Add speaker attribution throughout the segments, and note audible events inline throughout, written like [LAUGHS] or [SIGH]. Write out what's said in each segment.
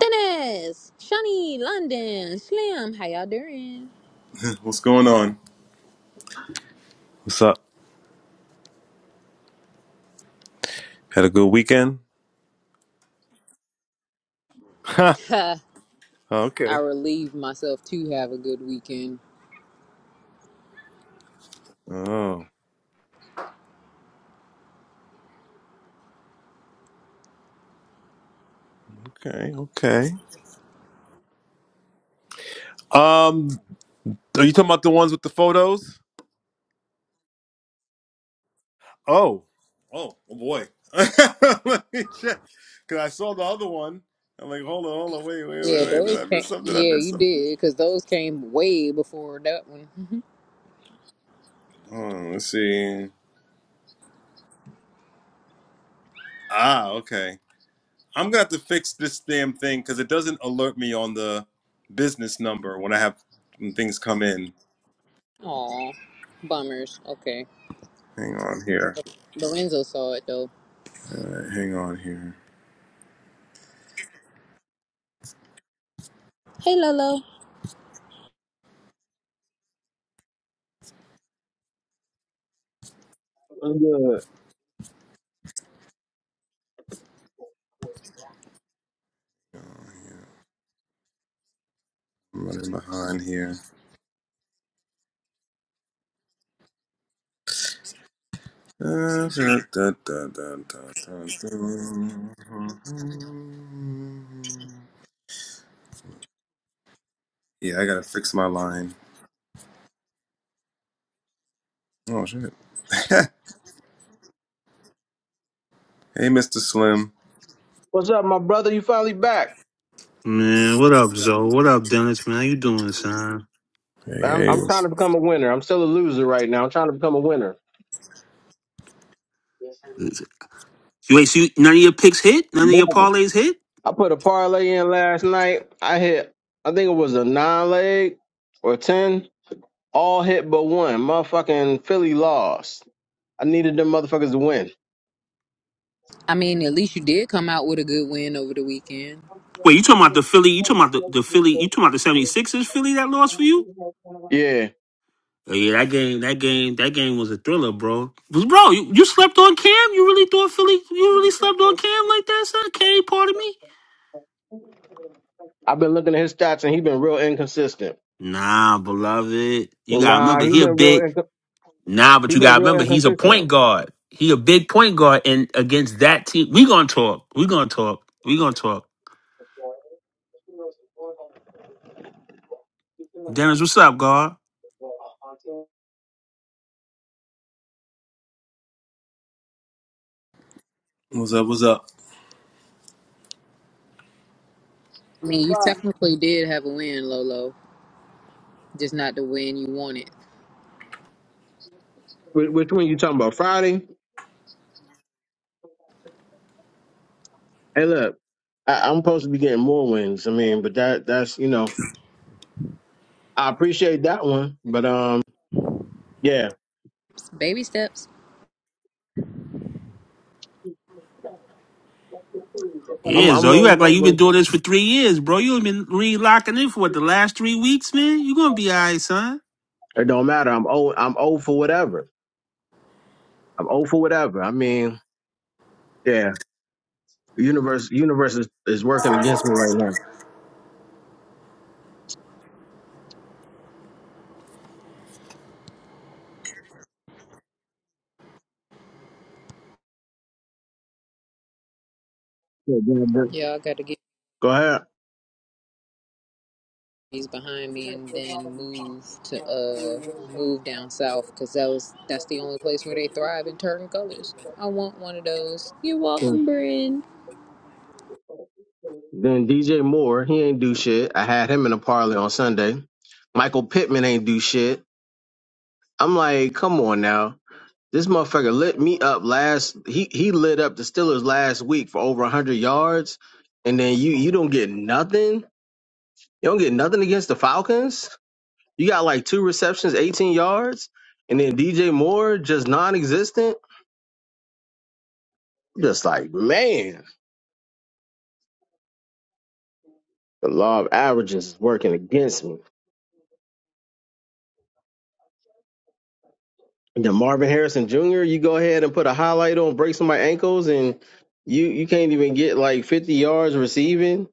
Speaker 1: Dennis, Shawnee, London, Slim, how y'all doing?
Speaker 2: What's going on? What's up? Had a good weekend? Huh.
Speaker 1: [LAUGHS] I
Speaker 2: Okay.
Speaker 1: relieved myself to have a good weekend.
Speaker 2: Oh, okay, okay. Um, are you talking about the ones with the photos? Oh, Oh, oh boy. [LAUGHS] Let me check. Because I saw the other one. I'm like, hold on, hold on, wait, wait,
Speaker 1: Yeah,
Speaker 2: wait, wait. Did
Speaker 1: those
Speaker 2: I
Speaker 1: came.
Speaker 2: miss something? Did I
Speaker 1: Yeah,
Speaker 2: miss
Speaker 1: you
Speaker 2: something?
Speaker 1: did, because those came way before that one.
Speaker 2: Hold let's see. Ah, okay. I'm going to have to fix this damn thing because it doesn't alert me on the business number when I have when things come in.
Speaker 1: [LAUGHS] Aw, bummers. Okay.
Speaker 2: Hang on here.
Speaker 1: Lorenzo saw it, though.
Speaker 2: All right, hang on here.
Speaker 1: Hey, Lolo.
Speaker 3: I'm good.
Speaker 2: I'm running behind here. Da, da, da, da, da, da, da, Yeah, I gotta fix my line. Oh shit. [LAUGHS] hey, Mr. Slim.
Speaker 3: What's up, my brother? You finally back?
Speaker 4: Man, what up, Zoe? What up, Dennis? Man, how you doing, son?
Speaker 2: Hey,
Speaker 3: I'm,
Speaker 2: hey.
Speaker 3: I'm
Speaker 2: What's,
Speaker 3: trying to become a winner. I'm still a loser right now. I'm trying to become a winner.
Speaker 4: You Wait, so you, none of your picks hit? None of your
Speaker 3: Man.
Speaker 4: parlays hit?
Speaker 3: I put a parlay in last night. I hit, I think it was a nine leg or ten, all hit but one. Motherfucking Philly lost. I needed them motherfuckers to win.
Speaker 1: I mean, at least you did come out with a good win over the weekend.
Speaker 4: Wait, you talking about the Philly? You talking about the, the Philly? You talking about the 76ers Philly that lost for you?
Speaker 3: Yeah,
Speaker 4: Oh yeah, that game, that game, that game was a thriller, bro. But bro, you, you slept on Cam? You really thought Philly? You really slept on Cam like that, son? K, pardon me.
Speaker 3: I've been looking at his stats and he been real inconsistent.
Speaker 4: Nah, beloved, you gotta
Speaker 3: Nah,
Speaker 4: remember
Speaker 3: he
Speaker 4: he a
Speaker 3: been real.
Speaker 4: big.
Speaker 3: Inco-
Speaker 4: Nah, but
Speaker 3: he
Speaker 4: you
Speaker 3: been
Speaker 4: gotta
Speaker 3: real
Speaker 4: remember he's a
Speaker 3: inconsistent.
Speaker 4: point guard. He a big point guard, and against that team, we gonna talk. We gonna talk. We gonna talk. Dennis, what's up, God?
Speaker 2: what's up? What's up?
Speaker 1: I mean, you Right. technically did have a win, Lolo, just not the win you wanted.
Speaker 3: Wh- Which one you talking about? Friday? Hey, look, I, I'm supposed to be getting more wins. I mean, but that that's you know, I appreciate that one, but um, yeah,
Speaker 1: Baby steps.
Speaker 3: I'm
Speaker 4: Yeah,
Speaker 3: I'm
Speaker 4: Zo, you act
Speaker 3: rolling
Speaker 4: like you've
Speaker 3: over.
Speaker 4: been doing
Speaker 3: It
Speaker 4: this for three years, bro. You been re locking in for what, the last three weeks, man? You gonna be all right, son.
Speaker 3: don't matter. I'm old. I'm old for whatever. I'm old for whatever. I mean, yeah, the universe universe is, is working against me right now. Yeah, yeah, yeah.
Speaker 1: Yeah, I got to get.
Speaker 3: Go ahead.
Speaker 1: he's behind me and then move to uh move down south because that was that's the only place where they thrive in turn colors i want one of those you're
Speaker 3: Yeah.
Speaker 1: welcome bryn
Speaker 3: Then DJ Moore, he ain't do shit. I had him in a parlay on Sunday. Michael Pittman ain't do shit. I'm like, come on now. This motherfucker lit me up last. He he lit up the Steelers last week for over hundred yards, and then you you don't get nothing. You don't get nothing against the Falcons. You got like two receptions, eighteen yards, and then DJ Moore just non-existent. Just like man, the law of averages is working against me. And then Marvin Harrison Jr. You go ahead and put a highlight on, break some of my ankles, and you you can't even get like fifty yards receiving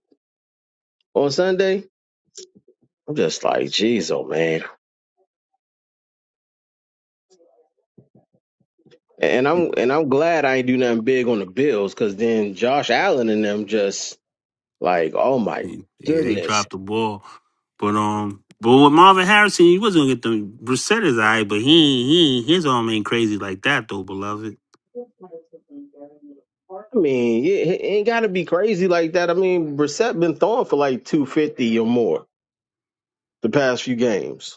Speaker 3: on Sunday. I'm just like, jeez, oh man. And I'm and I'm glad I ain't do nothing big on the Bills because then Josh Allen and them just like, oh my
Speaker 4: Yeah, they
Speaker 3: goodness.
Speaker 4: dropped the ball. But um but with Marvin Harrison, he wasn't gonna get them Brissett is all right, but he he his arm ain't crazy like that though, beloved.
Speaker 3: I mean, yeah, it, it ain't got to be crazy like that. I mean, Brissett been throwing for like two fifty or more the past few games.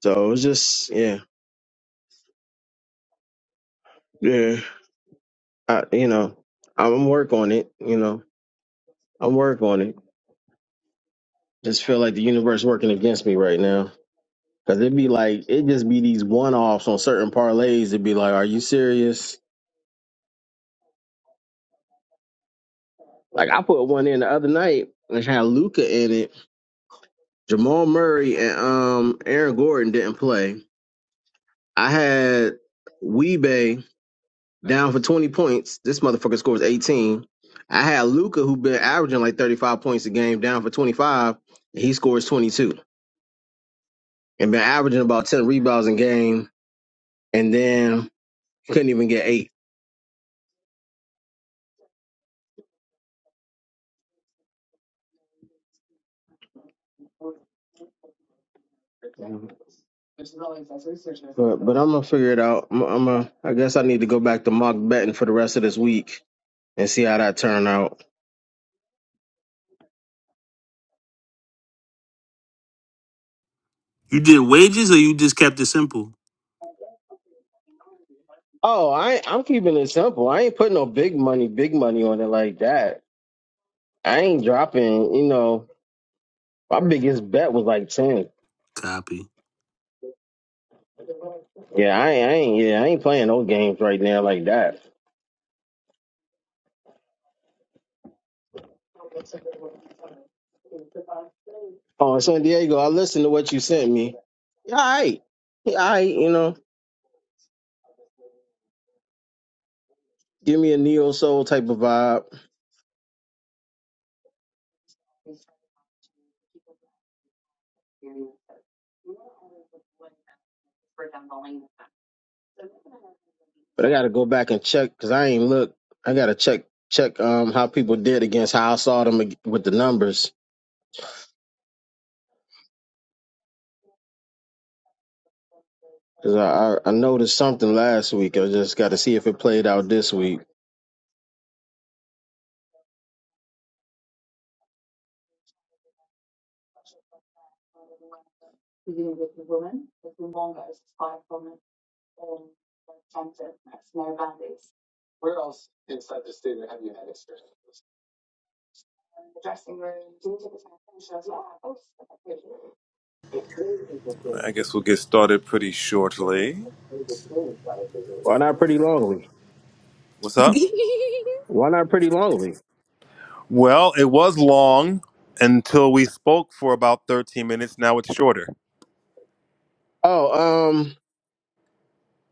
Speaker 3: So it's just yeah, yeah. I, you know, I'm work on it. You know, I'm work on it. Just feel like the universe working against me right now. Cause it'd be like it just be these one offs on certain parlays. It'd be like, are you serious? Like I put one in the other night and it had Luca in it. Jamal Murray and um Aaron Gordon didn't play. I had Weebay down for twenty points. This motherfucker scores eighteen. I had Luca who been averaging like thirty five points a game down for twenty five. And he scores twenty two and been averaging about ten rebounds a game and then couldn't even get eight. But but I'm gonna figure it out. I'm, I'm a, I guess I need to go back to mock betting for the rest of this week. and see how that turn out.
Speaker 4: You did wages or you just kept it simple?
Speaker 3: Oh, I I'm keeping it simple. I ain't putting no big money, big money on it like that. I ain't dropping. You know, my biggest bet was like ten.
Speaker 4: Copy.
Speaker 3: Yeah, I, ain't- I ain't. Yeah, I ain't playing no games right now like that. Oh, San Diego, I listened to what you sent me. Yeah, all right, Yeah, all right. You know, give me a neo soul type of vibe. But I gotta go back and check because I ain't look. I gotta check check um how people did against how I saw them ag- with the numbers. Cause I, I I noticed something last week. I just got to see if it played out this week.
Speaker 2: I guess we'll get started pretty shortly.
Speaker 3: Why
Speaker 2: Top
Speaker 3: not
Speaker 2: of the
Speaker 3: pretty
Speaker 2: hour.
Speaker 3: longly?
Speaker 2: What's
Speaker 1: [LAUGHS]
Speaker 2: up?
Speaker 3: Why not pretty longly?
Speaker 2: Well, it was long until we spoke for about 13 minutes. Now it's shorter.
Speaker 3: Oh, um,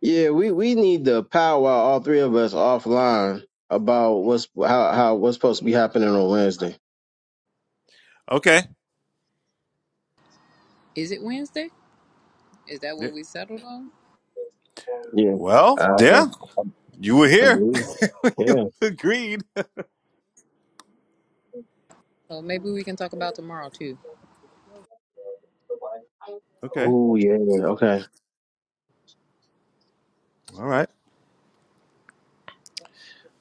Speaker 3: yeah, we we need to powwow all three of us offline about what's how how what's supposed to be happening on Wednesday.
Speaker 2: Okay.
Speaker 1: is it wednesday is that
Speaker 2: Yeah.
Speaker 1: what we settled on
Speaker 3: Yeah, I,
Speaker 2: Well,
Speaker 3: I
Speaker 2: yeah, you were
Speaker 3: I
Speaker 2: here.
Speaker 3: believe.
Speaker 2: [LAUGHS] you
Speaker 3: Yeah.
Speaker 2: agreed.
Speaker 1: oh maybe we can talk about tomorrow too
Speaker 2: Okay.
Speaker 3: Oh yeah. Okay.
Speaker 2: All right.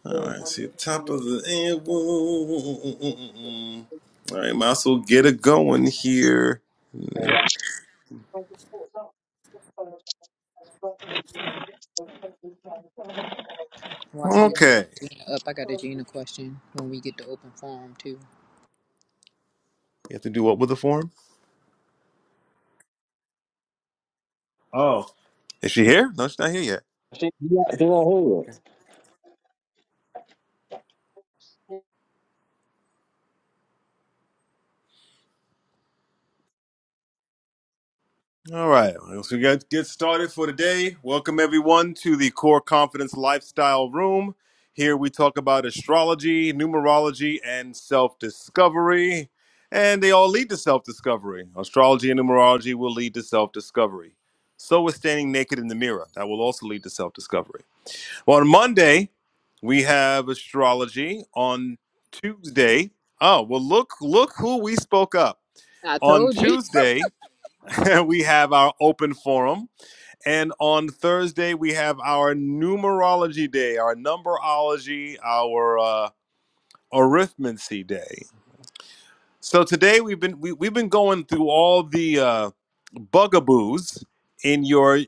Speaker 2: All right, see the top of the hour. All right, might as well get it going here.
Speaker 1: watch we gonna talk
Speaker 2: Okay.
Speaker 1: gina up i got a gina question when we get to open forum too
Speaker 2: You have to do what with the form? Oh, Is she here? No, she's not here yet.
Speaker 3: She, she not she not here.
Speaker 2: All right, let's get get started for today. Welcome everyone to the Core Confidence Lifestyle Room. Here we talk about astrology, numerology, and self-discovery, and they all lead to self-discovery. Astrology and numerology will lead to self-discovery. So is standing naked in the mirror. That will also lead to self-discovery. Well, on Monday we have astrology. On Tuesday, oh well, look look who we spoke up
Speaker 1: i
Speaker 2: on
Speaker 1: told you
Speaker 2: Tuesday. [LAUGHS] we have our open forum. And on Thursday, we have our numerology day, our numberology, our uh, arithmancy day. So today we've been we, we've been going through all the uh, bugaboos in your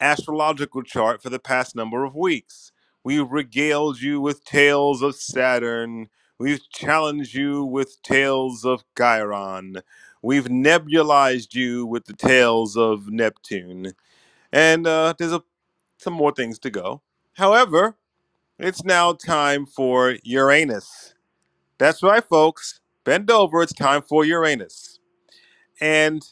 Speaker 2: astrological chart for the past number of weeks. We've regaled you with tales of Saturn. We've challenged you with tales of Chiron. We've nebulized you with the tales of Neptune and uh, there's a, some more things to go. However, it's now time for Uranus. That's right, folks. Bend over. It's time for Uranus, and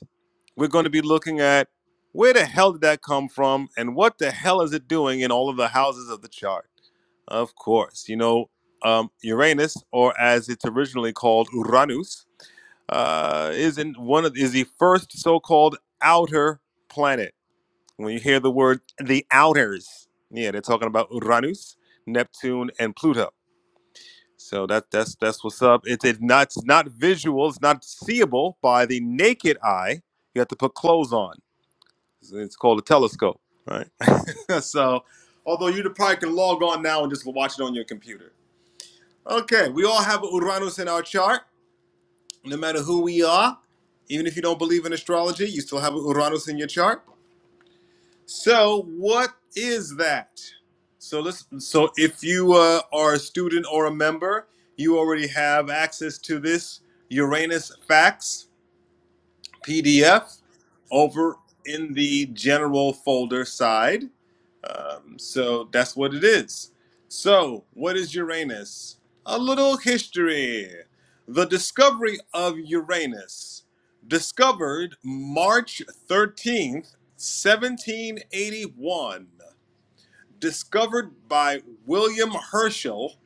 Speaker 2: we're going to be looking at where the hell did that come from, and what the hell is it doing in all of the houses of the chart? Of course, you know um, Uranus, or as it's originally called Uranus, uh, is in one of is the first so-called outer planet when you hear the word the outers, yeah, they're talking about Uranus, Neptune, and Pluto. So that that's that's what's up. It's it's not it's not visual. It's not seeable by the naked eye. You have to put clothes on. It's it's called a telescope, right? [LAUGHS] so, although you probably can log on now and just watch it on your computer. Okay, we all have Uranus in our chart, no matter who we are. Even if you don't believe in astrology, you still have Uranus in your chart. So what is that? So let's. So if you uh, are a student or a member, you already have access to this Uranus Facts PDF over in the general folder side. Um, so that's what it is. So, what is Uranus? A little history. The discovery of Uranus, discovered March 13th, 1781, discovered by William Herschel,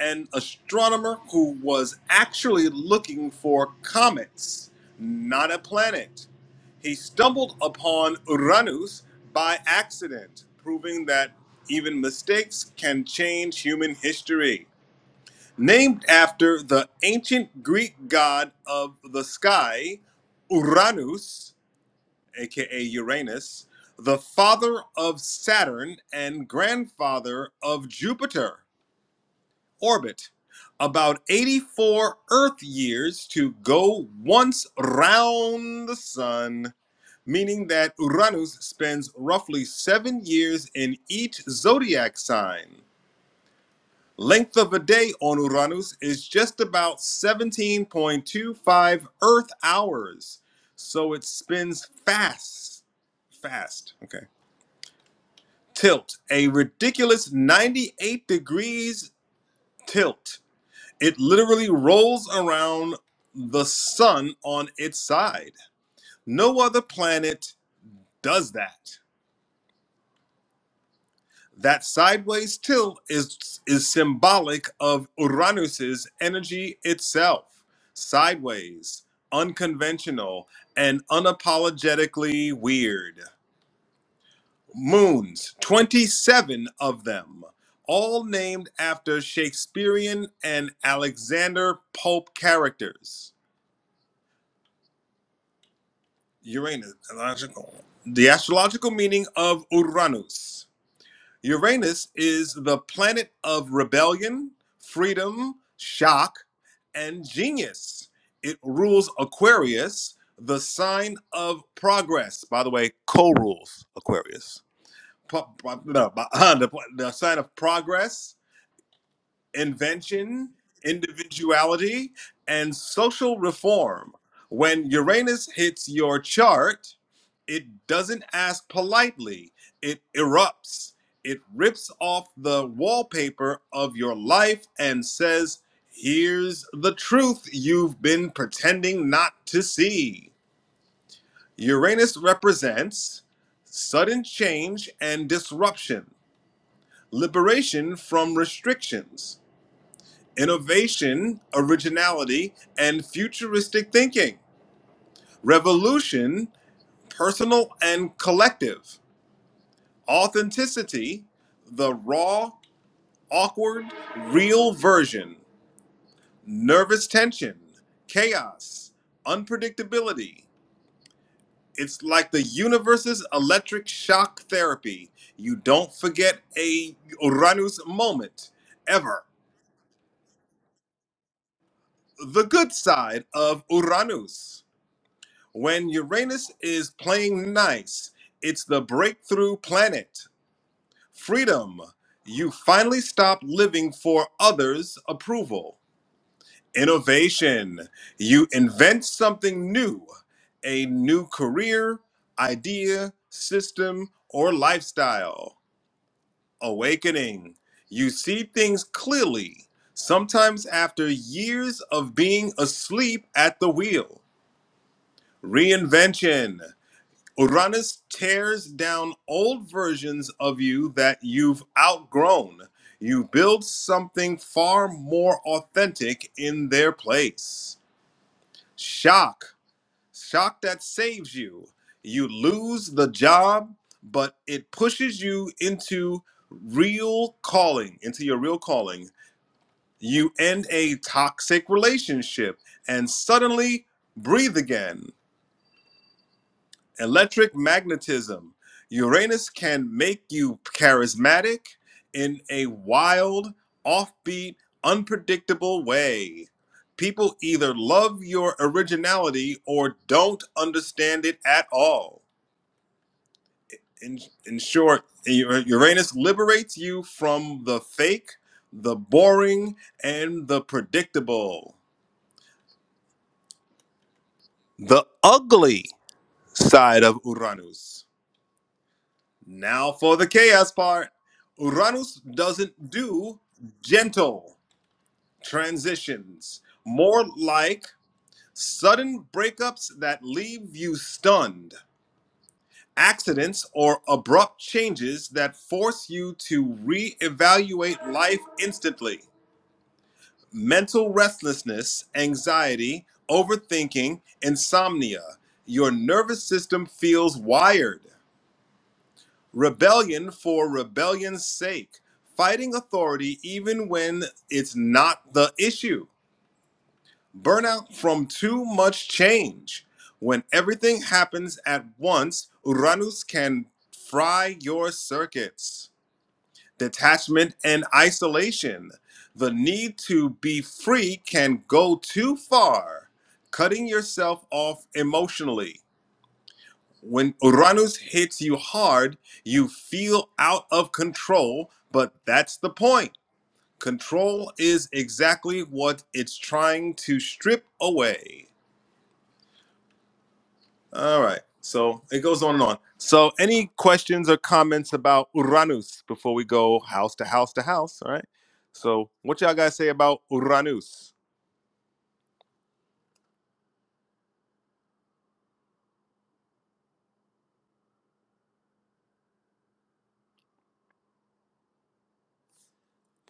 Speaker 2: an astronomer who was actually looking for comets, not a planet. He stumbled upon Uranus by accident, proving that even mistakes can change human history. Named after the ancient Greek god of the sky, Uranus, aka Uranus, the father of Saturn and grandfather of Jupiter, orbit about 84 Earth years to go once round the sun meaning that Uranus spends roughly seven years in each zodiac sign. Length of a day on Uranus is just about 17.25 Earth hours, so it spins fast. Fast, okay. Tilt, a ridiculous 98 degrees tilt. It literally rolls around the sun on its side. No other planet does that. That sideways tilt is is symbolic of Uranus's energy itself. Sideways, unconventional, and unapologetically weird. Moons, 27 of them, all named after Shakespearean and Alexander Pope characters. Uranus, the astrological meaning of Uranus. Uranus is the planet of rebellion, freedom, shock, and genius. It rules Aquarius, the sign of progress. By the way, co rules Aquarius. no, the sign of progress invention, individuality, and social reform. When Uranus hits your chart, it doesn't ask politely, it erupts. It rips off the wallpaper of your life and says, Here's the truth you've been pretending not to see. Uranus represents sudden change and disruption, liberation from restrictions innovation, originality, and futuristic thinking, revolution, personal and collective, authenticity, the raw, awkward, real version, nervous tension, chaos, unpredictability. It's like the universe's electric shock therapy. You don't forget a Uranus moment ever. The good side of Uranus. When Uranus is playing nice, it's the breakthrough planet. Freedom. You finally stop living for others' approval. Innovation. You invent something new, a new career, idea, system, or lifestyle. Awakening. You see things clearly, sometimes after years of being asleep at the wheel. Reinvention. Uranus tears down old versions of you that you've outgrown. You build something far more authentic in their place. Shock, shock that saves you. You lose the job, but it pushes you into real calling, into your real calling. You end a toxic relationship and suddenly breathe again. electric magnetism. Uranus can make you charismatic in a wild, offbeat, unpredictable way. People either love your originality or don't understand it at all. In, in short, Uranus liberates you from the fake, the boring, and the predictable, the ugly side of Uranus. Now for the chaos part. Uranus doesn't do gentle transitions, more like sudden breakups that leave you stunned, accidents or abrupt changes that force you to reevaluate life instantly. Mental restlessness, anxiety, overthinking, insomnia. Your nervous system feels wired. Rebellion for rebellion's sake. Fighting authority even when it's not the issue. Burnout from too much change. When everything happens at once, Uranus can fry your circuits. Detachment and isolation. The need to be free can go too far, cutting yourself off emotionally. When Uranus hits you hard, you feel out of control, but that's the point. Control is exactly what it's trying to strip away. All right. So it goes on and on. So, any questions or comments about Uranus before we go house to house to house? All right. So, what y'all guys say about Uranus?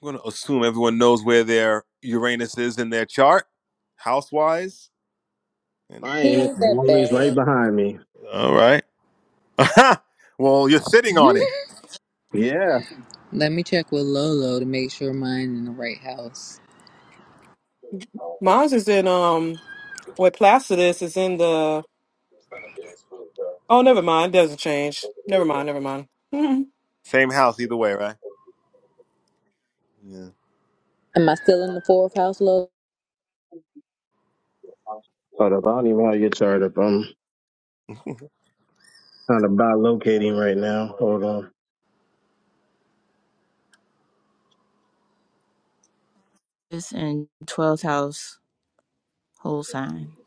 Speaker 2: I'm going to assume everyone knows where their Uranus is in their chart, house wise. And
Speaker 3: My
Speaker 1: [LAUGHS] he
Speaker 3: ain't
Speaker 1: ain't that
Speaker 3: always right
Speaker 1: bad
Speaker 3: behind me.
Speaker 2: all right. [LAUGHS] Aha! well, you're sitting on
Speaker 1: [LAUGHS]
Speaker 2: it.
Speaker 3: Yeah.
Speaker 1: let me check with lolo to make sure mine in the right house
Speaker 5: Mine's is in um with Placidus is in the oh never mind, doesn't change. Never mind, never mind. [LAUGHS] Mhm.
Speaker 2: Same house either way, right? Yeah.
Speaker 1: am i still in the fourth house lolo
Speaker 3: Hold up. I don't even have your chart up. Trying to buy locating right now. Hold on.
Speaker 6: And in 12th house whole sign.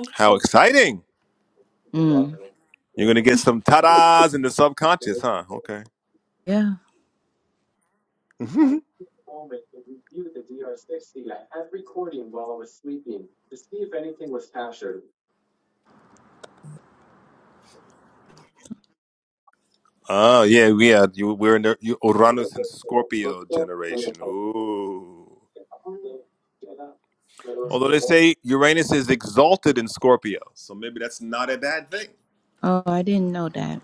Speaker 2: [LAUGHS] How exciting!
Speaker 6: Mm.
Speaker 2: You're gonna get some tadas in the subconscious, huh? Okay.
Speaker 6: Yeah.
Speaker 2: [LAUGHS] Oh yeah, yeah. You, we're in the you, Uranus and Scorpio generation. Ooh. Although they say Uranus is exalted in Scorpio, so maybe that's not a bad thing.
Speaker 6: Oh, I didn't know that.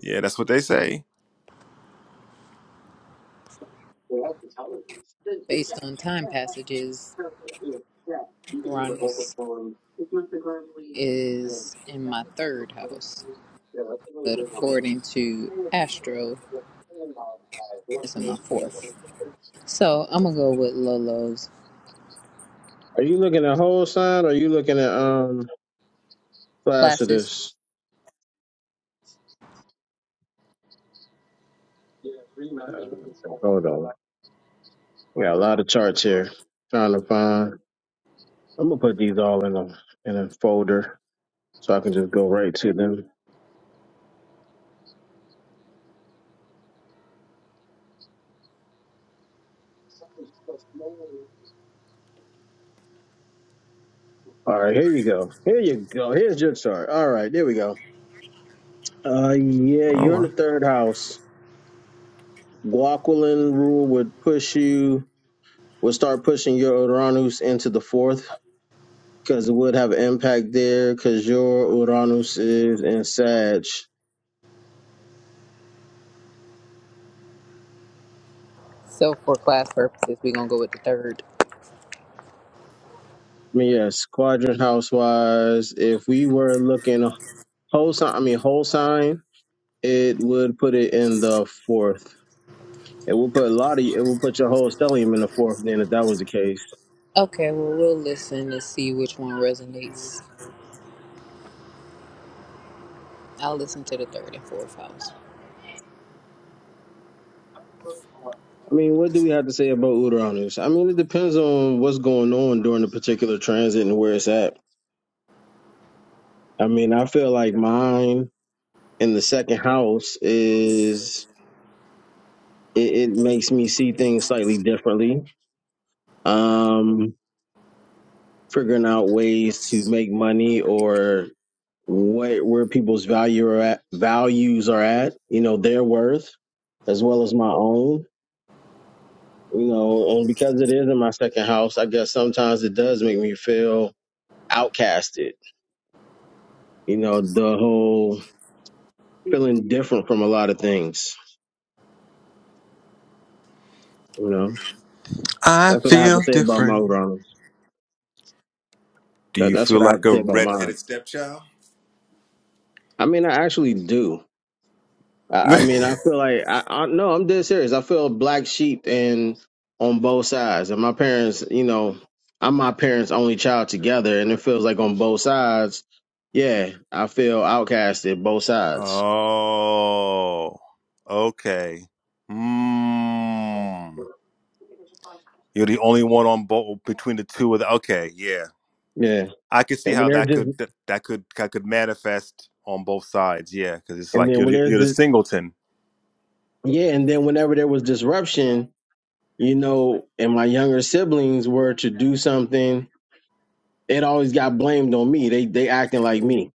Speaker 2: Yeah, that's what they say.
Speaker 1: based on time passages, Uranus is in my third house, but according to Astro, it's in my fourth. So I'm gonna go with Lolo's
Speaker 3: Are you looking at whole sign or are you looking at um
Speaker 1: classes.
Speaker 3: Placidus? Uh, hold on. We got a lot of charts here. Trying to find. I'm gonna put these all in a in a folder so I can just go right to them. All right, here you go. Here you go. Here's your chart. All right, there we go. Uh, yeah,
Speaker 2: Oh
Speaker 3: you're in
Speaker 2: well.
Speaker 3: the third house. Guaquilin rule would push you would start pushing your Uranus into the fourth because it would have impact there because your Uranus is in Sag.
Speaker 1: So for class purposes, we're gonna go with the third.
Speaker 3: I mean, yes, quadrant house wise, if we were looking whole sign, I mean whole sign, it would put it in the fourth. It will put a lot of it will put your whole stellium in the fourth. Then, if that was the case,
Speaker 1: Okay, well we'll listen to see which one resonates. I'll listen to the third and fourth house.
Speaker 3: I mean, what do we have to say about Uranus? I mean, it depends on what's going on during the particular transit and where it's at. I mean, I feel like mine in the second house is it, it makes me see things slightly differently. Um, figuring out ways to make money or what where people's value are at, values are at, you know, their worth as well as my own, you know, and because it is in my second house, I guess sometimes it does make me feel outcasted. You know, the whole feeling different from a lot of things. You know,
Speaker 2: I
Speaker 3: that's what I have
Speaker 2: feel
Speaker 3: to say about my
Speaker 2: different.
Speaker 3: grounds.
Speaker 2: Do
Speaker 3: That,
Speaker 2: you
Speaker 3: that's
Speaker 2: feel
Speaker 3: what I have
Speaker 2: like
Speaker 3: to
Speaker 2: a
Speaker 3: say about
Speaker 2: red-headed
Speaker 3: mine.
Speaker 2: stepchild?
Speaker 3: I mean, I actually do. I, I
Speaker 2: [LAUGHS]
Speaker 3: mean, I feel like I, I no, I'm dead serious. I feel black sheep and on both sides, and my parents, you know, I'm my parents' only child together, and it feels like on both sides, yeah, I feel outcasted both sides.
Speaker 2: Oh, okay. Mm. You're the only one on both between the two of the, okay, yeah.
Speaker 3: Yeah,
Speaker 2: I could see
Speaker 3: and when
Speaker 2: how
Speaker 3: there's
Speaker 2: that could
Speaker 3: just,
Speaker 2: that, that could that could manifest on both sides, yeah, because it's
Speaker 3: and
Speaker 2: like
Speaker 3: then
Speaker 2: you're
Speaker 3: when
Speaker 2: the,
Speaker 3: there's
Speaker 2: you're the
Speaker 3: the
Speaker 2: singleton.
Speaker 3: yeah, and then whenever there was disruption, you know, and my younger siblings were to do something, it always got blamed on me. They they acting like me,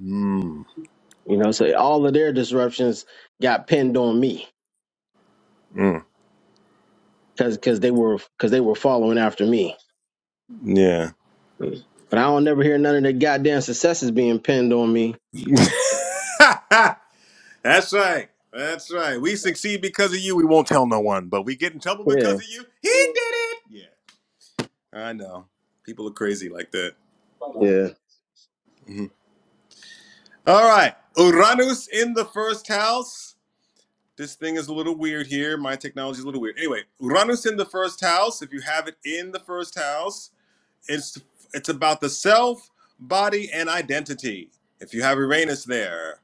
Speaker 2: Mm.
Speaker 3: you know, so all of their disruptions got pinned on me
Speaker 2: Mm.
Speaker 3: because because they were because they were following after me.
Speaker 2: Yeah.
Speaker 3: But I don't never hear none of their goddamn successes being pinned on me.
Speaker 2: [LAUGHS] That's right. That's right. We succeed because of you. We won't tell no one, but we get in trouble
Speaker 3: Yeah,
Speaker 2: because of you. He did it. Yeah. I know. People are crazy like that.
Speaker 3: yeah.
Speaker 2: Hmm. All right. Uranus in the first house. This thing is a little weird here. My technology is a little weird. Anyway, Uranus in the first house. If you have it in the first house, it's it's about the self, body, and identity. If you have Uranus there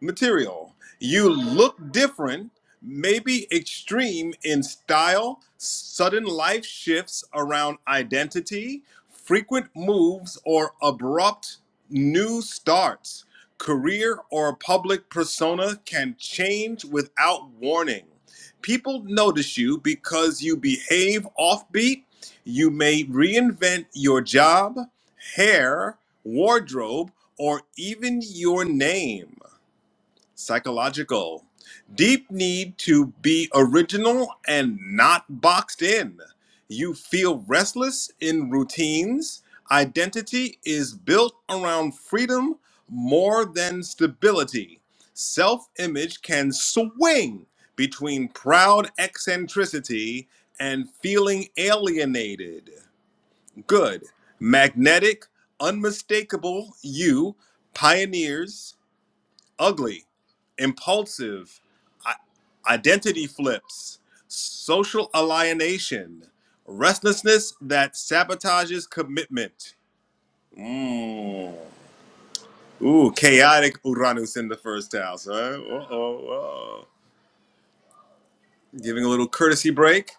Speaker 2: material. You look different, maybe extreme in style, sudden life shifts around identity, frequent moves, or abrupt new starts. Career or public persona can change without warning. People notice you because you behave offbeat. You may reinvent your job, hair, wardrobe, or even your name. Psychological. Deep need to be original and not boxed in. You feel restless in routines. Identity is built around freedom more than stability. Self image can swing between proud eccentricity and feeling alienated. Good, magnetic, unmistakable you pioneers ugly, impulsive, identity flips, social alienation, restlessness that sabotages commitment. Mm. Ooh, chaotic Uranus in the first house, huh? Uh oh. Giving a little courtesy break.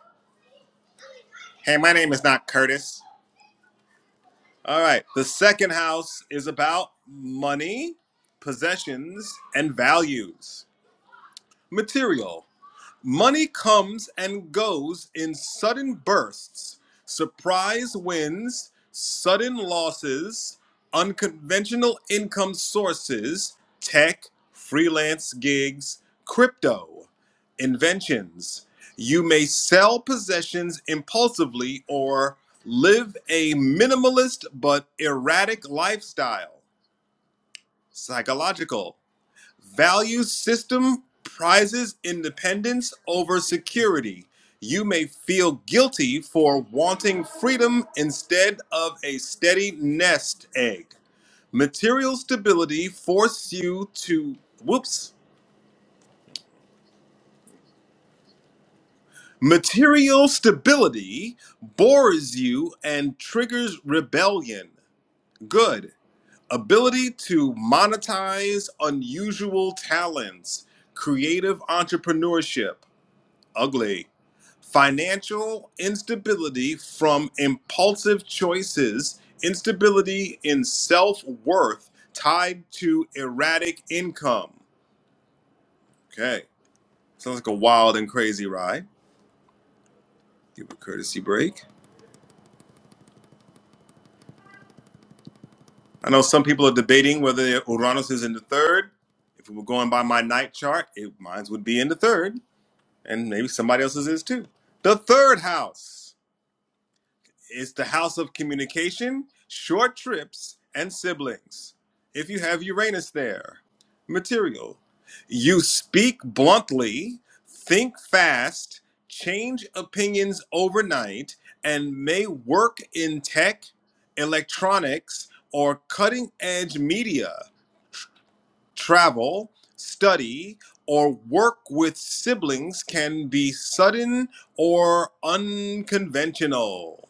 Speaker 2: Hey, my name is not Curtis. All right. The second house is about money, possessions, and values. Material. Money comes and goes in sudden bursts, surprise wins, sudden losses, unconventional income sources, tech, freelance gigs, crypto, inventions. You may sell possessions impulsively or live a minimalist but erratic lifestyle, psychological. Value system prizes independence over security. You may feel guilty for wanting freedom instead of a steady nest egg. Material stability force you to whoops. Material stability bores you and triggers rebellion. Good. Ability to monetize unusual talents. Creative entrepreneurship. Ugly financial instability from impulsive choices, instability in self worth tied to erratic income. Okay, sounds like a wild and crazy ride. Give a courtesy break. I know some people are debating whether Uranus is in the third. If we were going by my night chart, it, mine would be in the third, and maybe somebody else's is too. The third house. It's the house of communication, short trips, and siblings. If you have Uranus there, material. You speak bluntly, think fast, change opinions overnight, and may work in tech, electronics, or cutting edge media. Travel, study, or work with siblings can be sudden or unconventional.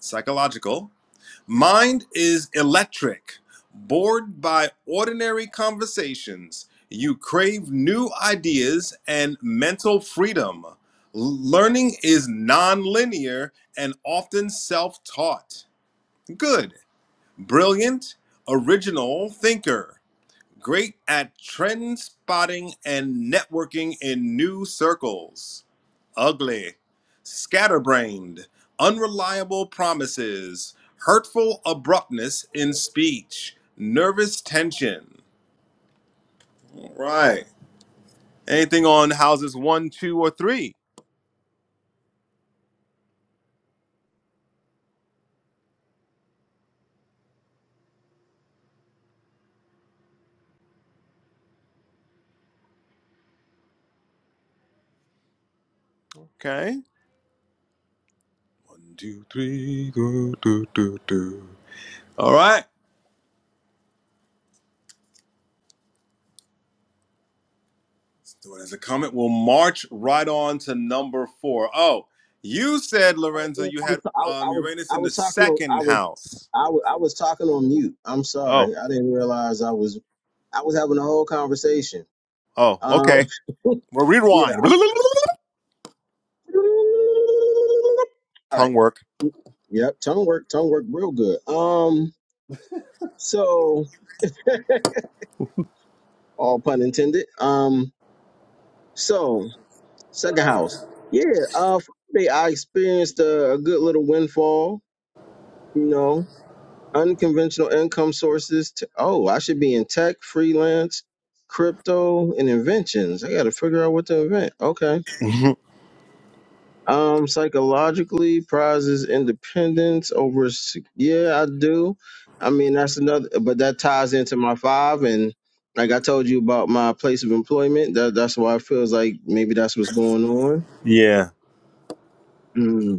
Speaker 2: Psychological Mind is electric. Bored by ordinary conversations, you crave new ideas and mental freedom. Learning is non-linear and often self taught. Good, brilliant, original thinker. Great at trend spotting and networking in new circles. Ugly, scatterbrained, unreliable promises, hurtful abruptness in speech, nervous tension. All right. Anything on houses one, two, or three? Okay. One, two, three. Do, do, do, do. All right. So it is a comment. We'll march right on to number four. Oh, you said
Speaker 3: Oh,
Speaker 2: Lorenzo,
Speaker 3: damn,
Speaker 2: you
Speaker 3: I was
Speaker 2: had
Speaker 3: I, I
Speaker 2: um,
Speaker 3: was
Speaker 2: Uranus
Speaker 3: I
Speaker 2: in the
Speaker 3: was talking on
Speaker 2: second
Speaker 3: I was
Speaker 2: house.
Speaker 3: I was I was talking on mute. I'm
Speaker 2: Oh,
Speaker 3: sorry, I didn't realize I was I was having a whole conversation.
Speaker 2: oh,
Speaker 3: Um,
Speaker 2: okay.
Speaker 3: [LAUGHS]
Speaker 2: Well,
Speaker 3: yeah.
Speaker 2: rewind.
Speaker 3: I'm,
Speaker 2: [LAUGHS]
Speaker 3: all right.
Speaker 2: Tongue work.
Speaker 3: Yep. Tongue work. Tongue work. Real good. Um. So, [LAUGHS] all pun intended. Um. So, Second house. Yeah, uh, Friday I experienced a, a good little windfall. You know, unconventional income sources. To, oh, I should be in tech, freelance, crypto, and inventions. I got to figure out what to invent. Okay.
Speaker 2: [LAUGHS]
Speaker 3: Um, psychologically, prizes independence over. s- Yeah, I do. I mean, that's another, but that ties into my five and. Like I told you about my place of employment, that that's why it feels like maybe that's what's going on.
Speaker 2: yeah.
Speaker 3: Mm.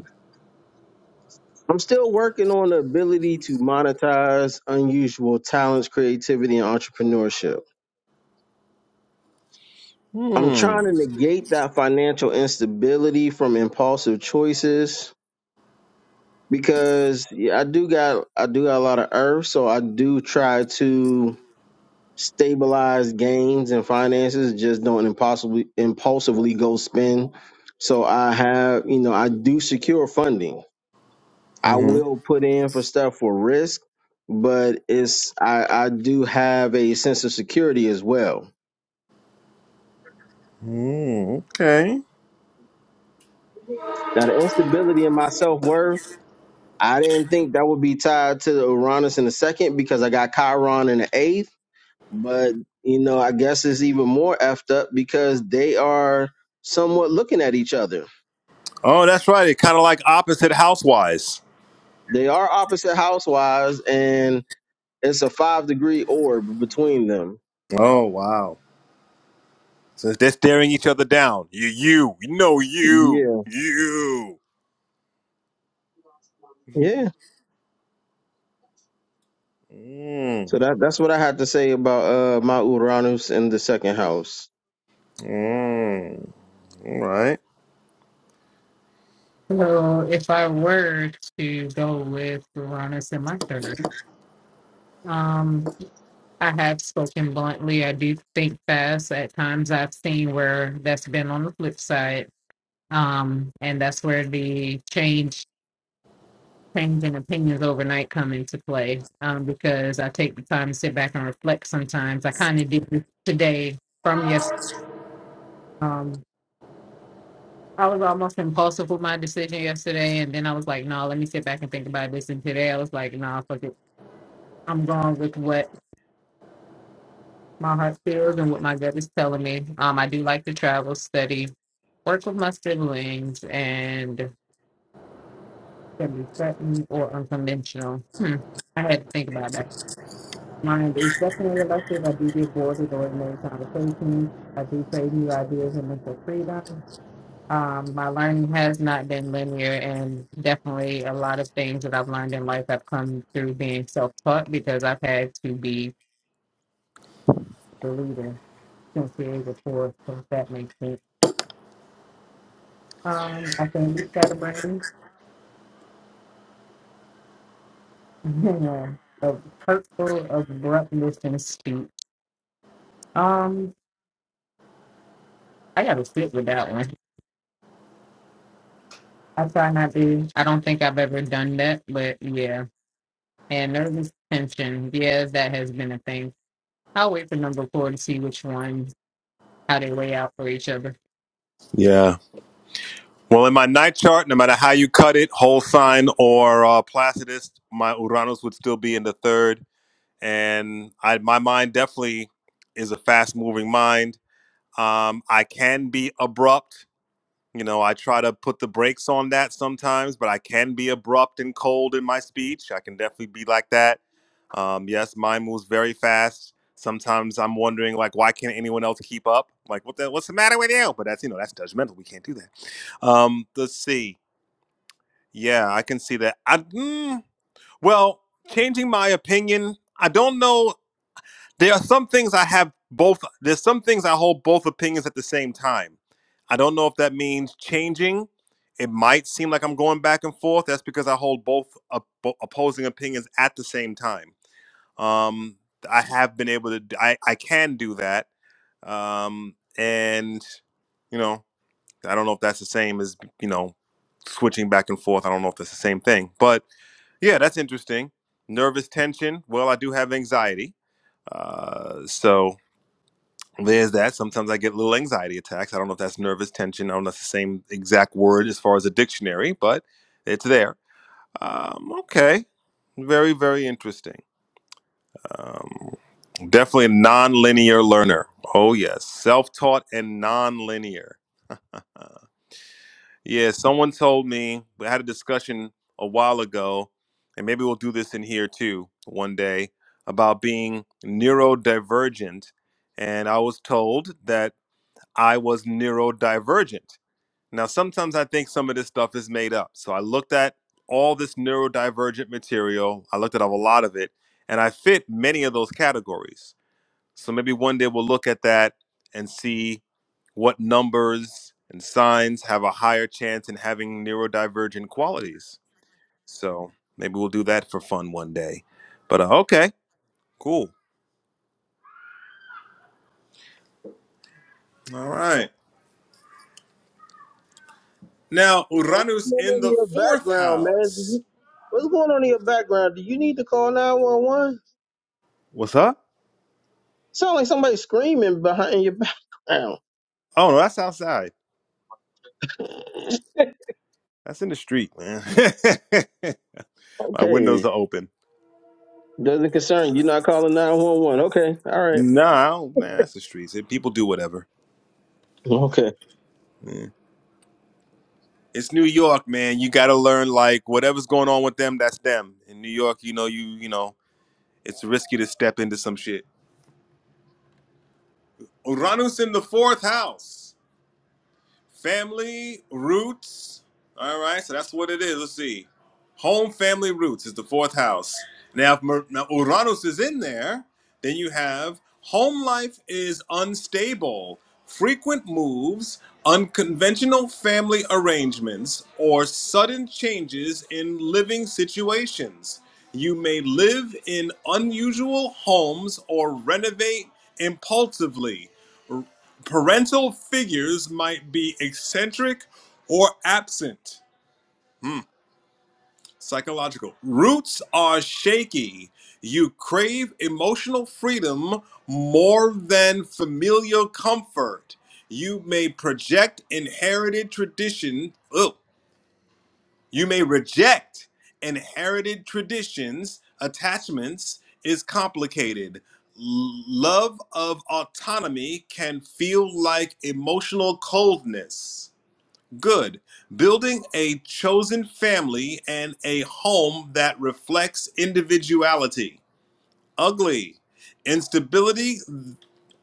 Speaker 3: I'm still working on the ability to monetize unusual talents, creativity, and entrepreneurship. I'm
Speaker 2: Hmm.
Speaker 3: trying to
Speaker 2: Mm-hmm.
Speaker 3: negate that financial instability from impulsive choices because yeah, I do got I do got a lot of earth, so I do try to stabilize gains and finances. Just don't impulsively impulsively go spend. So I have, you know, I do secure funding. I
Speaker 2: hmm
Speaker 3: will put in for stuff for risk, but it's I, I do have a sense of security as well.
Speaker 2: Mm, okay.
Speaker 3: Now the instability in my self worth, I didn't think that would be tied to the Uranus in the second because I got Chiron in the eighth. But you know, I guess it's even more effed up because they are somewhat looking at each other.
Speaker 2: Oh, that's right. It's kind of like opposite housewise.
Speaker 3: They are opposite house wise, and it's a five degree orb between them.
Speaker 2: Oh, wow. So they're staring each other down. You, you, no, you,
Speaker 3: Yeah.
Speaker 2: you. [LAUGHS]
Speaker 3: Yeah.
Speaker 2: Mm,
Speaker 3: So that that's what I had to say about uh my Uranus in the second house.
Speaker 2: mm, all right.
Speaker 1: So if I were to go with Uranus in my third, um. I have spoken bluntly. I do think fast at times. I've seen where that's been on the flip side, um, and that's where the change, change in opinions overnight come into play. Um, because I take the time to sit back and reflect. Sometimes I kind of did today from yes. Um, I was almost impulsive with my decision yesterday, and then I was like, "No, let me sit back and think about this." And today I was like, "No, fuck it. I'm going with what." my heart feels and what my gut is telling me. Um, I do like to travel, study, work with my siblings, and can be threatened or unconventional. Hmm. I had to think about that. Mind is definitely elective. I do get bored with ordinary conversations. I do crave new ideas and mental freedom. Um, my learning has not been linear, and definitely a lot of things that I've learned in life have come through being self taught because I've had to be the leader since the age of four, so if that makes sense. Um, I can use that brain. [LAUGHS] of hurtful, abruptness, and speech. Um, I gotta sit with that one. I try not to. I don't think I've ever done that, but yeah. And nervous tension, yeah, that has been a thing. I'll wait for number four to see which ones how they lay out for each other.
Speaker 2: Yeah. Well, in my night chart, no matter how you cut it, whole sign or uh, placidus, my Uranus would still be in the third, and I, my mind definitely is a fast-moving mind. Um, I can be abrupt. You know, I try to put the brakes on that sometimes, but I can be abrupt and cold in my speech. I can definitely be like that. Um, yes, mine moves very fast. Sometimes I'm wondering, like, why can't anyone else keep up? Like, what the, what's the matter with you? But that's, you know, that's judgmental. We can't do that. Um, let's see. Yeah, I can see that. I, mm, well, changing my opinion, I don't know. There are some things I have both. There's some things I hold both opinions at the same time. I don't know if that means changing. It might seem like I'm going back and forth. That's because I hold both op- opposing opinions at the same time. Um, I have been able to. d- I I can do that. Um, and you know, I don't know if that's the same as you know switching back and forth. I don't know if that's the same thing, but yeah, that's interesting. Nervous tension. Well, I do have anxiety. Uh, so there's that. Sometimes I get little anxiety attacks. I don't know if that's nervous tension. I don't know if it's the same exact word as far as a dictionary, but it's there. Um, okay. Very, very interesting. Um, definitely a non-linear learner. Oh, yes. Self-taught and non-linear. Uh, Yeah, someone told me we had a discussion a while ago, and maybe we'll do this in here too one day about being neurodivergent. And I was told that I was neurodivergent. Now, sometimes I think some of this stuff is made up. So I looked at all this neurodivergent material, I looked at a lot of it, and I fit many of those categories. So maybe one day we'll look at that and see what numbers and signs have a higher chance in having neurodivergent qualities. So maybe we'll do that for fun one day. But uh, okay, cool. All right. Now
Speaker 3: You know, what's
Speaker 2: Uranus
Speaker 3: going
Speaker 2: in
Speaker 3: on in
Speaker 2: the
Speaker 3: your
Speaker 2: fourth
Speaker 3: background, man? Do
Speaker 2: house.
Speaker 3: you, what's going on in your background? Do you need to call nine one one?
Speaker 2: What's up?
Speaker 3: Sound like somebody screaming behind your [LAUGHS] background.
Speaker 2: Oh no, that's outside. That's in the street, man. [LAUGHS] My windows
Speaker 3: Okay,
Speaker 2: are open.
Speaker 3: doesn't concern you. You're Not calling nine one one. Okay, all right.
Speaker 2: No, man, that's the streets. People do whatever.
Speaker 3: Okay.
Speaker 2: Yeah. it's New York, man. You got to learn like whatever's going on with them, that's them. In New York, you know, you you know, it's risky to step into some shit. Uranus in the fourth house. Family roots. All right, so that's what it is. Let's see. Home family roots is the fourth house. Now, if Mer- now Uranus is in there, then you have home life is unstable, frequent moves, unconventional family arrangements, or sudden changes in living situations. You may live in unusual homes or renovate impulsively. Parental figures might be eccentric or absent. Psychological. Roots are shaky. You crave emotional freedom more than familial comfort. You may project inherited tradition. Oh, you may reject inherited traditions. Attachments is complicated. L- Love of autonomy can feel like emotional coldness Good. Building a chosen family and a home that reflects individuality. Ugly. Instability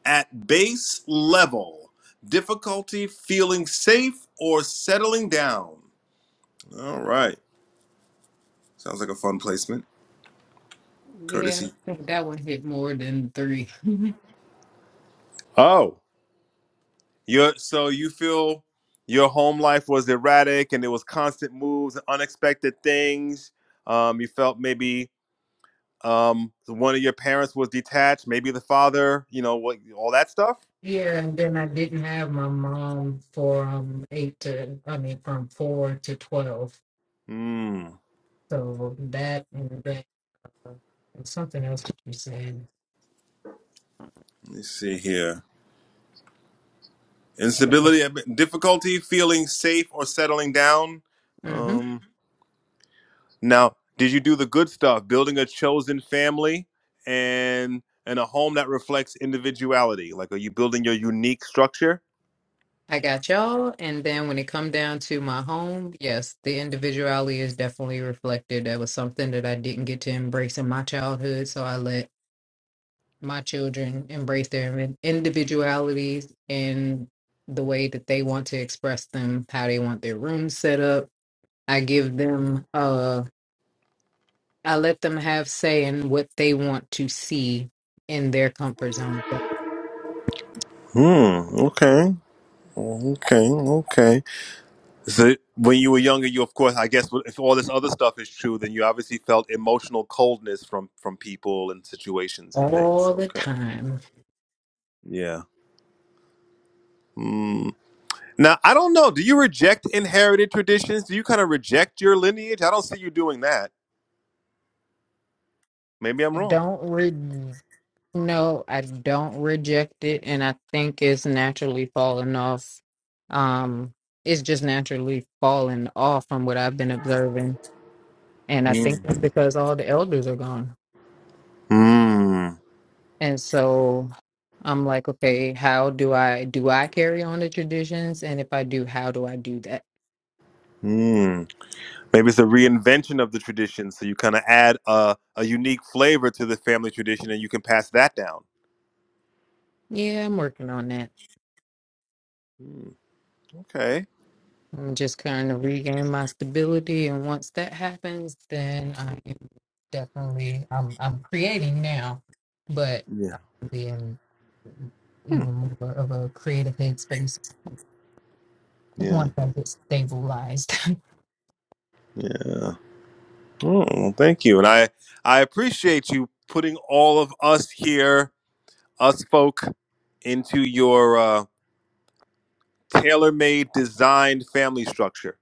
Speaker 2: at base level. Difficulty feeling safe or settling down. All right. Sounds like a fun placement.
Speaker 1: Yeah, I
Speaker 2: Courtesy.
Speaker 1: think that one hit more than three.
Speaker 2: Oh. You're, so you feel your home life was erratic and there was constant moves, unexpected things. Um, you felt maybe Um, so one of your parents was detached, maybe the father, you know, what, all that stuff.
Speaker 1: [LAUGHS] yeah, and then I didn't have my mom for um eight to I mean from four to twelve.
Speaker 2: Hmm.
Speaker 1: So that and that And something else that you said.
Speaker 2: Let me see here. Instability, a bit- difficulty feeling safe or settling down.
Speaker 1: Mm-hmm.
Speaker 2: Um, now, did you do the good stuff, building a chosen family and and a home that reflects individuality? Like, are you building your unique structure?
Speaker 1: I got y'all. And then when it come down to my home, yes, the individuality is definitely reflected. That was something that I didn't get to embrace in my childhood. So I let my children embrace their in- individualities and the way that they want to express them, how they want their room set up. I give them uh I let them have say in what they want to see in their comfort zone
Speaker 2: Hmm. Okay. Okay. Okay. So when you were younger, you of course, I guess, if all this other stuff is true, then you obviously felt emotional coldness from from people and situations and things.
Speaker 1: all the
Speaker 2: Okay.
Speaker 1: time
Speaker 2: Yeah. Mm. Now I don't know. Do you reject inherited traditions? Do you kind of reject your lineage? I don't see you doing that. Maybe I'm
Speaker 1: I
Speaker 2: wrong.
Speaker 1: don't re no, I don't reject it, and I think it's naturally falling off. Um, it's just naturally falling off from what I've been observing, and I think
Speaker 2: Mm.
Speaker 1: it's because all the elders are gone,
Speaker 2: Mm.
Speaker 1: and so I'm like, okay, how do I do I carry on the traditions, and if I do, how do I do that?
Speaker 2: Mm. Maybe it's a reinvention of the tradition, so you kind of add a, a unique flavor to the family tradition, and you can pass that down.
Speaker 1: Yeah, I'm working on that.
Speaker 2: Mm. Okay.
Speaker 1: I'm just trying to regain my stability, and once that happens, then I am definitely I'm I'm creating now, but
Speaker 2: Yeah.
Speaker 1: I'm being
Speaker 2: Hmm.
Speaker 1: even more of a creative headspace
Speaker 2: Yeah.
Speaker 1: once I get stabilized. [LAUGHS]
Speaker 2: Yeah. Oh, well, thank you, and I I appreciate you putting all of us here, us folk, into your uh, tailor-made, designed family structure.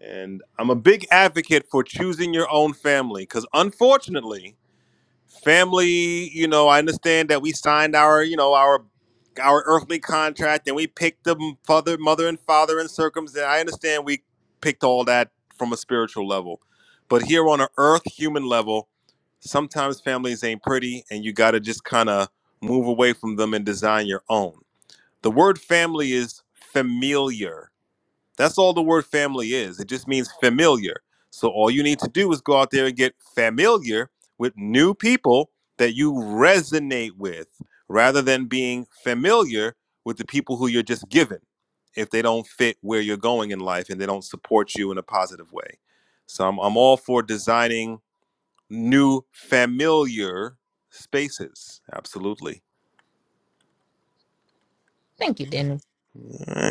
Speaker 2: And I'm a big advocate for choosing your own family because, unfortunately, family you know i understand that we signed our you know our our earthly contract and we picked the father mother and father and circumstance i understand we picked all that from a spiritual level but here on an earth human level sometimes families ain't pretty and you gotta just kind of move away from them and design your own the word family is familiar that's all the word family is. It just means familiar. So all you need to do is go out there and get familiar with new people that you resonate with rather than being familiar with the people who you're just given if they don't fit where you're going in life and they don't support you in a positive way. So I'm, I'm all for designing new familiar spaces. Absolutely.
Speaker 1: Thank you, Dennis.
Speaker 2: All right.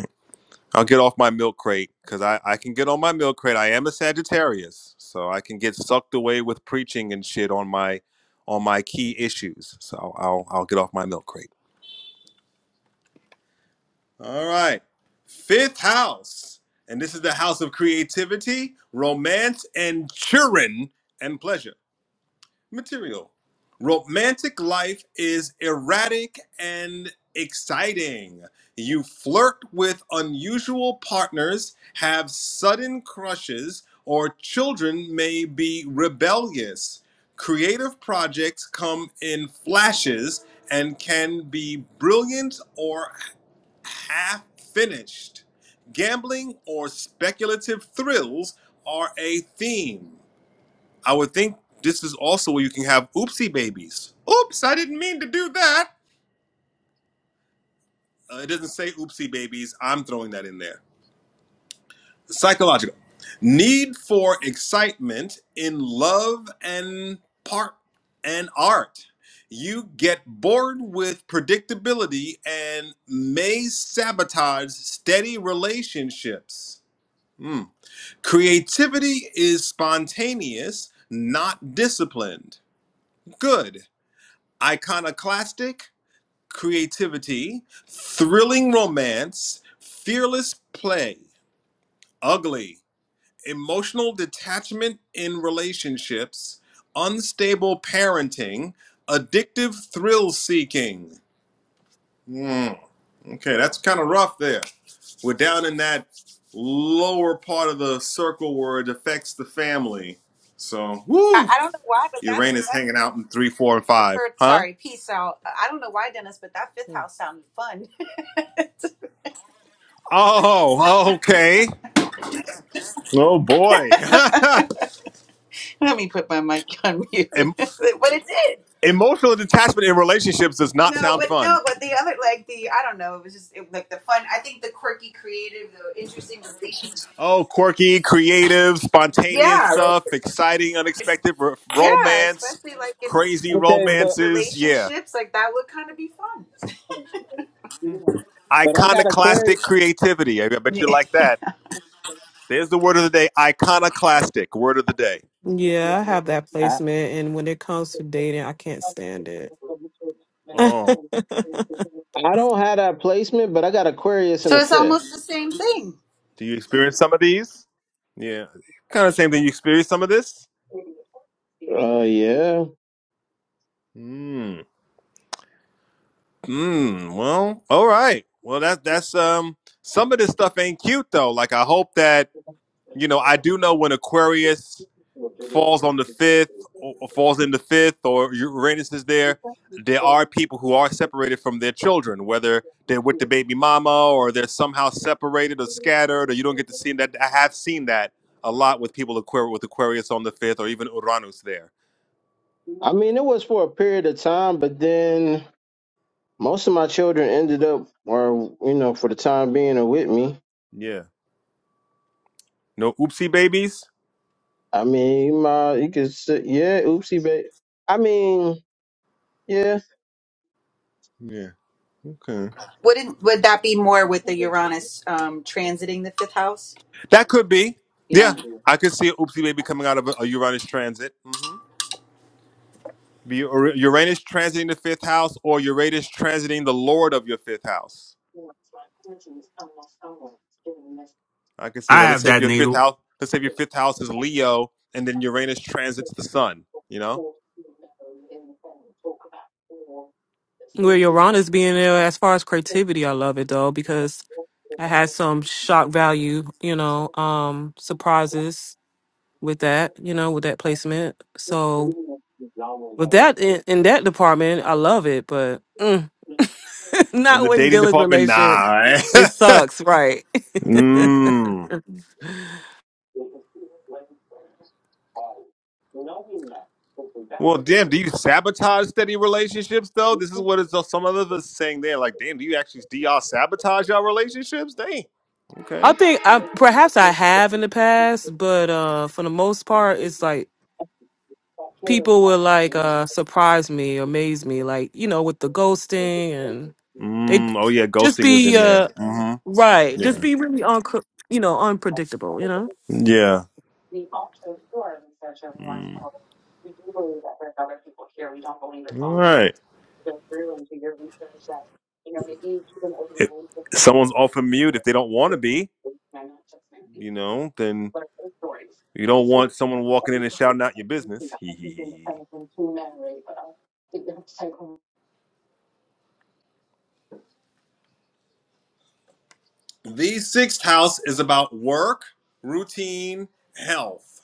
Speaker 2: I'll get off my milk crate because I, I can get on my milk crate. I am a Sagittarius, so I can get sucked away with preaching and shit on my on my key issues. So I'll I'll get off my milk crate. All right, fifth house, and this is the house of creativity, romance, and children and pleasure. material. Romantic life is erratic and exciting. You flirt with unusual partners, have sudden crushes, or children may be rebellious. Creative projects come in flashes and can be brilliant or half finished. Gambling or speculative thrills are a theme. I would think this is also where you can have oopsie babies. Oops, I didn't mean to do that. Uh, it doesn't say oopsie babies. I'm throwing that in there. Psychological. Need for excitement in love and part and art. You get bored with predictability and may sabotage steady relationships. Hmm. Creativity is spontaneous, not disciplined. Good. iconoclastic creativity, thrilling romance, fearless play, ugly, emotional detachment in relationships, unstable parenting, addictive thrill seeking. Mm, okay, that's kind of rough there. We're down in that lower part of the circle where it affects the family. So,
Speaker 7: I,
Speaker 2: woo!
Speaker 7: I don't know why, but that's
Speaker 2: Uranus
Speaker 7: that.
Speaker 2: hanging out in three, four, and
Speaker 7: The, for
Speaker 2: five, huh?
Speaker 7: sorry, peace out. Uh, I don't know why, Dennis, but that fifth house sounded fun.
Speaker 2: Oh, okay. Oh boy. [LAUGHS]
Speaker 7: [LAUGHS] Let me put my mic on mute. [LAUGHS]
Speaker 2: Em-
Speaker 7: but it did.
Speaker 2: Emotional detachment in relationships does not
Speaker 7: No,
Speaker 2: sound
Speaker 7: but
Speaker 2: fun.
Speaker 7: no, but the other like the I don't know. It was just it, like the fun. I think the quirky, creative, the interesting relationships.
Speaker 2: Oh, quirky, creative, spontaneous
Speaker 7: Yeah, like
Speaker 2: stuff, exciting, unexpected r-
Speaker 7: yeah,
Speaker 2: romance,
Speaker 7: especially like in
Speaker 2: crazy
Speaker 7: re-
Speaker 2: romances. Yeah.
Speaker 7: relationships, like that would kind of be fun.
Speaker 2: Iconoclastic creativity. I I bet
Speaker 7: Yeah.
Speaker 2: you like
Speaker 7: [LAUGHS]
Speaker 2: that. There's the word of the day iconoclastic, word of the day.
Speaker 5: Yeah, I have that
Speaker 3: I,
Speaker 5: placement and when it comes to dating, I can't stand it. [LAUGHS]
Speaker 2: Oh,
Speaker 3: I don't have that placement, but I got Aquarius in
Speaker 7: so
Speaker 3: the
Speaker 7: it's
Speaker 3: fifth.
Speaker 7: almost the same thing.
Speaker 2: do you experience some of these? Yeah. Kind of same thing. You experience some of this?
Speaker 3: Uh, yeah.
Speaker 2: Hmm. Hmm. Well, all right. Well, that that's um. Some of this stuff ain't cute though. Like I hope that you know. I do know when Aquarius falls on the fifth, or, or falls in the fifth, or Uranus is there. There are people who are separated from their children, whether they're with the baby mama or they're somehow separated or scattered, or you don't get to see that. I have seen that a lot with people Aquarius with Aquarius on the fifth, or even Uranus there.
Speaker 3: I mean, it was for a period of time, but then most of my children ended up, or you know, for the time being, are with me.
Speaker 2: Yeah. No oopsie babies.
Speaker 3: I mean, my you could say, yeah, oopsie, but I mean, yeah.
Speaker 2: Yeah. Okay.
Speaker 7: Wouldn't would that be more with the Uranus um transiting the fifth house?
Speaker 2: That could be. Yeah,
Speaker 7: Yeah.
Speaker 2: I could see an oopsie baby coming out of a, a Uranus transit. hmm Be Ur- Uranus transiting the fifth house, or Uranus transiting the Lord of your fifth house. I could see
Speaker 4: I
Speaker 2: that. Let's
Speaker 4: have
Speaker 2: say if
Speaker 4: that,
Speaker 2: your
Speaker 4: Nate.
Speaker 2: fifth house, let's say if your fifth house is Leo, and then Uranus transits the Sun. You know,
Speaker 5: Where Yorana's being there as far as creativity, I love it though, because I had some shock value, you know, um surprises with that, you know, with that placement. So with that in, in that department, I love it, but mm.
Speaker 2: in
Speaker 5: Not
Speaker 2: the
Speaker 5: when
Speaker 2: dating
Speaker 5: Dylan's
Speaker 2: department,
Speaker 5: relationship.
Speaker 2: nah.
Speaker 5: It
Speaker 2: eh? [LAUGHS]
Speaker 5: sucks, right?
Speaker 2: Mm. Well, damn, do you sabotage steady relationships though? This is what is so, some of us saying there. Like, damn, do you actually do y'all sabotage y'all relationships? Dang.
Speaker 5: I
Speaker 2: Okay.
Speaker 5: think I perhaps I have in the past, but uh for the most part it's like people will like uh surprise me, amaze me, like, you know, with the ghosting and they
Speaker 2: Mm. Oh yeah,
Speaker 5: just
Speaker 2: ghosting is
Speaker 5: be
Speaker 2: in there.
Speaker 5: uh
Speaker 2: hmm
Speaker 5: right, just
Speaker 2: Yeah.
Speaker 5: be really un you know, unpredictable, you know?
Speaker 2: Yeah. Mm. All right. If someone's off of mute if they don't want to be, you know, then you don't want someone walking in and shouting out your business. Hee hee hee. hee. The sixth house is about work, routine, health.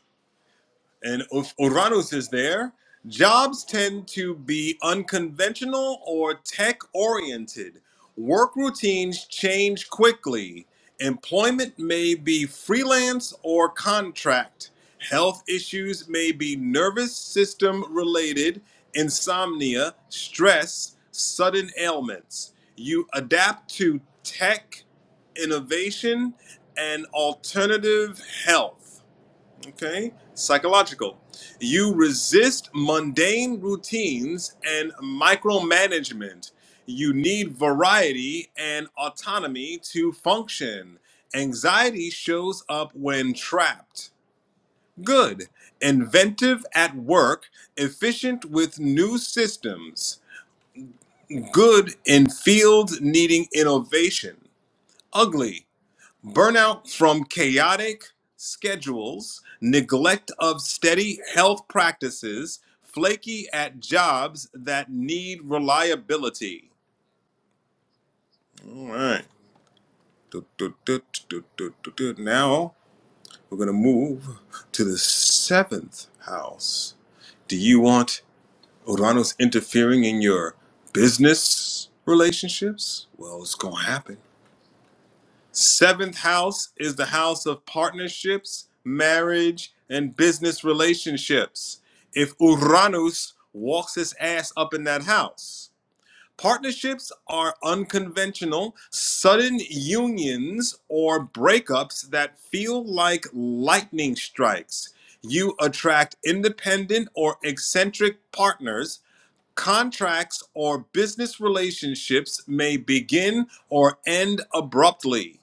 Speaker 2: and if Uranus is there, jobs tend to be unconventional or tech oriented. Work routines change quickly. Employment may be freelance or contract. Health issues may be nervous system related, insomnia, stress, sudden ailments. You adapt to tech, innovation, and alternative health. Okay, psychological. You resist mundane routines and micromanagement. You need variety and autonomy to function. Anxiety shows up when trapped. Good. Inventive at work, efficient with new systems. Good in fields needing innovation. Ugly. Burnout from chaotic schedules, neglect of steady health practices, flaky at jobs that need reliability. All right. Du- du- du- du- du- du- du- Now we're going to move to the seventh house. Do you want Uranus interfering in your business relationships? Well, it's going to happen. Seventh house is the house of partnerships, marriage, and business relationships. If Uranus walks his ass up in that house, partnerships are unconventional, sudden unions or breakups that feel like lightning strikes. You attract independent or eccentric partners. Contracts or business relationships may begin or end abruptly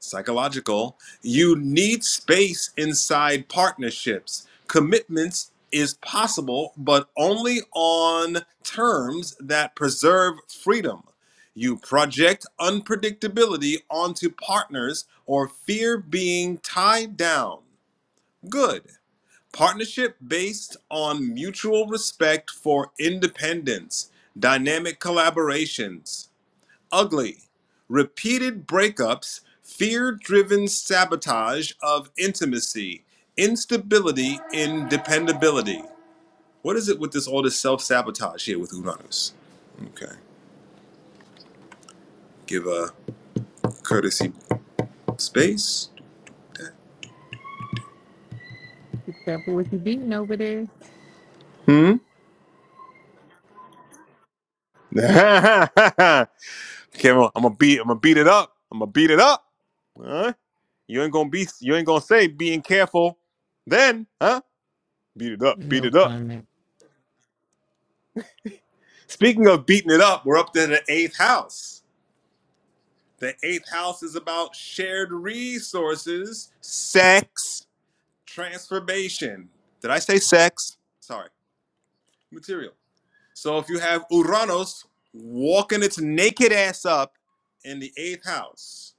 Speaker 2: psychological you need space inside partnerships commitments is possible but only on terms that preserve freedom you project unpredictability onto partners or fear being tied down good partnership based on mutual respect for independence dynamic collaborations ugly. Repeated breakups, fear driven sabotage of intimacy, instability in dependability. What is it with this all this self sabotage here with Uranus? Okay. Give a courtesy space.
Speaker 1: You careful what you beating over there.
Speaker 2: [LAUGHS] okay, I'm gonna beat I'm gonna beat it up. I'm gonna beat it up. Huh? You ain't gonna be you ain't gonna say being careful then, huh? Beat it up, beat
Speaker 1: No
Speaker 2: it up.
Speaker 1: comment.
Speaker 2: Speaking of beating it up, We're up to the eighth house. The eighth house is about shared resources, sex, transformation. Did I say sex? Sorry, material. So if you have Uranus walking its naked ass up in the eighth house,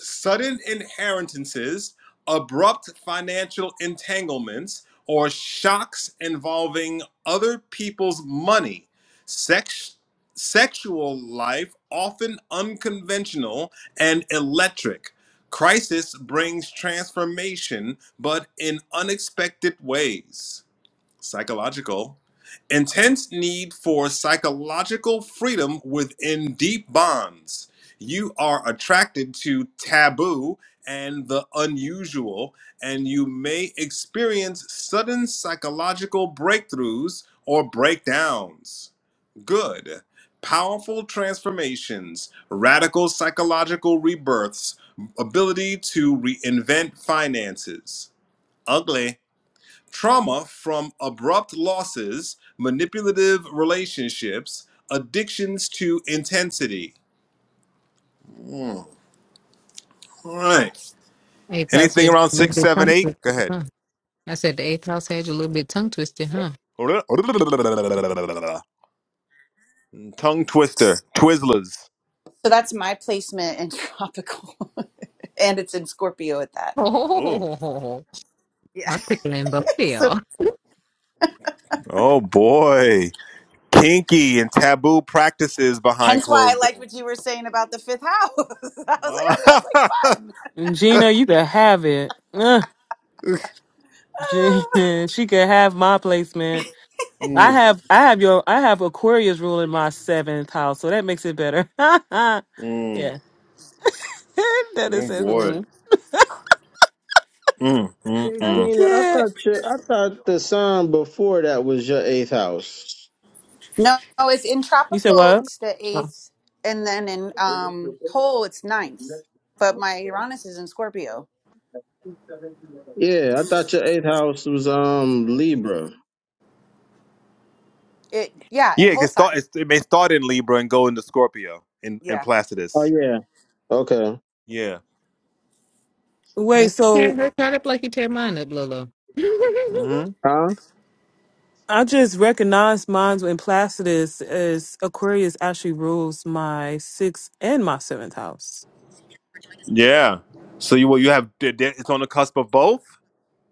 Speaker 2: sudden inheritances, abrupt financial entanglements, or shocks involving other people's money, sex, sexual life often unconventional and electric. Crisis brings transformation, but in unexpected ways psychological intense need for psychological freedom within deep bonds you are attracted to taboo and the unusual and you may experience sudden psychological breakthroughs or breakdowns good powerful transformations radical psychological rebirths ability to reinvent finances ugly trauma from abrupt losses, manipulative relationships, addictions to intensity. All right.
Speaker 1: Eighth house
Speaker 2: Anything
Speaker 1: had
Speaker 2: around
Speaker 1: you a little
Speaker 2: six,
Speaker 1: bit
Speaker 2: seven,
Speaker 1: tongue
Speaker 2: eight? Go
Speaker 1: twisted,
Speaker 2: ahead.
Speaker 1: huh? I said the eighth house had you a little bit tongue twisted, huh? [LAUGHS]
Speaker 2: Tongue twister, Twizzlers.
Speaker 7: So that's my placement in tropical, [LAUGHS] and it's in Scorpio at that.
Speaker 2: Oh,
Speaker 1: Oh,
Speaker 7: Yeah. [LAUGHS]
Speaker 1: I'm tickling both of y'all.
Speaker 7: So
Speaker 2: oh boy. Kinky and taboo practices behind
Speaker 7: hence why I
Speaker 2: closed
Speaker 7: liked
Speaker 2: doors.
Speaker 7: what you were saying about the fifth house. [LAUGHS] I was like,
Speaker 2: [LAUGHS]
Speaker 7: that sounds like fun.
Speaker 5: And Gina, you could have it. Ugh,
Speaker 7: [SIGHS] Ah.
Speaker 5: Gina, [LAUGHS] she could have my placement. I
Speaker 2: mm,
Speaker 5: have I have your I have Aquarius ruling my seventh house, so that makes it better. [LAUGHS] yeah. [LAUGHS]
Speaker 2: mm,
Speaker 5: that
Speaker 2: oh
Speaker 5: is it.
Speaker 2: boy.
Speaker 5: Mm,
Speaker 2: Mm, mm,
Speaker 3: Hey,
Speaker 5: I
Speaker 2: mm.
Speaker 3: Gina, I
Speaker 5: get.
Speaker 3: thought your, I thought the sign before that was your eighth house.
Speaker 7: no, no, it's in
Speaker 5: You said
Speaker 7: tropical.
Speaker 5: what?
Speaker 7: It's the
Speaker 5: Oh.
Speaker 7: eighth, and then in um whole it's ninth. But my Uranus is in Scorpio.
Speaker 3: Yeah, I thought your eighth house was um Libra.
Speaker 7: It yeah, in
Speaker 2: Yeah, it, can
Speaker 7: whole sign.
Speaker 2: start, it may start in Libra and go into Scorpio in, in
Speaker 7: Yeah.
Speaker 3: Oh
Speaker 2: Placidus.
Speaker 3: yeah. Okay.
Speaker 2: Yeah.
Speaker 5: Wait,
Speaker 1: Don't be
Speaker 5: so
Speaker 1: her chart up like you tear mine up, Lolo. [LAUGHS]
Speaker 2: hmm
Speaker 3: Huh?
Speaker 5: I just recognized mine in Placidus as Aquarius actually rules my sixth and my seventh house.
Speaker 2: Yeah. So you well, you have it's on the cusp of both.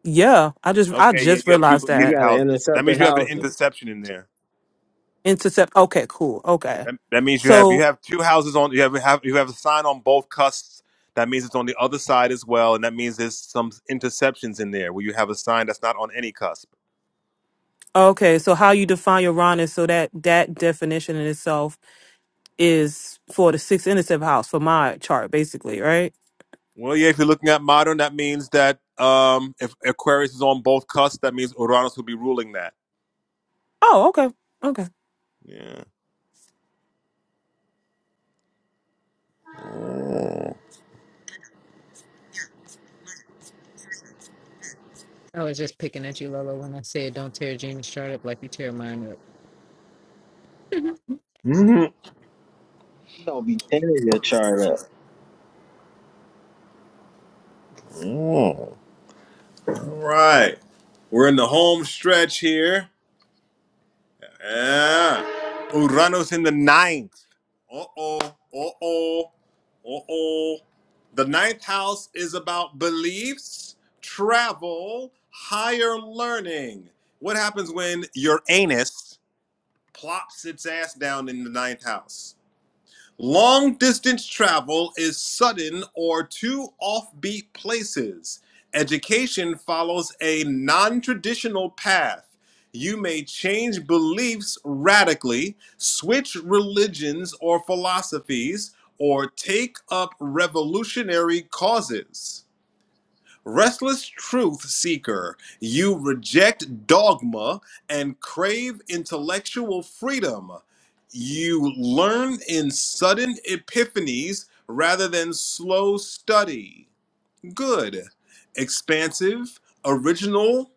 Speaker 5: Yeah, I just I
Speaker 2: Okay. Yeah,
Speaker 5: just
Speaker 2: you have
Speaker 5: realized
Speaker 3: You
Speaker 2: duplicated
Speaker 5: that.
Speaker 3: gotta
Speaker 2: houses. That
Speaker 3: intercept the
Speaker 2: means you have an
Speaker 3: houses.
Speaker 2: interception in there.
Speaker 5: Intercept. Okay, cool. Okay,
Speaker 2: That, that means you have you
Speaker 5: so
Speaker 2: have two houses on. You have have you have a sign on both cusps. That means it's on the other side as well, and that means there's some interceptions in there where you have a sign that's not on any cusp.
Speaker 5: okay, so how you define Uranus? So that that definition in itself is for the sixth and seventh house for my chart, basically, right?
Speaker 2: Well, yeah, if you're looking at modern, that means that um, if Aquarius is on both cusps, that means Uranus will be ruling that.
Speaker 5: Oh, okay, okay.
Speaker 2: Yeah. Mm.
Speaker 1: I was just picking at you, Lolo, when I said don't tear Gina's chart up like you tear mine up.
Speaker 2: Mhm.
Speaker 3: Don't be pinning your chart up.
Speaker 2: Mm. All right. We're in the home stretch here. Yeah. Urano's in the ninth. Uh oh. Uh oh. Uh oh. The ninth house is about beliefs, travel, higher learning. What happens when your anus plops its ass down in the ninth house? Long distance travel is sudden or to offbeat places. Education follows a non traditional path. You may change beliefs radically, switch religions or philosophies, or take up revolutionary causes. Restless truth seeker, you reject dogma and crave intellectual freedom. You learn in sudden epiphanies rather than slow study. Good. Expansive, original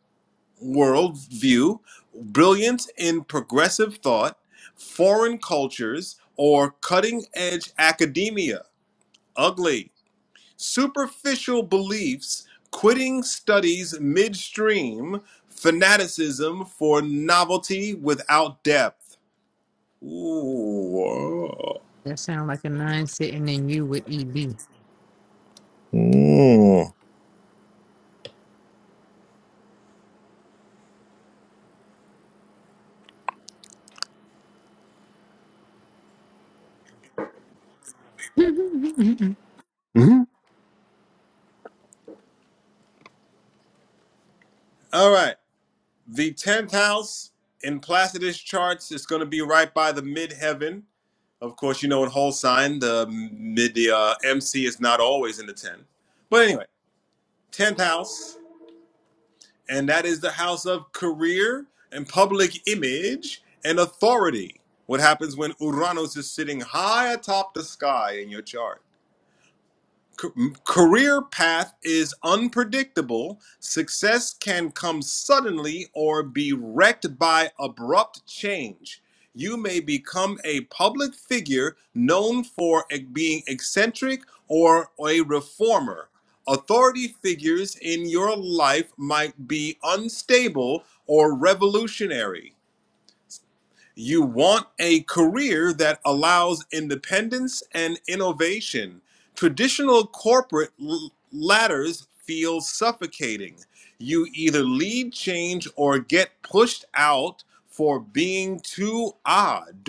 Speaker 2: worldview, brilliant in progressive thought, foreign cultures, or cutting edge academia. Ugly superficial beliefs, quitting studies midstream, fanaticism for novelty without depth. Ooh.
Speaker 1: That sound like a nine sitting in you with EB.
Speaker 2: Mm.
Speaker 1: [LAUGHS] nine
Speaker 2: All right. The 10th house in Placidus charts is going to be right by the midheaven. Of course, you know in whole sign the mid the uh, MC is not always in the 10. But anyway, 10th house. and that is the house of career and public image and authority. What happens when Uranus is sitting high atop the sky in your chart? career path is unpredictable. Success can come suddenly or be wrecked by abrupt change. You may become a public figure known for e- being eccentric or a reformer. Authority figures in your life might be unstable or revolutionary. You want a career that allows independence and innovation. Traditional corporate ladders feel suffocating. You either lead change or get pushed out for being too odd.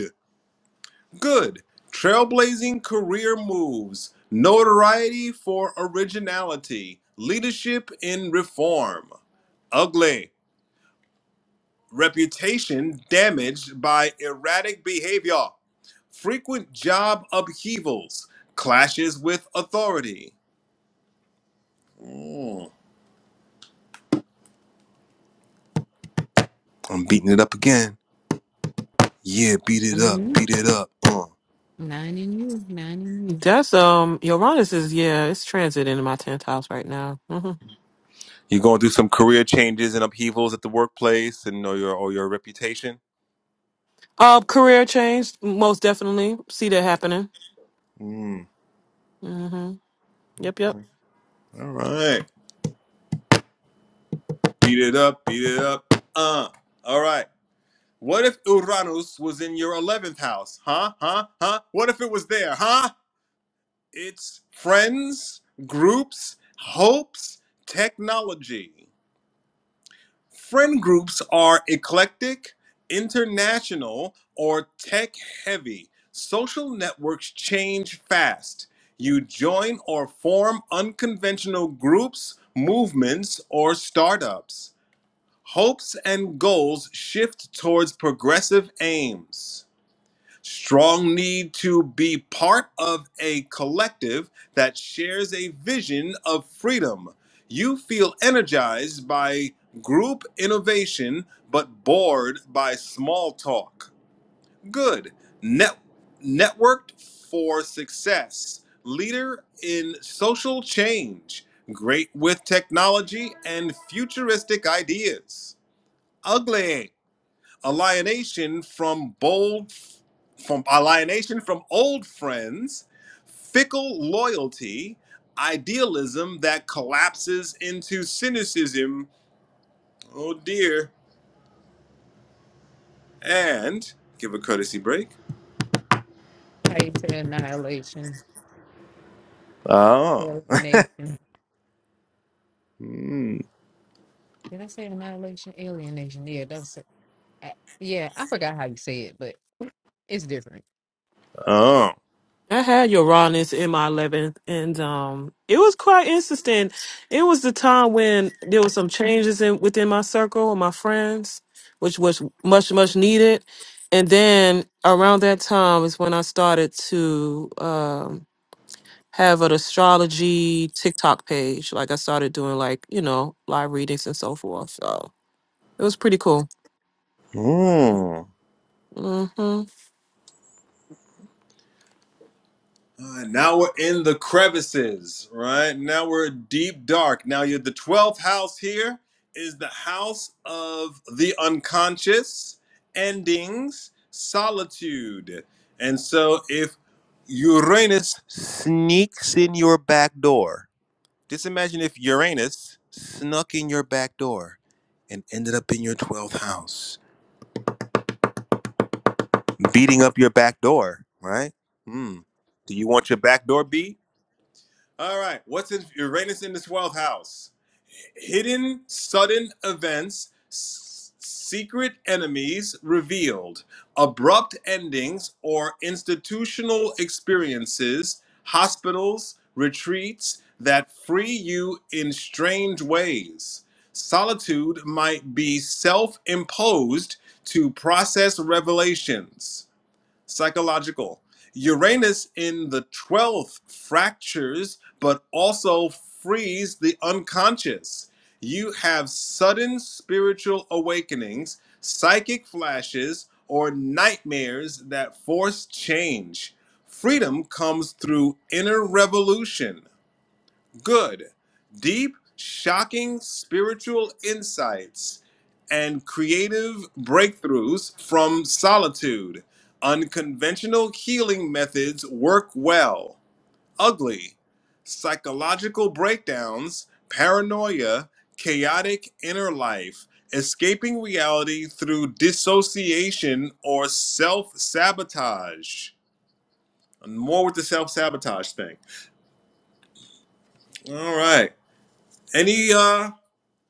Speaker 2: Good. Trailblazing career moves, notoriety for originality, leadership in reform. Ugly. Reputation damaged by erratic behavior frequent job upheavals, clashes with authority. Mm, I'm beating it up again. Yeah, beat it up,
Speaker 1: in you,
Speaker 2: beat it up. Mm.
Speaker 1: [LAUGHS] nine in you, nine in you.
Speaker 5: That's um, Uranus is yeah, it's transit in my tenth house right now. hmm
Speaker 2: You're going through some career changes and upheavals at the workplace and or your or your reputation.
Speaker 5: Uh, career change, most definitely see that happening.
Speaker 2: Mm.
Speaker 5: hmm Yep, yep.
Speaker 2: Okay. All right. Beat it up, beat it up. Uh. All right. What if Uranus was in your 11th house? Huh? Huh? Huh? What if it was there? Huh? It's friends, groups, hopes, technology. Friend groups are eclectic, international, or tech heavy. Social networks change fast. You join or form unconventional groups, movements, or startups. Hopes and goals shift towards progressive aims. Strong need to be part of a collective that shares a vision of freedom. You feel energized by group innovation, but bored by small talk. Good. Net- networked for success. Leader in social change. Great with technology and futuristic ideas. Ugly alienation from bold from alienation from old friends fickle loyalty idealism that collapses into cynicism oh dear and give a courtesy break
Speaker 1: How you say annihilation,
Speaker 2: oh
Speaker 1: alienation? Did I say annihilation, alienation? Yeah, that's a, I- yeah. I forgot how you say it, but it's different.
Speaker 2: [LAUGHS] oh
Speaker 5: I had Uranus in my 11th, and um, it was quite interesting. It was the time when there was some changes in within my circle and my friends, which was much much needed. And then around that time is when I started to um, have an astrology TikTok page. Like I started doing like you know live readings and so forth. So it was pretty cool.
Speaker 2: hmm.
Speaker 5: hmm
Speaker 2: Uh, now we're in the crevices, right? Now we're deep dark. Now you're the 12th house here is the house of the unconscious, endings, solitude. And so if Uranus sneaks in your back door, just imagine if Uranus snuck in your back door and ended up in your 12th house, beating up your back door, right? Hmm. Do you want your back door beat? All right. What's in Uranus in the 12th house? Hidden sudden events, s- secret enemies revealed, abrupt endings or institutional experiences, hospitals, retreats that free you in strange ways. Solitude might be self imposed to process revelations psychological. Uranus in the 12th fractures, but also frees the unconscious. You have sudden spiritual awakenings, psychic flashes, or nightmares that force change. Freedom comes through inner revolution good, deep, shocking spiritual insights and creative breakthroughs from solitude. Unconventional healing methods work well. Ugly, psychological breakdowns, paranoia, chaotic inner life, escaping reality through dissociation or self sabotage. More with the self sabotage thing. All right. Any uh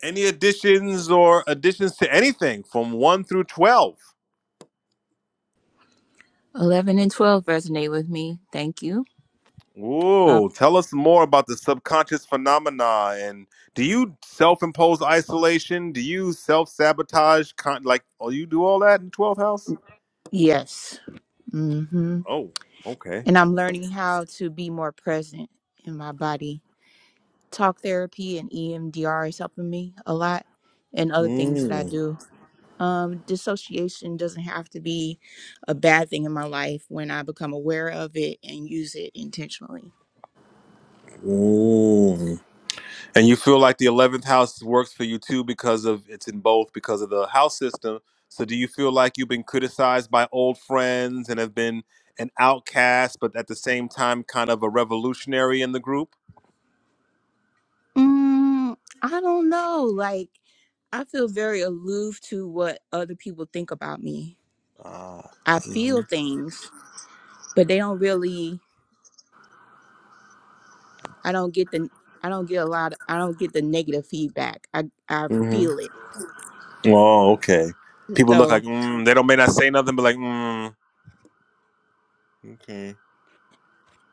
Speaker 2: Any additions or additions to anything from 1 through 12?
Speaker 6: 11 and 12 resonate with me. Thank you. Um,
Speaker 2: Ooh, tell us more about the subconscious phenomena. And do you self impose isolation? Do you self sabotage? Con- like, oh, you do all that in 12th house?
Speaker 6: yes. Mm-hmm.
Speaker 2: Oh, okay.
Speaker 6: And I'm learning how to be more present in my body. Talk therapy and EMDR is helping me a lot and other things that I
Speaker 2: Mm.
Speaker 6: do. Um, dissociation doesn't have to be a bad thing in my life when I become aware of it and use it intentionally.
Speaker 2: Ooh. And you feel like the eleventh house works for you too because of it's in both because of the house system. So do you feel like you've been criticized by old friends and have been an outcast, but at the same time kind of a revolutionary in the group?
Speaker 6: Mm, I don't know. Like, I feel very aloof to what other people think about me.
Speaker 2: Ah,
Speaker 6: I
Speaker 2: mm-hmm,
Speaker 6: feel things, but they don't really. I don't get the. I don't get a lot. I don't get the negative feedback. I I feel
Speaker 2: mm-hmm.
Speaker 6: it.
Speaker 2: Oh, okay. People look
Speaker 6: So
Speaker 2: like mm, they don't may not say nothing, but like mm, okay,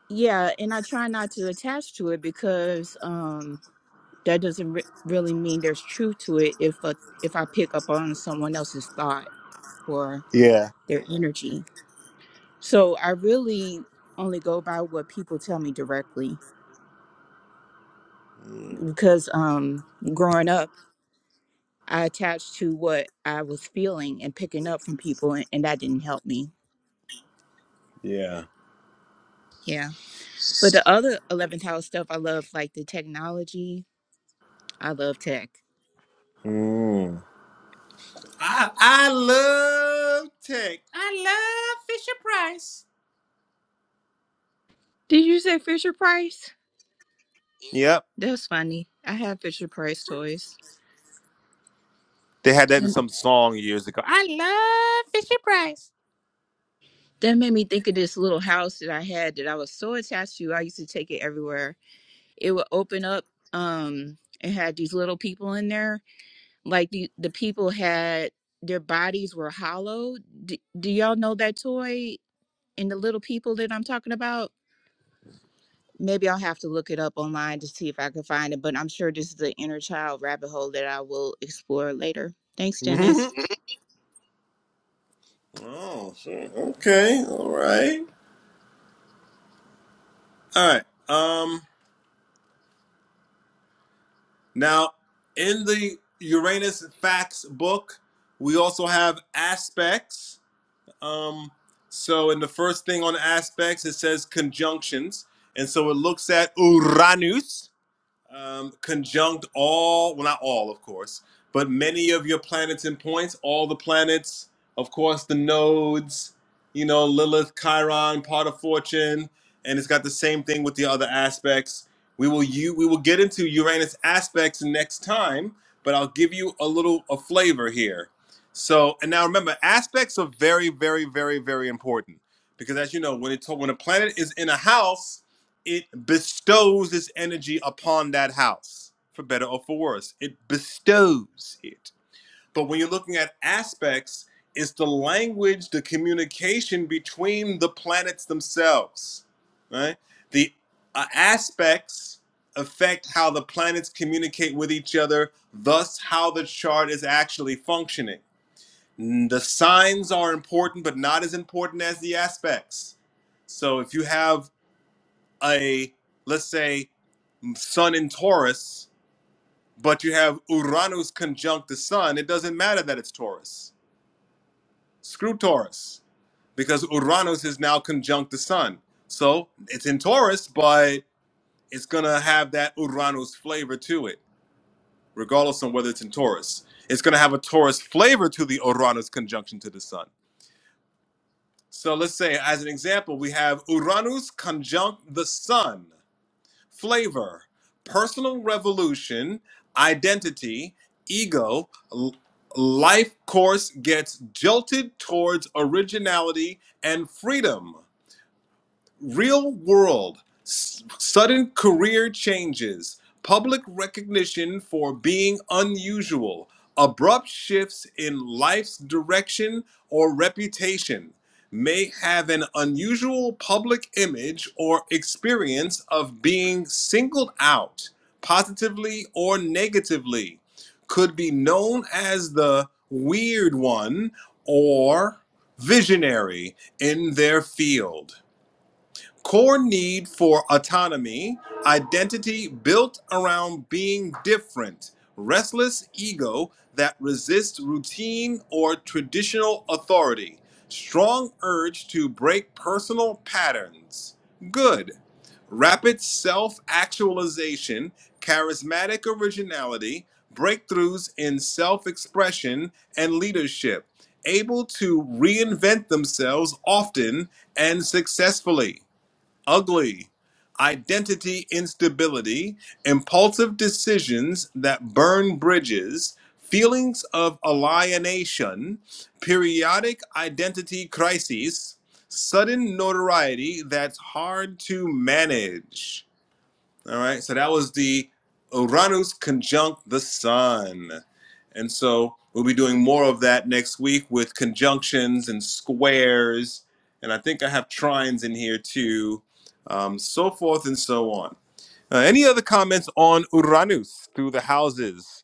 Speaker 6: yeah, and I try not to attach to it because um that doesn't re- really mean there's truth to it. If a, if I pick up on someone else's thought or
Speaker 2: yeah,
Speaker 6: their energy, so I really only go by what people tell me directly
Speaker 2: mm,
Speaker 6: because um growing up I attached to what I was feeling and picking up from people, and, and that didn't help me.
Speaker 2: yeah.
Speaker 6: Yeah. But the other 11th house stuff, I love like the technology. I love tech.
Speaker 2: Mm. I I love tech.
Speaker 6: Did you say Fisher Price?
Speaker 2: Yep,
Speaker 6: That's funny. I had Fisher Price toys.
Speaker 2: they had that in
Speaker 6: And
Speaker 2: some song years ago. I-
Speaker 6: that made me think of this little house that I had that I was so attached to. I used to take it everywhere. It would open up. Um, it had these little people in there. Like the the people had their bodies were hollow. D- do y'all know that toy? and the little people that I'm talking about, maybe I'll have to look it up online to see if I can find it. But I'm sure this is the inner child rabbit hole that I will explore later. Thanks,
Speaker 2: [LAUGHS]
Speaker 6: Dennis.
Speaker 2: Oh, so, okay, all right, all right. Um, now in the Uranus facts book, we also have aspects. Um, so in the first thing on aspects, it says conjunctions, and so it looks at Uranus. um, conjunct all, well, not all, of course, but many of your planets and points, all the planets, of course, the nodes, you know, Lilith, Chiron, part of fortune, and it's got the same thing with the other aspects. We will you we will get into Uranus aspects next time, but I'll give you a little a flavor here. So, and now remember, aspects are very, very, very, very important because, as you know, when it when a planet is in a house, it bestows its energy upon that house, for better or for worse. It bestows it. But when you're looking at aspects, it's the language, the communication between the planets themselves, right? The uh, aspects affect how the planets communicate with each other, thus, how the chart is actually functioning. Mm, The signs are important, but not as important as the aspects. So if you have a, let's say, Sun in Taurus, but you have Uranus conjunct the Sun, it doesn't matter that it's Taurus. Screw Taurus, because Uranus is now conjunct the Sun. So it's in Taurus, but it's going to have that Uranus flavor to it, regardless on whether it's in Taurus. It's going to have a Taurus flavor to the Uranus conjunction to the Sun. So let's say, as an example, we have Uranus conjunct the Sun. flavor, personal revolution, identity, ego, life course gets jolted towards originality and freedom real world, s- sudden career changes, public recognition for being unusual, abrupt shifts in life's direction or reputation may have an unusual public image or experience of being singled out positively or negatively could be known as the weird one or visionary in their field Core need for autonomy, identity built around being different, restless ego that resists routine or traditional authority, strong urge to break personal patterns. Good. Rapid self actualization, charismatic originality, breakthroughs in self expression and leadership, able to reinvent themselves often and successfully ugly, identity instability, impulsive decisions that burn bridges, feelings of alienation, periodic identity crises, sudden notoriety that's hard to manage. All right. So that was the Uranus conjunct the sun. And so we'll be doing more of that next week with conjunctions and squares. And I think I have trines in here too, um, so forth and so on. Uh, any other comments on Uranus through the houses?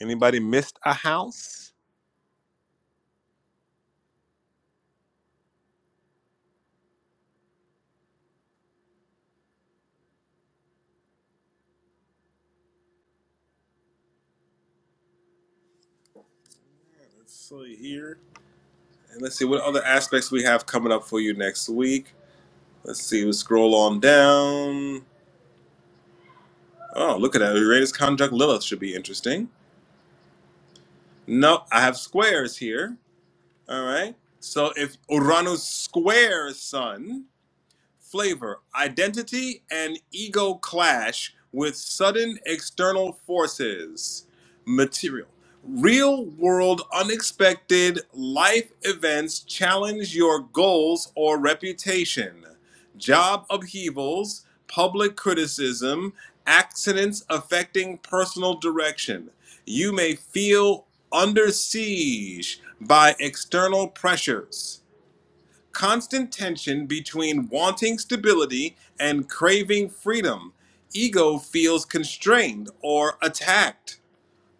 Speaker 2: Anybody missed a house? Let's see here. And let's see what other aspects we have coming up for you next week. Let's see, we scroll on down. Oh, look at that. Uranus conjunct Lilith should be interesting. No, I have squares here. All right. So if Uranus squares Sun, flavor, identity, and ego clash with sudden external forces. Material. Real world, unexpected life events challenge your goals or reputation. Job upheavals, public criticism, accidents affecting personal direction. You may feel under siege by external pressures constant tension between wanting stability and craving freedom. Ego feels constrained or attacked,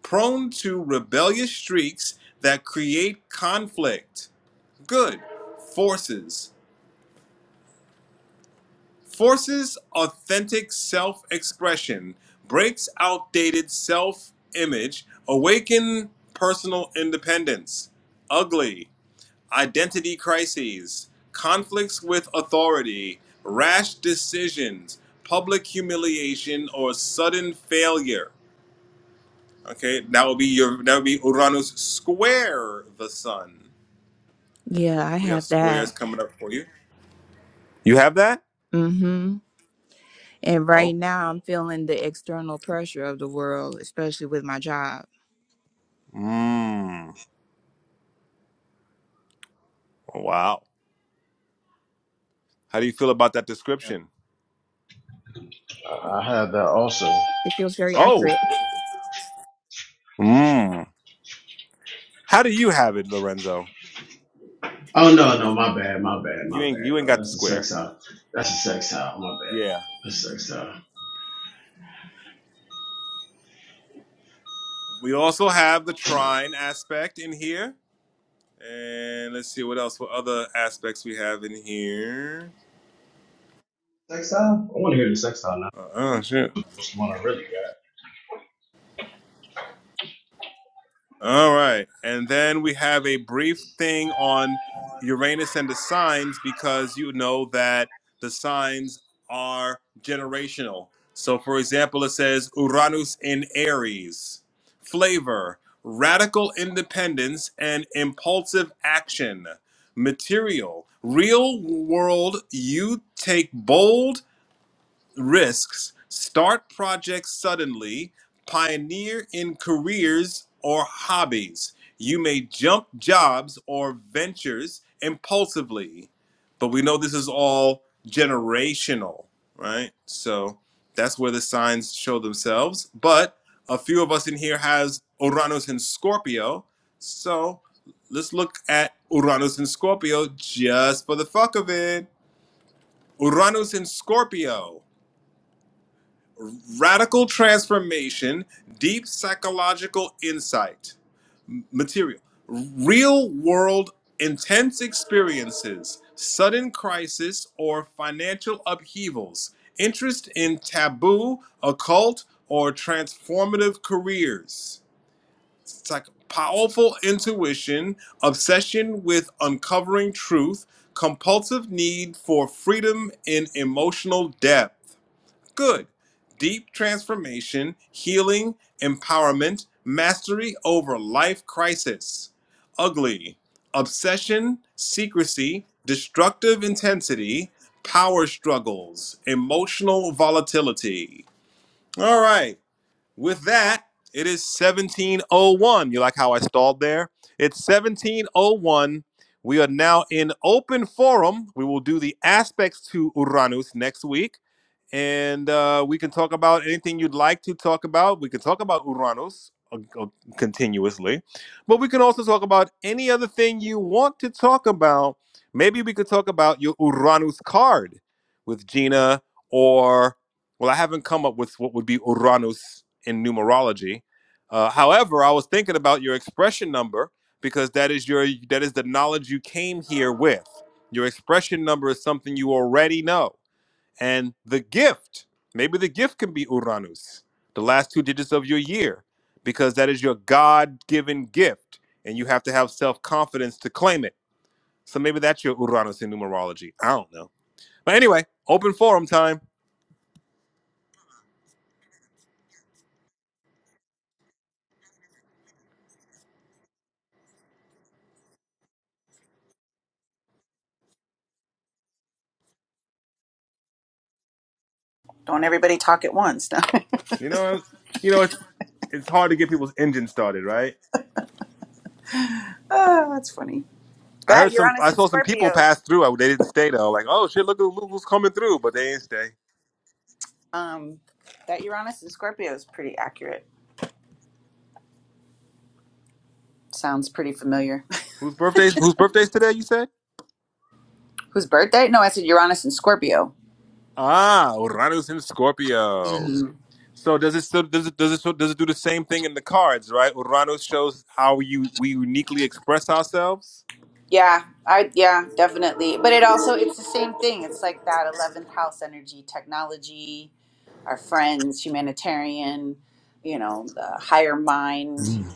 Speaker 2: prone to rebellious streaks that create conflict. Good. Forces. Forces authentic self expression, breaks outdated self image, awaken personal independence. Ugly. identity crises, conflicts with authority, rash decisions, public humiliation, or sudden failure. Okay, that would be your that would be Uranus square the sun.
Speaker 6: Yeah, I
Speaker 2: We have
Speaker 6: have
Speaker 2: squares
Speaker 6: that.
Speaker 2: coming up for you. You have that?
Speaker 6: Mm-hmm. And right
Speaker 2: Oh,
Speaker 6: now I'm feeling the external pressure of the world, especially with my job.
Speaker 2: mmm. Wow. How do you feel about that description?
Speaker 3: I I had that also.
Speaker 6: It feels very
Speaker 2: Oh,
Speaker 6: accurate.
Speaker 2: mmm. How do you have it, Lorenzo?
Speaker 3: Oh no, no, my bad, my bad,
Speaker 2: You
Speaker 3: my
Speaker 2: ain't
Speaker 3: bad.
Speaker 2: you ain't
Speaker 3: No,
Speaker 2: got the
Speaker 3: that's the
Speaker 2: square.
Speaker 3: sex out That's the sex out My bad.
Speaker 2: Yeah.
Speaker 3: That's the sex out
Speaker 2: We also have the trine aspect in here. And let's see what else, what other aspects we have in here.
Speaker 3: Sex out I want to hear the sex out now.
Speaker 2: Uh, oh, shit.
Speaker 3: That's the one I really got.
Speaker 2: All right. And then we have a brief thing on Uranus and the signs because you know that the signs are generational. So, for example, it says Uranus in Aries, flavor, radical independence, and impulsive action, material, real world, you take bold risks, start projects suddenly, pioneer in careers or hobbies. You may jump jobs or ventures impulsively, but we know this is all generational, right? So that's where the signs show themselves. But a few of us in here has Uranus in Scorpio, so let's look at Uranus in Scorpio just for the fuck of it. Uranus in Scorpio. Radical transformation, deep psychological insight, material, real world intense experiences, sudden crisis or financial upheavals, interest in taboo, occult, or transformative careers. It's like powerful intuition, obsession with uncovering truth, compulsive need for freedom in emotional depth. Good. Deep transformation, healing, empowerment, mastery over life crisis. Ugly. Obsession, secrecy, destructive intensity, power struggles, emotional volatility. All right. With that, it is 1701. You like how I stalled there? It's 1701. We are now in open forum. We will do the aspects to Uranus next week and uh, we can talk about anything you'd like to talk about. We can talk about Uranus uh, uh, continuously, but we can also talk about any other thing you want to talk about. Maybe we could talk about your Uranus card with Gina, or well, I haven't come up with what would be Uranus in numerology. Uh, however, I was thinking about your expression number because that is your that is the knowledge you came here with. Your expression number is something you already know and the gift. Maybe the gift can be Uranus, the last two digits of your year, because that is your God given gift, and you have to have self confidence to claim it. So maybe that's your Uranus in numerology. I don't know. But anyway, open forum time.
Speaker 7: Don't everybody talk at once. [LAUGHS]
Speaker 2: You know, it's, you know, it's, it's hard to get people's engines started, right?
Speaker 7: oh, that's funny.
Speaker 2: I heard
Speaker 7: That
Speaker 2: some,
Speaker 7: Uranus
Speaker 2: I
Speaker 7: in
Speaker 2: saw some people
Speaker 7: Scorpio.
Speaker 2: pass through. I, they didn't stay though. Like, oh shit, look, who- who's coming through, but they didn't stay.
Speaker 7: Um, that Uranus in Scorpio is pretty accurate. Sounds pretty familiar.
Speaker 2: Whose birthdays? Whose birthdays today? You said?
Speaker 7: [LAUGHS] Whose birthday? No, I said Uranus and Scorpio.
Speaker 2: Ah, Uranus in Scorpio.
Speaker 7: Mhm.
Speaker 2: So does it still does it does it so does it do the same thing in the cards, right? Urano shows how you we uniquely express ourselves.
Speaker 7: Yeah, I yeah, definitely. But it also it's the same thing. It's like that eleventh house energy, technology, our friends, humanitarian, you know, the higher mind,
Speaker 2: Mm.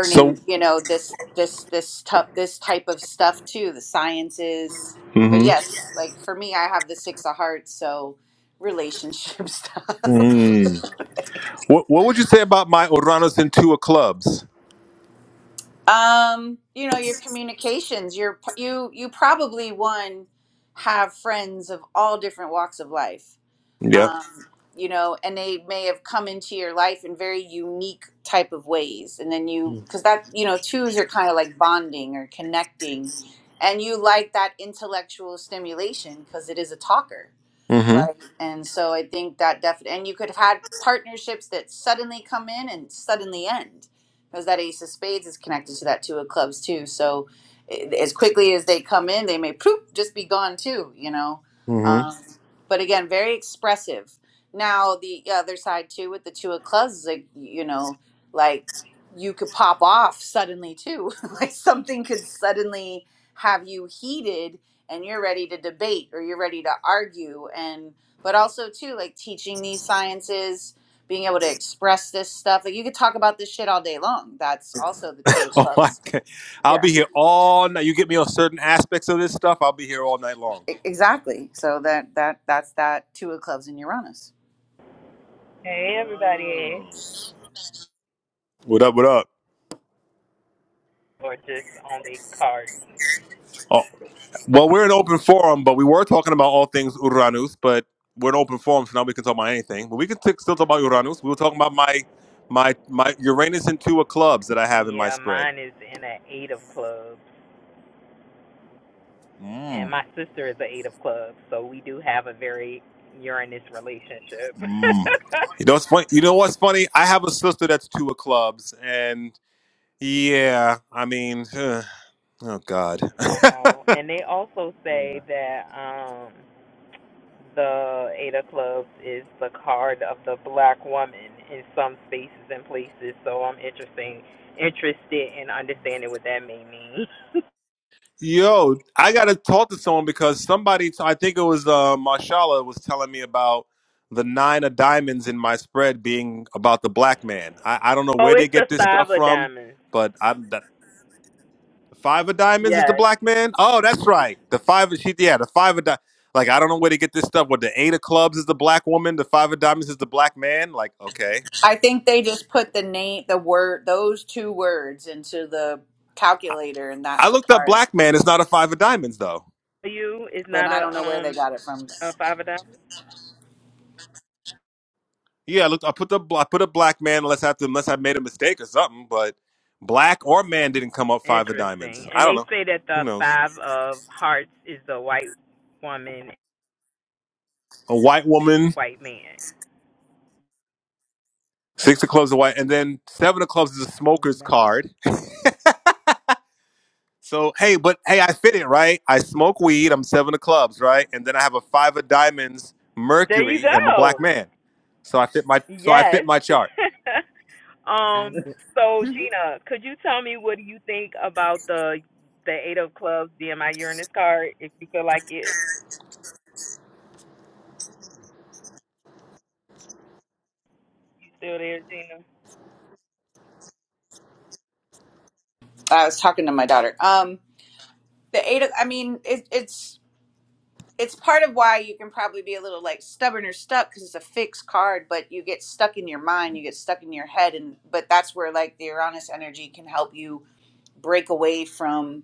Speaker 2: So
Speaker 7: you know, this this this tough this type of stuff too, the sciences. But
Speaker 2: hmm
Speaker 7: yes, like for me, I have the six of hearts, so relationship [LAUGHS] stuff.
Speaker 2: Mm. what what would you say about my Uranos and Tua clubs?
Speaker 7: um you know your communications your you you probably one have friends of all different walks of life
Speaker 2: Yeah.
Speaker 7: um you know and they may have come into your life in very unique type of ways and then you
Speaker 2: Mm.
Speaker 7: because that you know twos are kind of like bonding or connecting and you like that intellectual stimulation because it is a talker
Speaker 2: Mm-hmm.
Speaker 7: right? And so I think that definitely, and you could have had partnerships that suddenly come in and suddenly end, because that Ace of Spades is connected to that Two of Clubs too. So i- as quickly as they come in, they may poof just be gone too, you know.
Speaker 2: Mm-hmm. [LAUGHS]
Speaker 7: Um, but again, very expressive. Now the other side too with the Two of Clubs is like you know, like you could pop off suddenly too, [LAUGHS] like something could suddenly have you heated and you're ready to debate or you're ready to argue and but also too like teaching these sciences being able to express this stuff like you could talk about this shit all day long that's also the two of
Speaker 2: Oh my
Speaker 7: clubs
Speaker 2: God. I'll
Speaker 7: yeah
Speaker 2: be here all night. You get me on certain aspects of this stuff, I'll be here all night long.
Speaker 7: E- exactly so that that that's that two of clubs in uranus
Speaker 8: Hey, everybody.
Speaker 2: Wow. What up, what up?
Speaker 8: Or just on the card.
Speaker 2: Well, we're an open forum, but we were talking about all things Uranus, but we're an open forum, so now we can talk about anything. But we can t- still talk about Uranus. We were talking about my my my Uranus and two of clubs that I have in my
Speaker 8: Yeah,
Speaker 2: spread.
Speaker 8: mine is in an eight of clubs, and
Speaker 2: Mm.
Speaker 8: my sister is an eight of clubs, so we do have a very Uranus relationship.
Speaker 2: Mm. You know what's funny? You know what's funny? I have a sister that's two of clubs, and yeah, I mean, [SIGHS] oh god.
Speaker 8: [LAUGHS] I know. And they also say that um the eight of clubs is the card of the black woman in some spaces and places, so I'm interesting interested in understanding what that may mean. [LAUGHS]
Speaker 2: Yo, I gotta talk to someone because somebody, I think it was uh, Marshala, was telling me about the nine of diamonds in my spread being about the black man. I, I don't know
Speaker 8: oh,
Speaker 2: where they
Speaker 8: it's the
Speaker 2: get this
Speaker 8: five
Speaker 2: stuff
Speaker 8: of
Speaker 2: from,
Speaker 8: diamonds.
Speaker 2: but I'm the five of diamonds is the
Speaker 8: Yes.
Speaker 2: black man. Oh, that's right, the five of she, yeah, the five of di- like I don't know where they get this stuff. What the eight of clubs is the black woman, the five of diamonds is the black man. Like, okay,
Speaker 7: i think they just put the name the word those two words into the calculator and that's
Speaker 2: I
Speaker 7: the
Speaker 2: looked up
Speaker 7: card
Speaker 2: black man. It's not a five of diamonds though.
Speaker 8: you is
Speaker 7: but
Speaker 8: not
Speaker 7: i don't know
Speaker 8: a
Speaker 7: where they
Speaker 8: um
Speaker 7: got it from
Speaker 8: a five of diamonds.
Speaker 2: Yeah, I looked. I put the I put a black man unless I have to, unless I made a mistake or something. But black or man didn't come up five of
Speaker 8: Interesting.
Speaker 2: diamonds. I
Speaker 8: And
Speaker 2: don't
Speaker 8: they
Speaker 2: know.
Speaker 8: say that
Speaker 2: Who
Speaker 8: the
Speaker 2: knows?
Speaker 8: five of hearts is the white woman,
Speaker 2: A white woman,
Speaker 8: white man.
Speaker 2: six of clubs, a white, and then seven of clubs is a smoker's card. So hey, but hey, I fit it right. I smoke weed. I'm seven of clubs, right? And then I have a five of diamonds,
Speaker 8: There you
Speaker 2: Mercury, and I'm a black
Speaker 8: go.
Speaker 2: man. So I fit my so I
Speaker 8: Yes.
Speaker 2: fit my chart.
Speaker 8: [LAUGHS] um.
Speaker 1: I get.
Speaker 8: So
Speaker 1: [LAUGHS]
Speaker 8: Gina, could you tell me what do you think about the the eight of clubs being my Uranus card? If you feel like it, you still there, Gina?
Speaker 7: i was talking to my daughter um the eight of, i mean it, it's it's part of why you can probably be a little like stubborn or stuck because it's a fixed card but you get stuck in your mind you get stuck in your head and but that's where like the uranus energy can help you break away from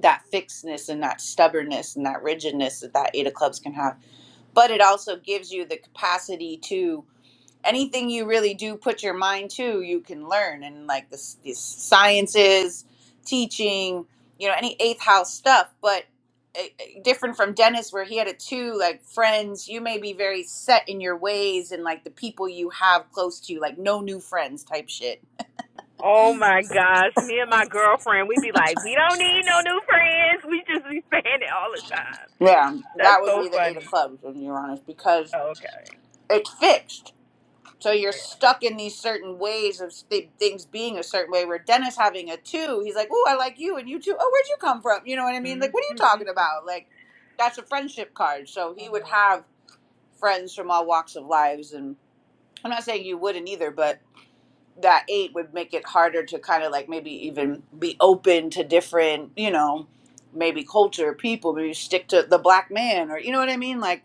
Speaker 7: that fixedness and that stubbornness and that rigidness that that eight of clubs can have but it also gives you the capacity to anything you really do put your mind to, you can learn. And like this, these sciences, teaching, you know, any eighth house stuff. But uh, uh, different from Dennis, where he had a two, like friends, you may be very set in your ways and like the people you have close to you, like no new friends type shit.
Speaker 8: Oh my gosh, me and my girlfriend, we be like, we don't need no new friends. We just be [LAUGHS] saying it all the time.
Speaker 7: Yeah,
Speaker 8: [LAUGHS]
Speaker 7: that
Speaker 8: That's
Speaker 7: would
Speaker 8: so
Speaker 7: be the eight
Speaker 8: funny.
Speaker 7: of clubs, when you're honest, because
Speaker 8: Okay.
Speaker 7: it's fixed So you're
Speaker 8: Yeah.
Speaker 7: stuck in these certain ways of th- things being a certain way. Where Dennis having a two, he's like, "Oh, I like you, and you too. Oh, where'd you come from? You know what I mean?
Speaker 8: Mhm.
Speaker 7: Like, what are you
Speaker 8: [LAUGHS]
Speaker 7: talking about? Like, that's a friendship card. So he would
Speaker 8: um,
Speaker 7: have friends from all walks of lives, and I'm not saying you wouldn't either, but that eight would make it harder to kind of like maybe even be open to different, you know, maybe culture, people. Maybe stick to the black man, or you know what I mean? Like,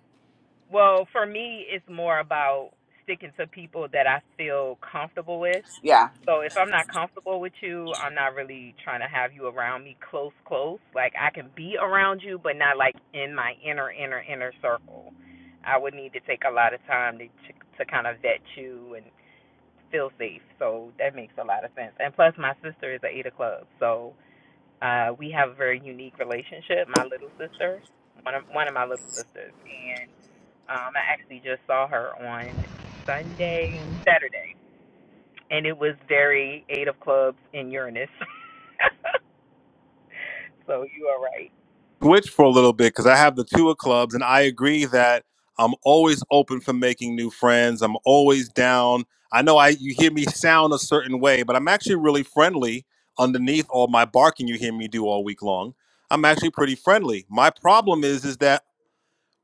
Speaker 8: well, for me, it's more about sticking to people that I feel comfortable with.
Speaker 7: yeah.
Speaker 8: So if I'm not comfortable with you, I'm not really trying to have you around me close, close. Like I can be around you, but not like in my inner, inner, inner circle. I would need to take a lot of time to to kind of vet you and feel safe. So that makes a lot of sense. And plus, my sister is a Ada Club, so Uh, we have a very unique relationship. My little sister, one of one of my little sisters, and um, I actually just saw her on Sunday, Saturday, and it was very Eight of Clubs in Uranus. [LAUGHS] so you are right.
Speaker 2: switch for a little bit because I have the two of clubs, and I agree that I'm always open for making new friends. I'm always down. I know I you hear me sound a certain way, but I'm actually really friendly underneath all my barking you hear me do all week long. I'm actually pretty friendly. My problem is is that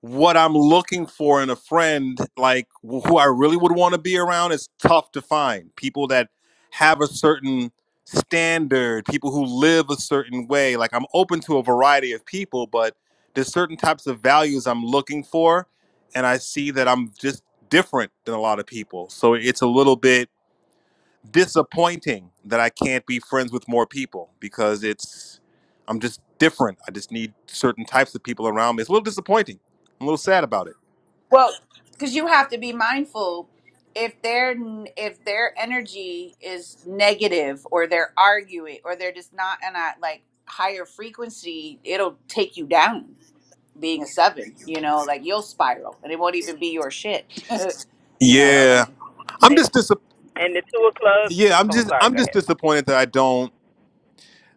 Speaker 2: what I'm looking for in a friend, like who I really would want to be around, is tough to find. People that have a certain standard, people who live a certain way. Like I'm open to a variety of people, but there's certain types of values I'm looking for, and I see that I'm just different than a lot of people. So it's a little bit disappointing that I can't be friends with more people because it's I'm just different. I just need certain types of people around me. It's a little disappointing. I'm a little sad about it.
Speaker 7: Well, because you have to be mindful if their if their energy is negative or they're arguing or they're just not in a like higher frequency, it'll take you down. Being a seven, you know, like you'll spiral and it won't even be your shit, [LAUGHS] you know.
Speaker 8: Yep.
Speaker 2: Yeah.
Speaker 7: So
Speaker 2: I'm
Speaker 8: And,
Speaker 2: just dis-
Speaker 8: and the Two of Clubs.
Speaker 2: yeah, I'm
Speaker 8: Oh,
Speaker 2: just
Speaker 8: sorry.
Speaker 2: I'm
Speaker 8: Go
Speaker 2: just
Speaker 8: ahead.
Speaker 2: disappointed that I don't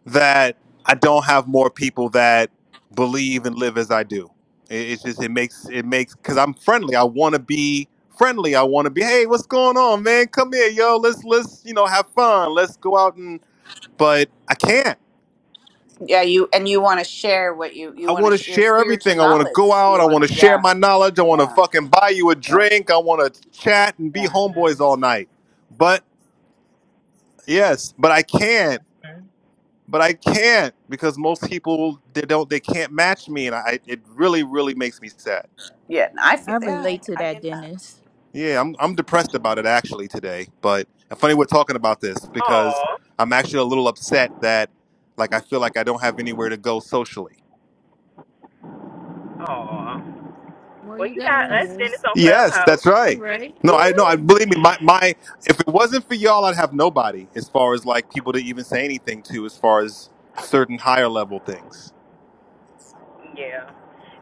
Speaker 2: that I don't have more people that believe and live as I do. It, it's just it makes it makes cuz I'm friendly. I want to be friendly. I want to be, "Hey, what's going on, man? Come here, yo. Let's let's, you know, have fun. Let's go out and but I can't.
Speaker 7: yeah, you and you want to share what you
Speaker 2: I
Speaker 7: you want to
Speaker 2: want to
Speaker 7: share
Speaker 2: share
Speaker 7: spiritual
Speaker 2: everything. I want to
Speaker 7: knowledge.
Speaker 2: go out.
Speaker 7: You
Speaker 2: I
Speaker 7: want
Speaker 2: want
Speaker 7: to
Speaker 2: to share
Speaker 7: yeah
Speaker 2: my knowledge. I want to
Speaker 7: yeah
Speaker 2: fucking buy you a
Speaker 7: yeah
Speaker 2: drink. I want to chat and be
Speaker 7: yeah
Speaker 2: homeboys all night. But yes, but I can't.
Speaker 8: Mhm.
Speaker 2: But I can't because most people they don't they can't match me, and I it really really makes me sad.
Speaker 7: yeah. I feel
Speaker 6: I
Speaker 7: yeah
Speaker 6: relate to
Speaker 7: I, I
Speaker 6: that,
Speaker 7: get that.
Speaker 6: Dennis.
Speaker 2: Yeah, I'm I'm depressed about it actually today. But and funny we're talking about this because
Speaker 8: Aw.
Speaker 2: I'm actually a little upset that like I feel like I don't have anywhere to go socially
Speaker 8: Aw.
Speaker 1: Well,
Speaker 8: Well,
Speaker 1: you
Speaker 8: you
Speaker 1: got
Speaker 8: got us, then
Speaker 1: us
Speaker 8: it's on
Speaker 2: Yes, that's
Speaker 8: Clubhouse.
Speaker 2: right.
Speaker 8: [LAUGHS]
Speaker 1: right.
Speaker 2: No, I know. I believe me. My my. If it wasn't for y'all, I'd have nobody. As far as like people to even say anything to, as far as certain higher level things.
Speaker 8: Yeah.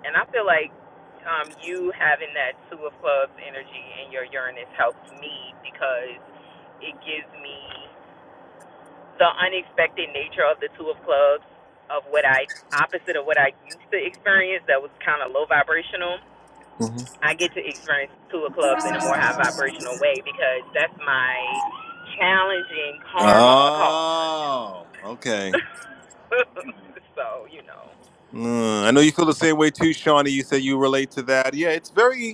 Speaker 8: And I feel like um, you having that Two of Clubs energy in your Uranus helps me because it gives me the unexpected nature of the Two of Clubs, of what I, opposite of what I used to experience that was kind of low vibrational.
Speaker 2: Mhm.
Speaker 8: I get to experience Two of Clubs in a more high vibrational way because that's my challenging karma card.
Speaker 2: Oh, okay.
Speaker 8: [LAUGHS] so, you know.
Speaker 2: Mm, I know you feel the same way too, Shawnee. You say you relate to that. Yeah, it's very.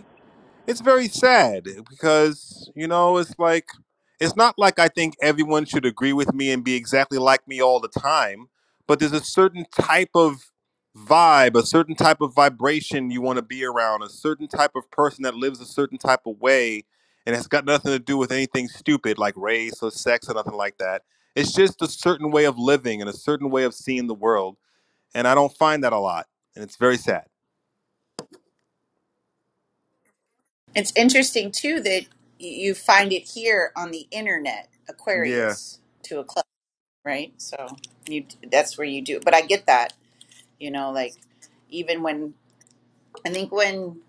Speaker 2: it's very sad because you know it's like it's not like i think everyone should agree with me and be exactly like me all the time but there's a certain type of vibe a certain type of vibration you want to be around a certain type of person that lives a certain type of way and it's got nothing to do with anything stupid like race or sex or nothing like that it's just a certain way of living and a certain way of seeing the world and i don't find that a lot and it's very sad
Speaker 7: It's interesting too that you find it here on the internet,
Speaker 2: yeah
Speaker 7: Aquarius to a club, right? So you that's where you do. But I get that, you know, like even when I think when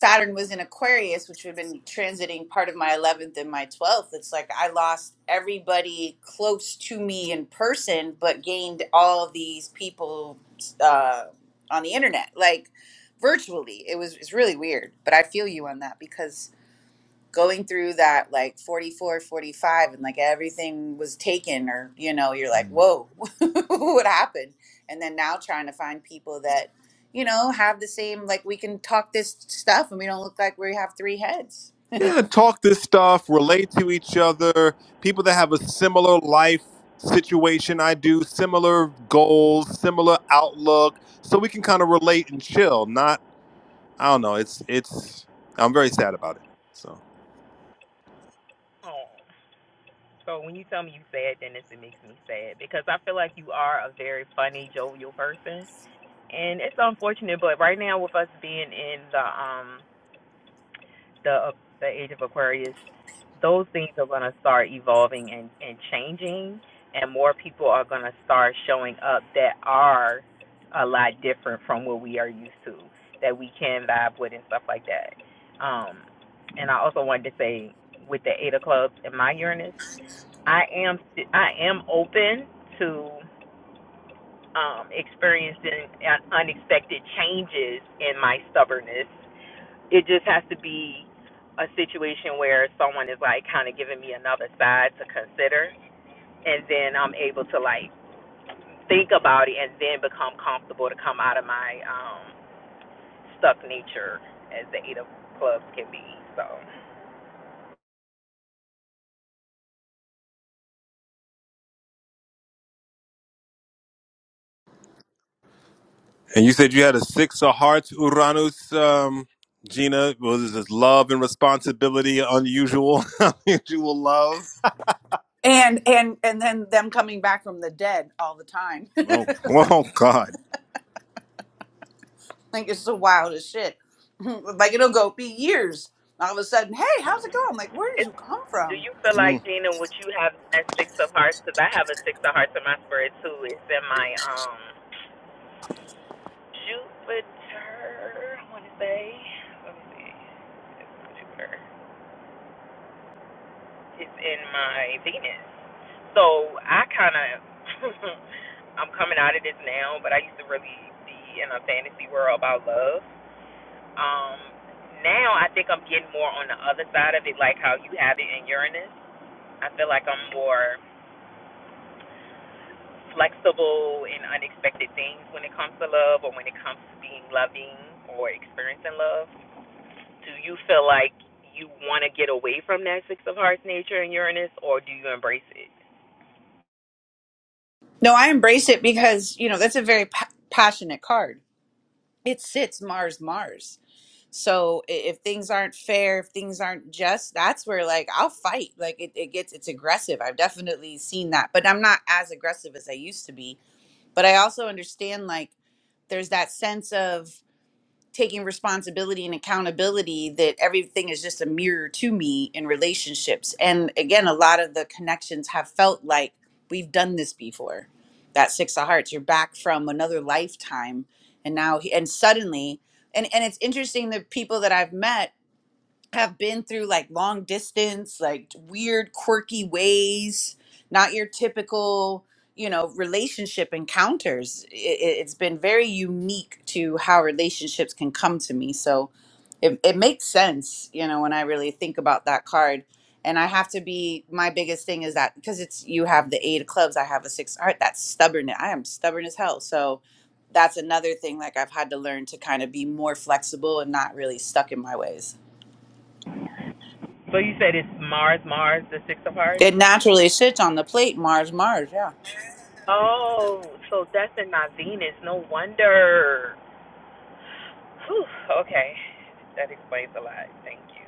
Speaker 7: Saturn was in Aquarius, which would have been transiting part of my 11th and my 12th, it's like I lost everybody close to me in person, but gained all these people uh, on the internet, like virtually. It was it's really weird, but I feel you on that because going through that like 44, 45, and like everything was taken or you know you're like whoa [LAUGHS] what happened and then now trying to find people that you know have the same like we can talk this stuff and we don't look like we have three heads
Speaker 2: yeah, talk this stuff, relate to each other. People that have a similar life situation I do, similar goals, similar outlook, so we can kind of relate and chill. Not, I don't know. It's it's. I'm very sad about it. So,
Speaker 8: Oh. So when you tell me you sad, then it's, it makes me sad because I feel like you are a very funny, jovial person, and it's unfortunate. But right now, with us being in the um the uh, the age of Aquarius, those things are going to start evolving and and changing, and more people are going to start showing up that are a lot different from what we are used to, that we can vibe with and stuff like that. Um, and I also wanted to say with the Eight of Clubs in my Uranus. I am I am open to um, experiencing unexpected changes in my stubbornness. It just has to be a situation where someone is like kind of giving me another side to consider, and then I'm able to like think about it and then become comfortable to come out of my um, stuck nature, as the eight of clubs can be. So.
Speaker 2: and you said you had a six of hearts, Uranus. Um, Gina, was this love and responsibility unusual? [LAUGHS] unusual love.
Speaker 7: and and and then them coming back from the dead all the time [LAUGHS]
Speaker 2: Oh, [LAUGHS] oh God.
Speaker 7: like it's the wildest shit [LAUGHS] like it'll go be years all of a sudden hey how's it going like where did
Speaker 8: It's,
Speaker 7: you come
Speaker 8: do
Speaker 7: from
Speaker 8: you feel like
Speaker 2: Mm.
Speaker 8: Gina, would you have a six of hearts? Because I have a six of hearts in my spirit too. It's in my um Jupiter. I want to say. Let me see. It's Jupiter. It's in my Venus. So I kind of [LAUGHS] I'm coming out of this now, but I used to really be in a fantasy world about love. Um, now I think I'm getting more on the other side of it, like how you have it in Uranus. I feel like I'm more. flexible and unexpected things when it comes to love or when it comes to being loving or experiencing love. Do you feel like you want to get away from that Six of Hearts nature in Uranus or do you embrace it?
Speaker 7: no i embrace it because you know that's a very pa- passionate card it sits Mars Mars. So i- if things aren't fair, if things aren't just, that's where like I'll fight. Like it, it gets it's aggressive. I've definitely seen that. But I'm not as aggressive as I used to be. But I also understand like there's that sense of taking responsibility and accountability that everything is just a mirror to me in relationships. And again, a lot of the connections have felt like we've done this before. That six of hearts, you're back from another lifetime. And now, and suddenly, and, and it's interesting the people that I've met have been through like long distance, like weird, quirky ways, not your typical, you know, relationship encounters. It, it- it's been very unique to how relationships can come to me. So it, it makes sense, you know, when I really think about that card. And I have to be, my biggest thing is that because it's, you have the eight of clubs, I have a six of heart. That's stubborn. I am stubborn as hell. So that's another thing, like I've had to learn to kind of be more flexible and not really stuck in my ways.
Speaker 8: So you said it's Mars, Mars, the Six of Hearts?
Speaker 7: It naturally sits on the plate. Mars, Mars, yeah.
Speaker 8: Oh, so that's in my Venus. No wonder. Whew, okay. That explains a lot. Thank you.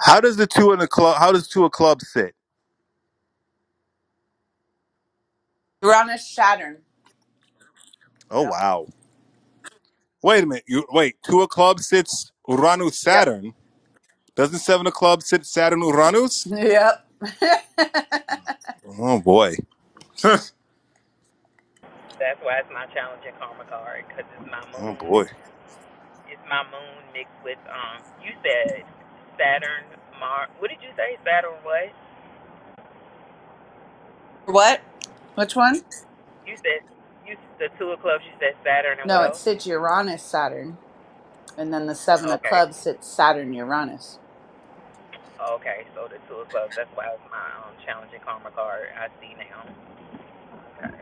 Speaker 2: How does the two in the club? How does two of clubs sit?
Speaker 7: Uranus, Saturn.
Speaker 2: Oh
Speaker 7: Yep.
Speaker 2: wow. Wait a minute. You wait. Two of club sits Uranus
Speaker 7: Yep. [LAUGHS]
Speaker 2: Saturn. Doesn't seven of club sit Saturn Uranus?
Speaker 7: Yep.
Speaker 2: Oh boy. [LAUGHS] oh
Speaker 8: That's why it's my challenging karma card because it's my moon
Speaker 2: boy.
Speaker 8: It's my moon mixed with um. You said Saturn, Mars. What did you say? Saturn what?
Speaker 7: What? Which one?
Speaker 8: You said you the two of clubs. You said Saturn and what
Speaker 7: No, it
Speaker 8: else?
Speaker 7: sits Uranus, Saturn. And then the Seven of
Speaker 8: Okay,
Speaker 7: Clubs sits Saturn, Uranus.
Speaker 8: okay. So the two of clubs. That's why it's my um challenging karma card. I see now. Okay.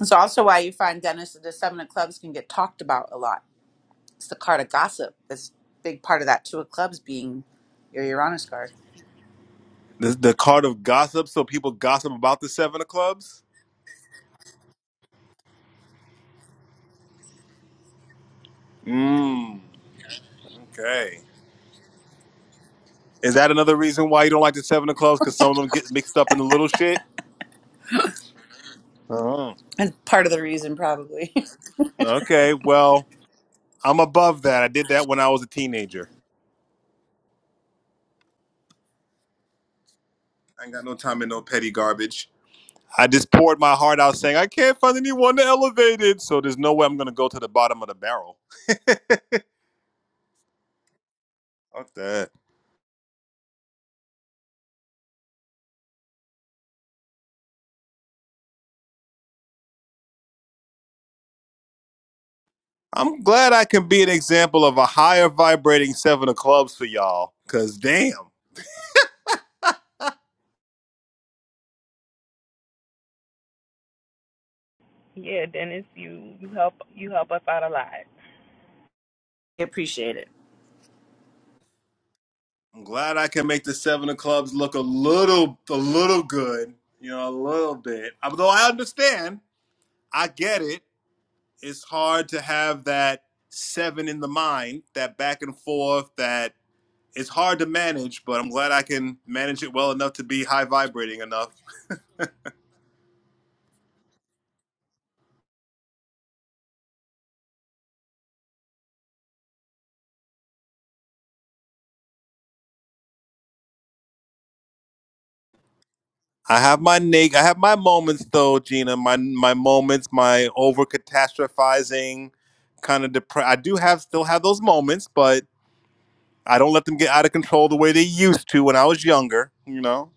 Speaker 7: It's also why you find Dennis that the Seven of Clubs can get talked about a lot. It's the card of gossip. It's a big part of that Two of Clubs being your Uranus card.
Speaker 2: The the card of gossip, so people gossip about the seven of clubs. Mmm. Okay. Is that another reason why you don't like the seven of clubs? Because some of them get mixed up in the little shit. Oh.
Speaker 7: It's part of the reason, probably. [LAUGHS]
Speaker 2: Okay. Well, I'm above that. I did that when I was a teenager. I ain't got no time in no petty garbage. I just poured my heart out saying, I can't find anyone to elevate it. So there's no way I'm going to go to the bottom of the barrel. Fuck that. I'm glad I can be an example of a higher vibrating seven of clubs for y'all. Cause damn,
Speaker 8: Yeah, Dennis, you you help you help us out a lot.
Speaker 7: I appreciate it.
Speaker 2: I'm glad I can make the seven of clubs look a little, a little good. You know, a little bit. Although I understand, I get it. It's hard to have that seven in the mind, that back and forth, that it's hard to manage, but I'm glad I can manage it well enough to be high vibrating enough. I have my neg- I have my moments though, Gina. My my moments, my over catastrophizing, kind of depressed. I do have still have those moments, but I don't let them get out of control the way they used to when I was younger. You know.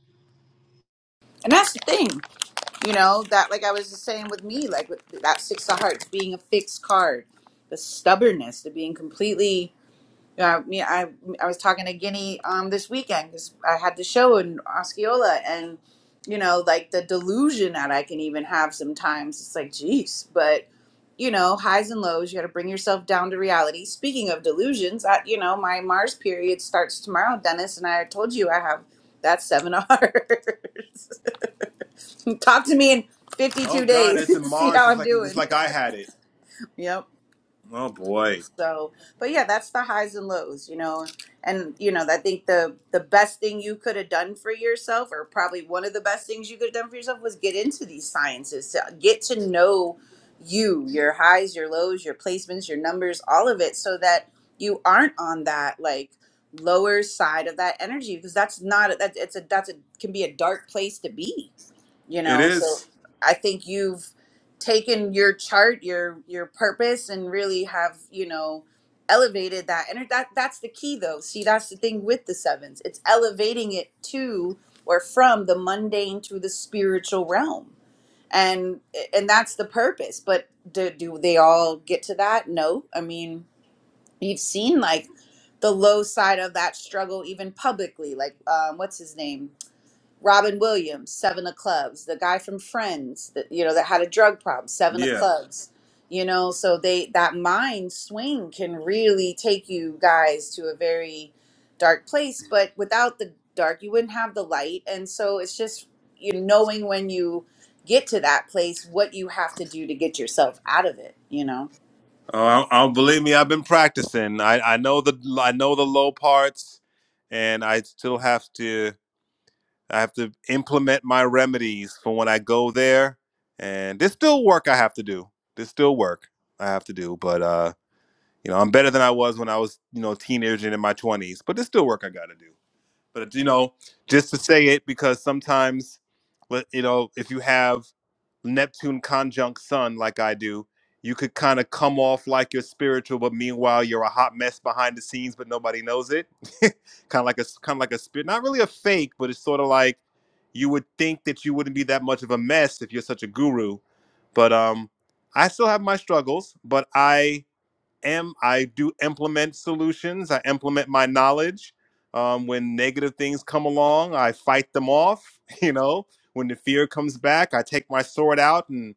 Speaker 7: And that's the thing. you know that like i was just saying with me like with that six of hearts being a fixed card the stubbornness to being completely you know, I, mean, I I was talking to Guinea um this weekend because I had the show in Osceola and you know like the delusion that I can even have sometimes it's like geez but you know highs and lows you got to bring yourself down to reality speaking of delusions I, you know my Mars period starts tomorrow Dennis and I told you I have that seven of hearts [LAUGHS] Talk to me in
Speaker 2: Oh
Speaker 7: 52
Speaker 2: God,
Speaker 7: days. [LAUGHS]
Speaker 2: it's in
Speaker 7: and See
Speaker 2: Mars.
Speaker 7: how
Speaker 2: It's
Speaker 7: I'm
Speaker 2: like it's
Speaker 7: doing.
Speaker 2: like
Speaker 7: [LAUGHS]
Speaker 2: I had it.
Speaker 7: Yep.
Speaker 2: Oh boy,
Speaker 7: So, but yeah, that's the highs and lows, you know. And you know, I think the the best thing you could have done for yourself, or probably one of the best things you could have done for yourself, was get into these sciences to get to know you, your highs, your lows, your placements, your numbers, all of it, so that you aren't on that like lower side of that energy because that's not that it's a that's a can be a dark place to be you
Speaker 2: it
Speaker 7: know so
Speaker 2: is.
Speaker 7: i think you've taken your chart your your purpose and really have you know elevated that and that that's the key though see that's the thing with the sevens it's elevating it to or from the mundane to the spiritual realm and and that's the purpose but do, do they all get to that no i mean you've seen like the low side of that struggle even publicly like um, what's his name Robin Williams, Seven of Clubs, the guy from Friends that you know that had a drug problem, Seven of
Speaker 2: Yeah.
Speaker 7: Clubs. You know, so they that mind swing can really take you guys to a very dark place, but without the dark you wouldn't have the light. And so it's just you knowing when you get to that place what you have to do to get yourself out of it, you know.
Speaker 2: Oh, I, I believe me. I've been practicing. I, I know the I know the low parts, and I still have to I have to implement my remedies for when I go there. And there's still work I have to do. There's still work I have to do. But uh, you know, I'm better than I was when I was you know teenager and in my 20s. But there's still work I got to do. But you know, just to say it because sometimes, let- you know, if you have Neptune conjunct Sun like I do, you could kind of come off like you're spiritual, but meanwhile you're a hot mess behind the scenes, but nobody knows it. [LAUGHS] kind of like a kind of like a spirit, not really a fake, but it's sort of like you would think that you wouldn't be that much of a mess if you're such a guru. But um, I still have my struggles, but I am I do implement solutions. I implement my knowledge. Um, when negative things come along, I fight them off. [LAUGHS] You know, when the fear comes back, I take my sword out and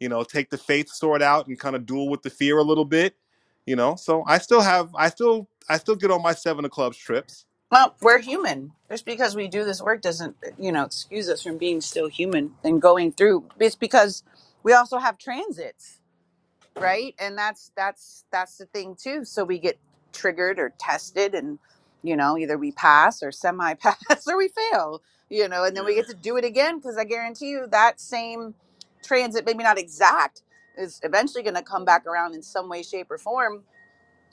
Speaker 2: you know take the faith sword out and kind of duel with the fear a little bit. You know, so I still have I still I still get on my seven of clubs trips.
Speaker 7: Well, we're human. Just because we do this work doesn't, you know, excuse us from being still human and going through. It's because we also have transits, right? And that's that's that's the thing too. So we get triggered or tested, and you know, either we pass or semi-pass [LAUGHS] or we fail. You know, and then we
Speaker 2: Yeah.
Speaker 7: get to do it again because I guarantee you that same transit, maybe not exact, is eventually going to come back around in some way, shape, or form.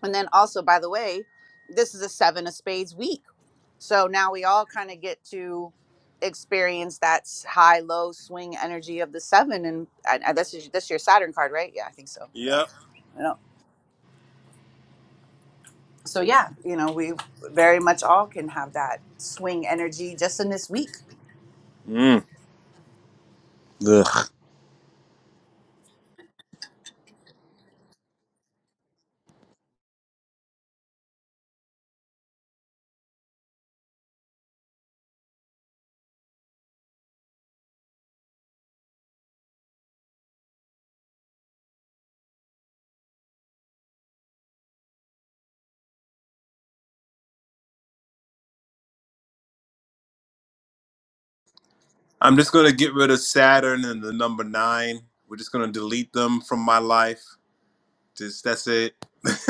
Speaker 7: And then also, by the way, this is a seven of spades week so now we all kind of get to experience that s- high low swing energy of the seven, and I, I, this is this is your Saturn card, right? Yeah, I think so. Yeah.
Speaker 2: Yep.
Speaker 7: You know, so yeah, you know, we very much all can have that swing energy just in this week.
Speaker 2: Mm. Ugh. I'm just gonna get rid of Saturn and the number nine. We're just gonna delete them from my life. Just that's it. [LAUGHS]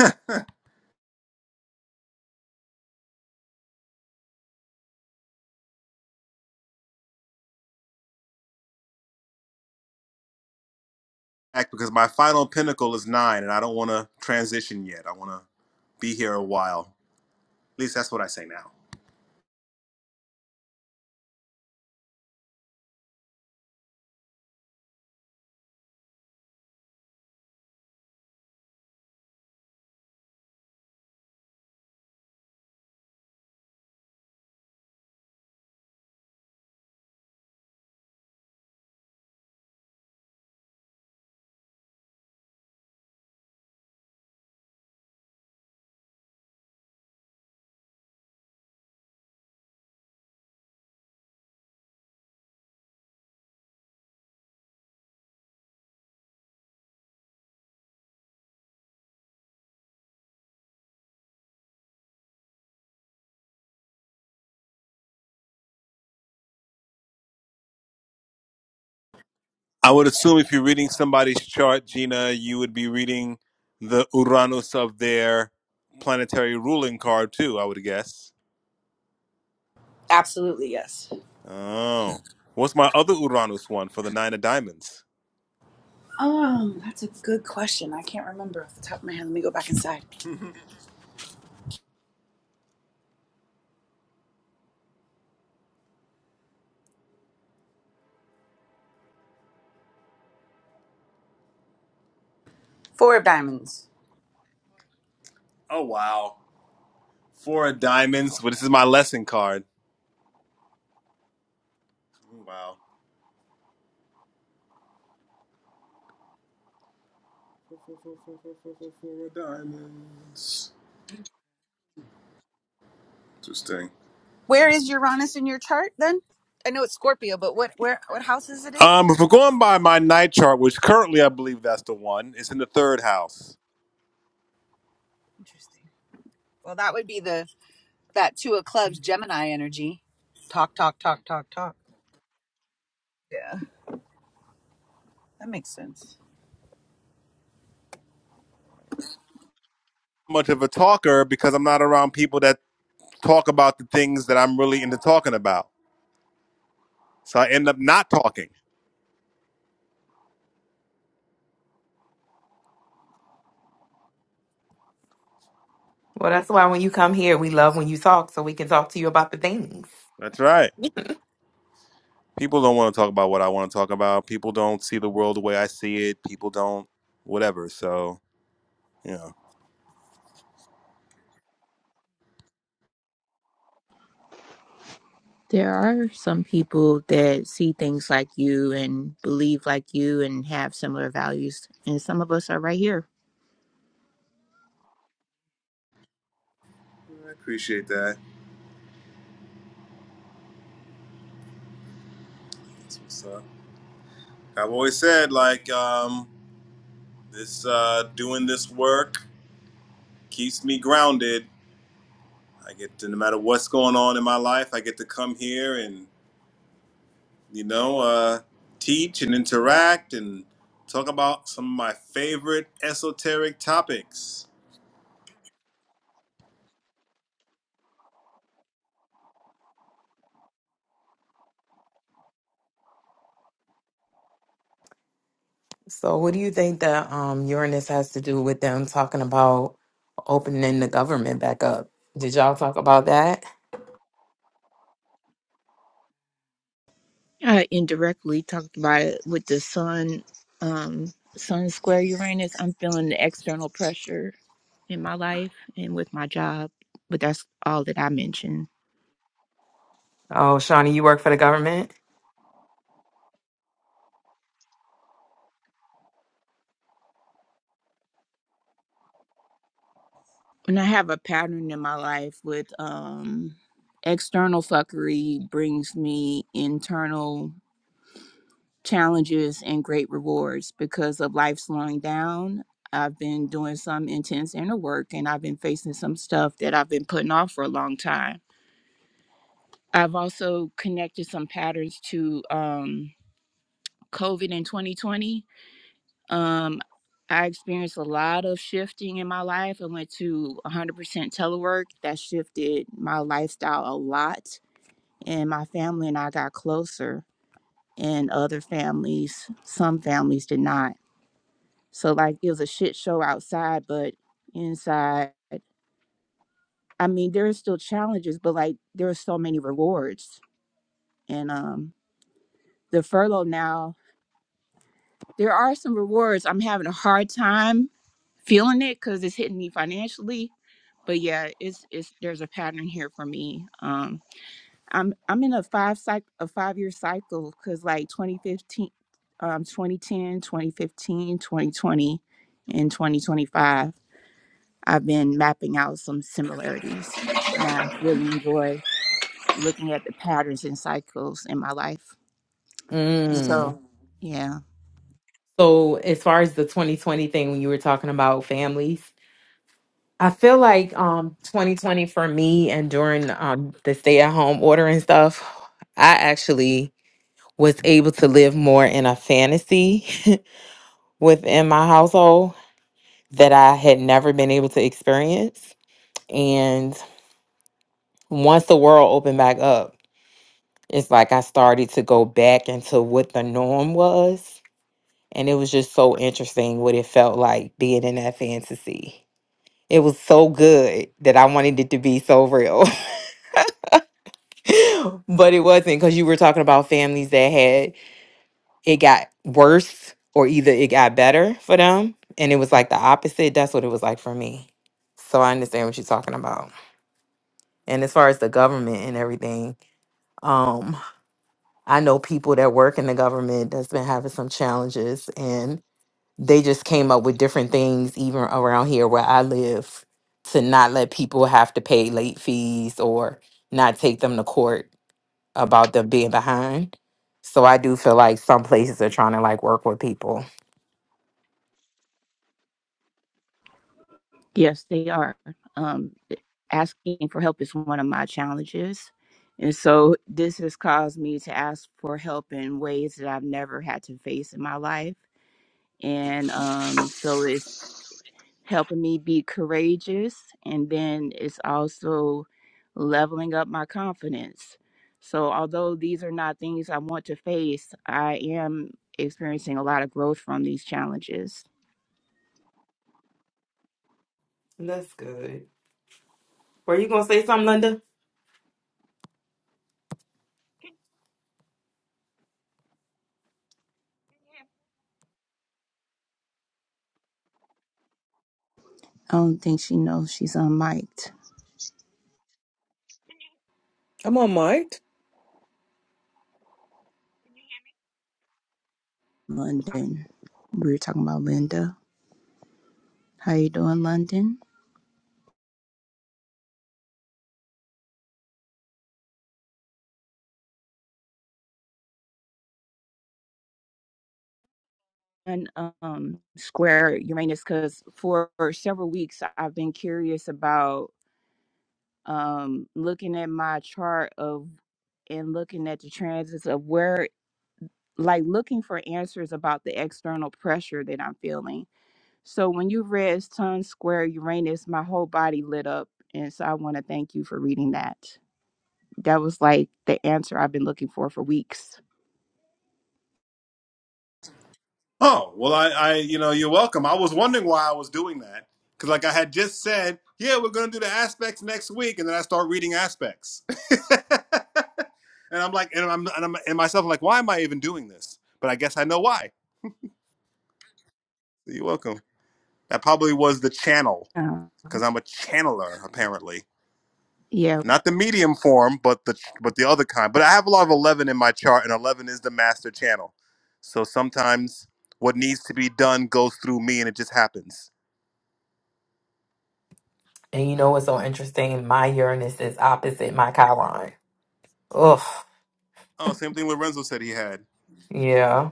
Speaker 2: back because my final pinnacle is nine, and I don't want to transition yet. I want to be here a while. At least that's what I say now. I would assume if you're reading somebody's chart, Gina, you would be reading the Uranus of their planetary ruling card too. I would guess.
Speaker 7: Absolutely, yes.
Speaker 2: Oh, what's my other Uranus one for the nine of diamonds?
Speaker 7: Um, that's a good question. I can't remember off the top of my head. Let me go back inside.
Speaker 2: [LAUGHS]
Speaker 7: Four of diamonds.
Speaker 2: oh wow, four of diamonds. But this is my lesson card. Wow, four of diamonds. Interesting.
Speaker 7: Where is Uranus in your chart then? I know it's Scorpio, but what where what house is it in?
Speaker 2: Um, if we're going by my night chart, which currently I believe that's the one, it's in the third house.
Speaker 7: Interesting. Well, that would be the that two of clubs Gemini energy. Talk, talk, talk, talk, talk. Yeah, that makes sense.
Speaker 2: Much of a talker because I'm not around people that talk about the things that I'm really into talking about. So I end up not talking.
Speaker 8: Well, that's why when you come here, we love when you talk so we can talk to you about the things.
Speaker 2: That's right. People don't want to talk about what I want to talk about. People don't see the world the way I see it. People don't, whatever. So, yeah.
Speaker 6: There are some people that see things like you and believe like you and have similar values. And some of us are right here.
Speaker 2: I appreciate that. That's what's up. I've always said, like, um, this, uh, doing this work keeps me grounded I get to, no matter what's going on in my life, I get to come here and, you know, uh, teach and interact and talk about some of my favorite esoteric topics.
Speaker 8: So, what do you think that um, Uranus has to do with them talking about? opening the government back up. Did y'all talk about that?
Speaker 6: I indirectly talked about it with the sun, um, sun square Uranus. I'm feeling the external pressure in my life and with my job, but that's all that I mentioned.
Speaker 8: Oh, Shawnee, you work for the government?
Speaker 6: And I have a pattern in my life with um, external fuckery brings me internal challenges and great rewards because of life slowing down. I've been doing some intense inner work and I've been facing some stuff that I've been putting off for a long time I've also connected some patterns to um, COVID in 2020. Um, I experienced a lot of shifting in my life. I went to 100% telework. That shifted my lifestyle a lot. And my family and I got closer, and other families, some families did not. So, like, it was a shit show outside, but inside, I mean, there are still challenges, but like, there are so many rewards. And um, the furlough now There are some rewards. I'm having a hard time feeling it because it's hitting me financially. But yeah, it's it's there's a pattern here for me. Um, I'm I'm in a five cycle a five year cycle because like 2015, um, 2010, 2015, 2020, and 2025. I've been mapping out some similarities, and I really enjoy looking at the patterns and cycles in my life. And
Speaker 8: Mm.
Speaker 6: so, yeah.
Speaker 8: So as far as the 2020 thing when you were talking about families, I feel like um 2020 for me and during um the stay at home order and stuff, I actually was able to live more in a fantasy [LAUGHS] within my household that I had never been able to experience. And once the world opened back up, it's like I started to go back into what the norm was. And it was just so interesting what it felt like being in that fantasy. It was so good that I wanted it to be so real. [LAUGHS] but it wasn't because you were talking about families that had it got worse or either it got better for them. And it was like the opposite. That's what it was like for me. So I understand what you're talking about. And as far as the government and everything, um, I know people that work in the government that's been having some challenges and they just came up with different things even around here where I live to not let people have to pay late fees or not take them to court about them being behind. So I do feel like some places are trying to like work with people.
Speaker 6: Yes, they are. Um, eh, asking for help is one of my challenges. And so this has caused me to ask for help in ways that I've never had to face in my life. And um, so it's helping me be courageous and then it's also leveling up my confidence so although these are not things i want to face i am experiencing a lot of growth from these challenges
Speaker 8: That's good. Were you gonna say something, Linda?
Speaker 9: Can, can you hear?
Speaker 6: i don't think she knows she's unmiked
Speaker 9: Can you?
Speaker 5: I'm on mic.
Speaker 9: Can you hear me? Okay.
Speaker 6: London. We were talking about Linda. How you doing, London? And um, square Uranus, because for several weeks I've been curious about um looking at my chart of and looking at the transits of where, like, looking for answers about the external pressure that I'm feeling. So when you read Sun Square Uranus, my whole body lit up, and so I want to thank you for reading that. That was like the answer I've been looking for for weeks.
Speaker 2: Oh, well, I, I you know, you're welcome. I was wondering why I was doing that. Because, like I had just said, yeah, we're going to do the aspects next week. And then I start reading aspects. [LAUGHS] and I'm like, and I'm, and I'm, and myself, I'm like, why am I even doing this? But I guess I know why. You're welcome. That probably was the channel
Speaker 6: Uh,
Speaker 2: because I'm a channeler, apparently.
Speaker 6: yeah,
Speaker 2: not the medium form, but the but the other kind. But I have a lot of eleven in my chart, and eleven is the master channel. So sometimes what needs to be done goes through me, and it just happens.
Speaker 8: And you know what's so interesting? My Uranus is opposite my Chiron. Ugh.
Speaker 2: Oh, same thing Lorenzo said he had.
Speaker 8: Yeah.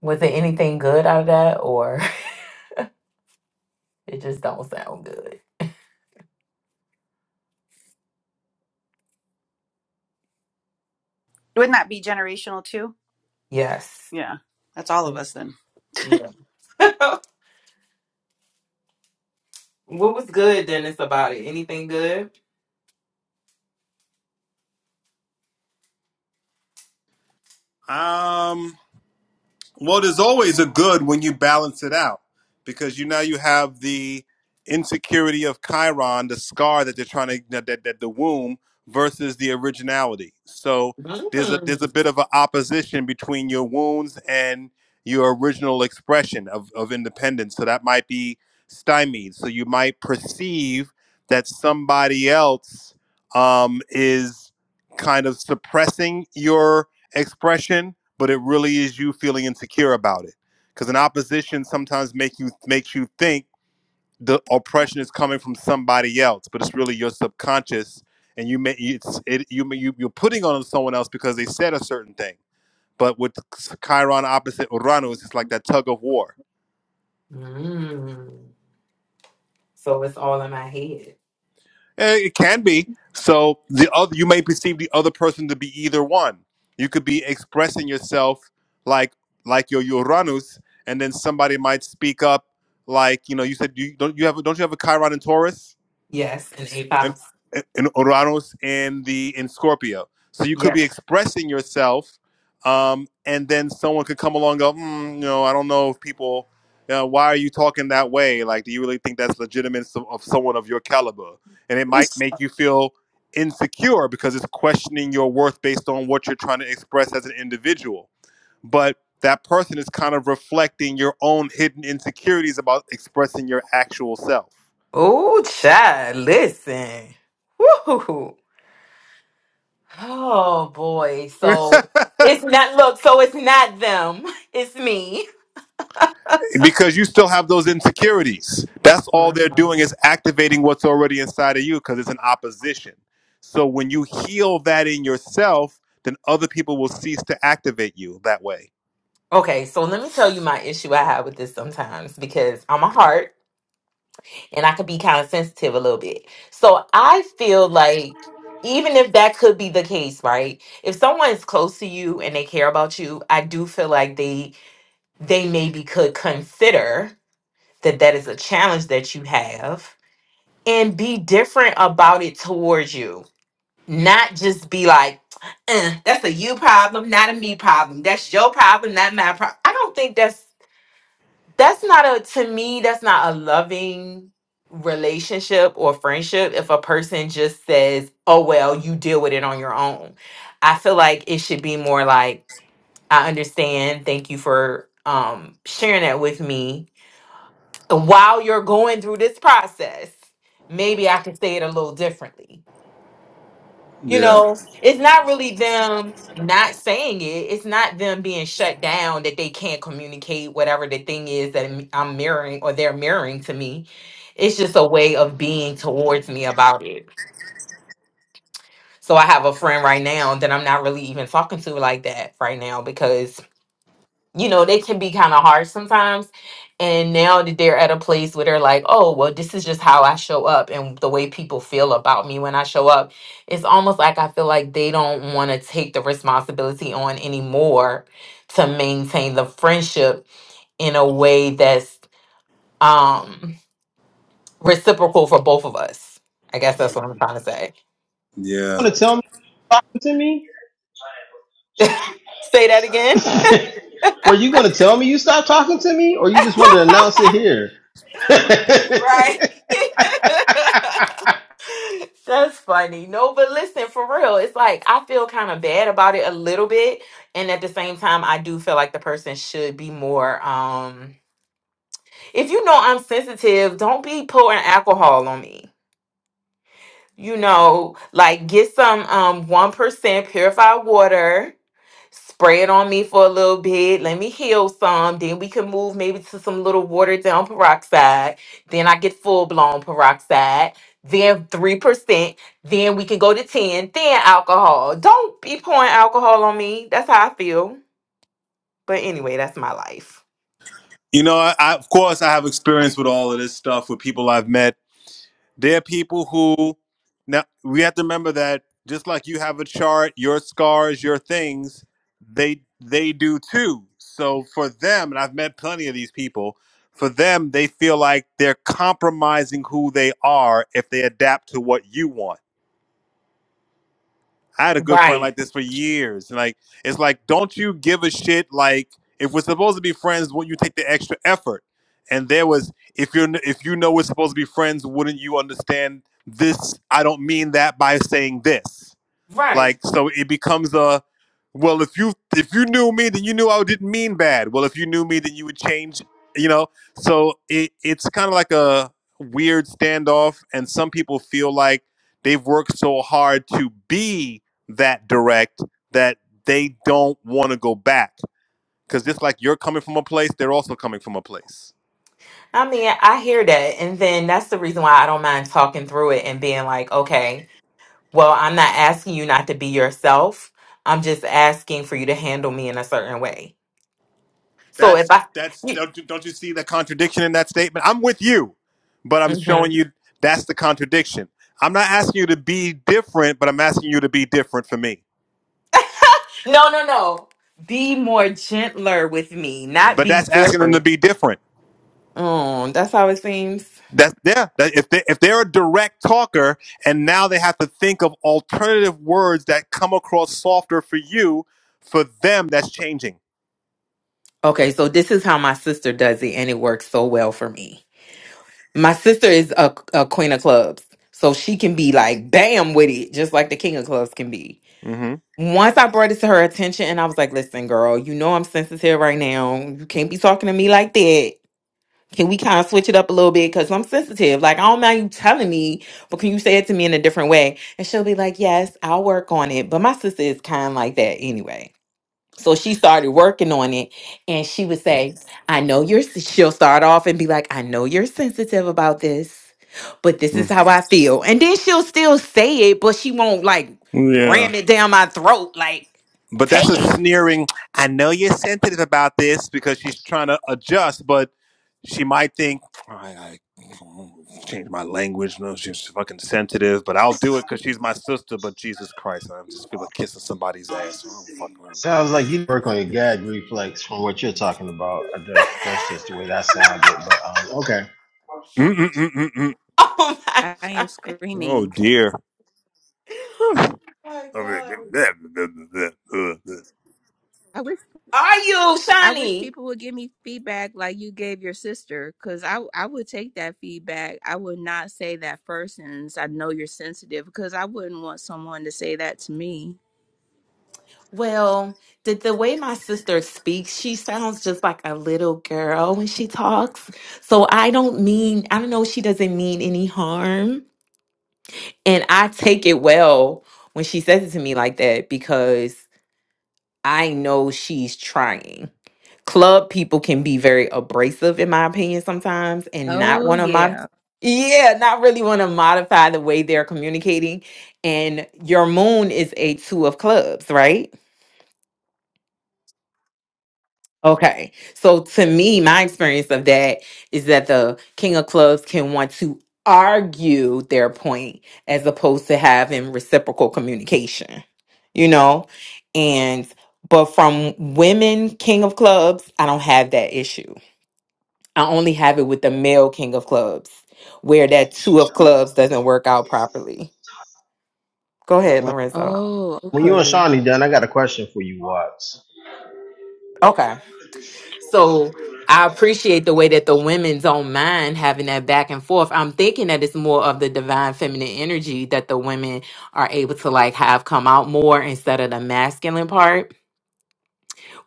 Speaker 8: Was it anything good out of that or [LAUGHS] It just don't sound good.
Speaker 7: Wouldn't that be generational too?
Speaker 8: Yes.
Speaker 7: Yeah, that's all of us then.
Speaker 8: Yeah. [LAUGHS] what was good, Dennis, about it? Anything good?
Speaker 2: Um, Well, there's always a good when you balance it out because you now you have the insecurity of Chiron, the scar that they're trying to that, that, that the womb versus the originality. So there's a there's
Speaker 8: Mm.
Speaker 2: a bit of an opposition between your wounds and your original expression of, of independence. So that might be stymied. So you might perceive that somebody else um, is kind of suppressing your expression but it really is you feeling insecure about it because an opposition sometimes make you makes you think the oppression is coming from somebody else but it's really your subconscious and you may it's it you may you, you're putting on someone else because they said a certain thing but with chiron opposite uranus it's like that tug of war
Speaker 8: Mm. So it's all in my head.
Speaker 2: Eh, It can be. So the other, you may perceive the other person to be either one. You could be expressing yourself like like your Uranus, and then somebody might speak up like you know you said you don't you have don't you have a Chiron in Taurus?
Speaker 8: Yes, in a
Speaker 2: and,
Speaker 8: pounds.
Speaker 2: and, Uranus in the in Scorpio. So you could be
Speaker 8: Yeah.
Speaker 2: expressing yourself, um, and then someone could come along and go, mm, you know, I don't know if people, you know, why are you talking that way? Like, do you really think that's legitimate so- of someone of your caliber? And it might make you feel insecure because it's questioning your worth based on what you're trying to express as an individual. But that person is kind of reflecting your own hidden insecurities about expressing your actual self.
Speaker 8: Oh, child, listen. Woo. Oh boy. So
Speaker 2: [LAUGHS]
Speaker 8: it's not look. So it's not them. [LAUGHS] It's me.
Speaker 2: because you still have those insecurities. That's all they're
Speaker 8: Mhm.
Speaker 2: doing is activating what's already inside of you because it's an opposition. So when you heal that in yourself, then other people will cease to activate you that way.
Speaker 8: Okay. So let me tell you my issue I have with this sometimes because I'm a heart. and I could be kind of sensitive a little bit. So I feel like even if that could be the case, right? If someone is close to you and they care about you, I do feel like they they maybe could consider that that is a challenge that you have and be different about it towards you. Not just be like, "Uh, that's a you problem, not a me problem. That's your problem, not my problem. I don't think that's that's not a to me that's not a loving relationship or friendship if a person just says oh well you deal with it on your own i feel like it should be more like i understand thank you for um sharing that with me while you're going through this process maybe i can say it a little differently you
Speaker 2: Yeah,
Speaker 8: know it's not really them not saying it it's not them being shut down that they can't communicate whatever the thing is that i'm I'm mirroring or they're mirroring to me it's just a way of being towards me about it so i have a friend right now that i'm not really even talking to like that right now you know, they can be kind of hard sometimes. And now that they're at a place where they're like, oh, well, this is just how I show up and the way people feel about me when I show up. It's almost like I feel like they don't want to take the responsibility on anymore to maintain the friendship in a way that's um reciprocal for both of us. I guess that's what I'm trying to say.
Speaker 2: yeah.
Speaker 8: Say that again. [LAUGHS] right. [LAUGHS] [LAUGHS] That's funny. No, but listen, for real, it's like I feel kind of bad about it a little bit, and at the same time, I do feel like the person should be more. Um, if you know I'm sensitive, don't be pouring alcohol on me. You know, like get some um one percent purified water spray it on me for a little bit. Let me heal some. Then we can move maybe to some little watered down peroxide. Then I get full blown peroxide. Then 3%. Then we can go to 10. Then alcohol. Don't be pouring alcohol on me. That's how I feel. But anyway, that's my life.
Speaker 2: You know, I, I of course I have experience with all of this stuff with people I've met There are people who now we have to remember that just like you have a chart, your scars, your things, they they do too. So for them, and I've met plenty of these people, for them they feel like they're compromising who they are if they adapt to what you want I had a good friend
Speaker 8: Right.
Speaker 2: like this for years. And like, it's like, don't you give a shit? Like, if we're supposed to be friends, wouldn't you take the extra effort? And there was, if you're, if you know we're supposed to be friends, wouldn't you understand this? I don't mean that by saying this. Like so it becomes a well if you if you knew me then you knew I didn't mean bad. Well if you knew me then you would change, you know. So it it's kind of like a weird standoff and some people feel like they've worked so hard to be that direct that they don't want to go back cuz just like you're coming from a place, they're also coming from a place.
Speaker 8: I mean, I hear that. And then that's the reason why I don't mind talking through it and being like, okay, well, I'm not asking you not to be yourself. I'm just asking for you to handle me in a certain way. So if
Speaker 2: That's
Speaker 8: I,
Speaker 2: that's don't you, don't you see the contradiction in that statement? I'm with you, but I'm
Speaker 8: Mhm.
Speaker 2: showing you that's the contradiction. I'm not asking you to be different, but I'm asking you to be different for me.
Speaker 8: No, no, no. Be more gentler with me, not
Speaker 2: But
Speaker 8: be
Speaker 2: that's asking them to
Speaker 8: different.
Speaker 2: be different.
Speaker 8: Oh, that's how it seems.
Speaker 2: That's yeah. That, if they if they're a direct talker and now they have to think of alternative words that come across softer for you, for them that's changing.
Speaker 8: Okay, so this is how my sister does it, and it works so well for me. My sister is a, a queen of clubs, so she can be like, bam, with it, just like the king of clubs can be.
Speaker 2: hmm
Speaker 8: Once I brought it to her attention, and I was like, listen, girl, you know I'm sensitive right now. You can't be talking to me like that. can we kind of switch it up a little bit? Because I'm sensitive. Like, I don't mind you telling me, but can you say it to me in a different way? And she'll be like, yes, I'll work on it. But my sister is kind of like that anyway. So she started working on it and she would say, I know you're, s- she'll start off and be like, I know you're sensitive about this, but this is how I feel. And then she'll still say it, but she won't like
Speaker 2: Yeah.
Speaker 8: ram it down my throat. Like,
Speaker 2: But that's
Speaker 8: take
Speaker 2: a
Speaker 8: it.
Speaker 2: sneering. I know you're sensitive about this because she's trying to adjust, but she might think I, I change my language. No, she's fucking sensitive, but I'll do it because she's my sister. But Jesus Christ, I just feel like kissing somebody's ass. I don't fucking. know.
Speaker 3: Sounds like you work on your gag reflex from what you're talking about. Uh, That's, that's just the way that sounded. But um, okay.
Speaker 2: Mm-mm-mm-mm-mm.
Speaker 8: [LAUGHS] Oh my
Speaker 6: I am
Speaker 8: God.
Speaker 2: Oh
Speaker 6: screaming.
Speaker 2: dear.
Speaker 8: Oh my God.
Speaker 6: I wish
Speaker 8: Are you,
Speaker 6: I wish
Speaker 8: Shawnee?
Speaker 6: people would give me feedback like you gave your sister, because I I would take that feedback. I would not say that first sentence. I know you're sensitive, because I wouldn't want someone to say that to me.
Speaker 8: Well, the, the way my sister speaks, she sounds just like a little girl when she talks. So I don't mean, I don't know, she doesn't mean any harm. And I take it well when she says it to me like that because I know she's trying. Club people can be very abrasive, in my opinion, sometimes, and not
Speaker 6: Oh
Speaker 8: one of my,
Speaker 6: yeah.
Speaker 8: yeah, not really want to modify the way they're communicating. And your moon is a two of clubs, right? Okay. So to me, my experience of that is that the king of clubs can want to argue their point as opposed to having reciprocal communication, you know? And, but from women king of clubs, I don't have that issue. I only have it with the male king of clubs where that two of clubs doesn't work out properly. Go
Speaker 3: When,
Speaker 8: ahead,
Speaker 3: when,
Speaker 8: Lorenzo.
Speaker 6: Oh
Speaker 3: when you and
Speaker 6: okay.
Speaker 3: Shawnee done, I got a question for you, Watts.
Speaker 8: Okay. So I appreciate the way that the women's own mind having that back and forth. I'm thinking that it's more of the divine feminine energy that the women are able to like have come out more instead of the masculine part,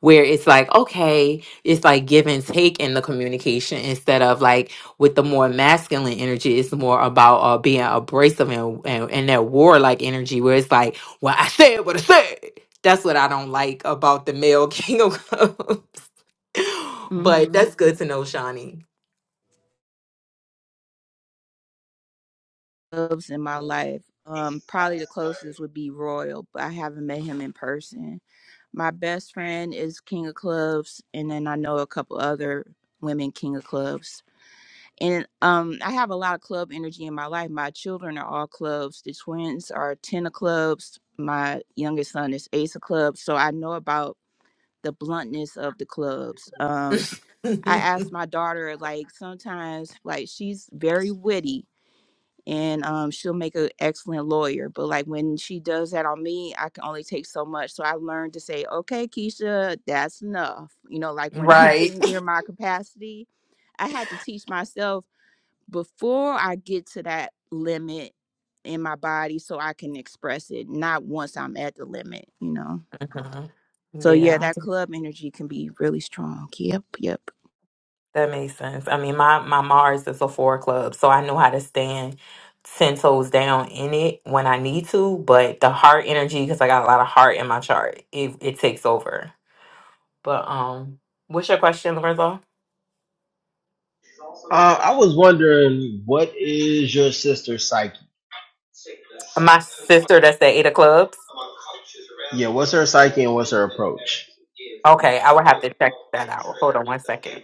Speaker 8: where it's like, okay, it's like give and take in the communication instead of like with the more masculine energy, it's more about uh, being abrasive and, and, and that warlike energy where it's like, well, I said what I said. That's what I don't like about the male [LAUGHS] king of clubs. [LAUGHS] But
Speaker 6: Mm-hmm.
Speaker 8: that's good to know, Shawnee.
Speaker 6: Loves in my life. Um, probably the closest would be Royal, but I haven't met him in person. My best friend is King of Clubs, and then I know a couple other women King of Clubs. and um i have a lot of club energy in my life my children are all clubs the twins are 10 of clubs my youngest son is ace of clubs so i know about the bluntness of the clubs um i asked my daughter like sometimes like she's very witty and um, she'll make an excellent lawyer but like when she does that on me i can only take so much so i learned to say okay keisha that's enough you know like when i'm [LAUGHS]
Speaker 8: Right.
Speaker 6: getting near my capacity i had to teach myself before I get to that limit in my body so I can express it, not once I'm at the limit, you know.
Speaker 8: hmm
Speaker 6: So yeah,
Speaker 8: Yeah,
Speaker 6: that club energy can be really strong. Yep, yep.
Speaker 8: that makes sense. I mean, my my Mars is a four club, so I know how to stand ten toes down in it when I need to. But the heart energy, because I got a lot of heart in my chart, it it takes over. But um, what's your question, Lorenzo?
Speaker 3: Uh, I was wondering, what is your sister's psyche?
Speaker 8: My sister that's at eight of clubs.
Speaker 3: Yeah, what's her psyche and what's her approach?
Speaker 8: Okay, I would have to check that out. Hold on one second.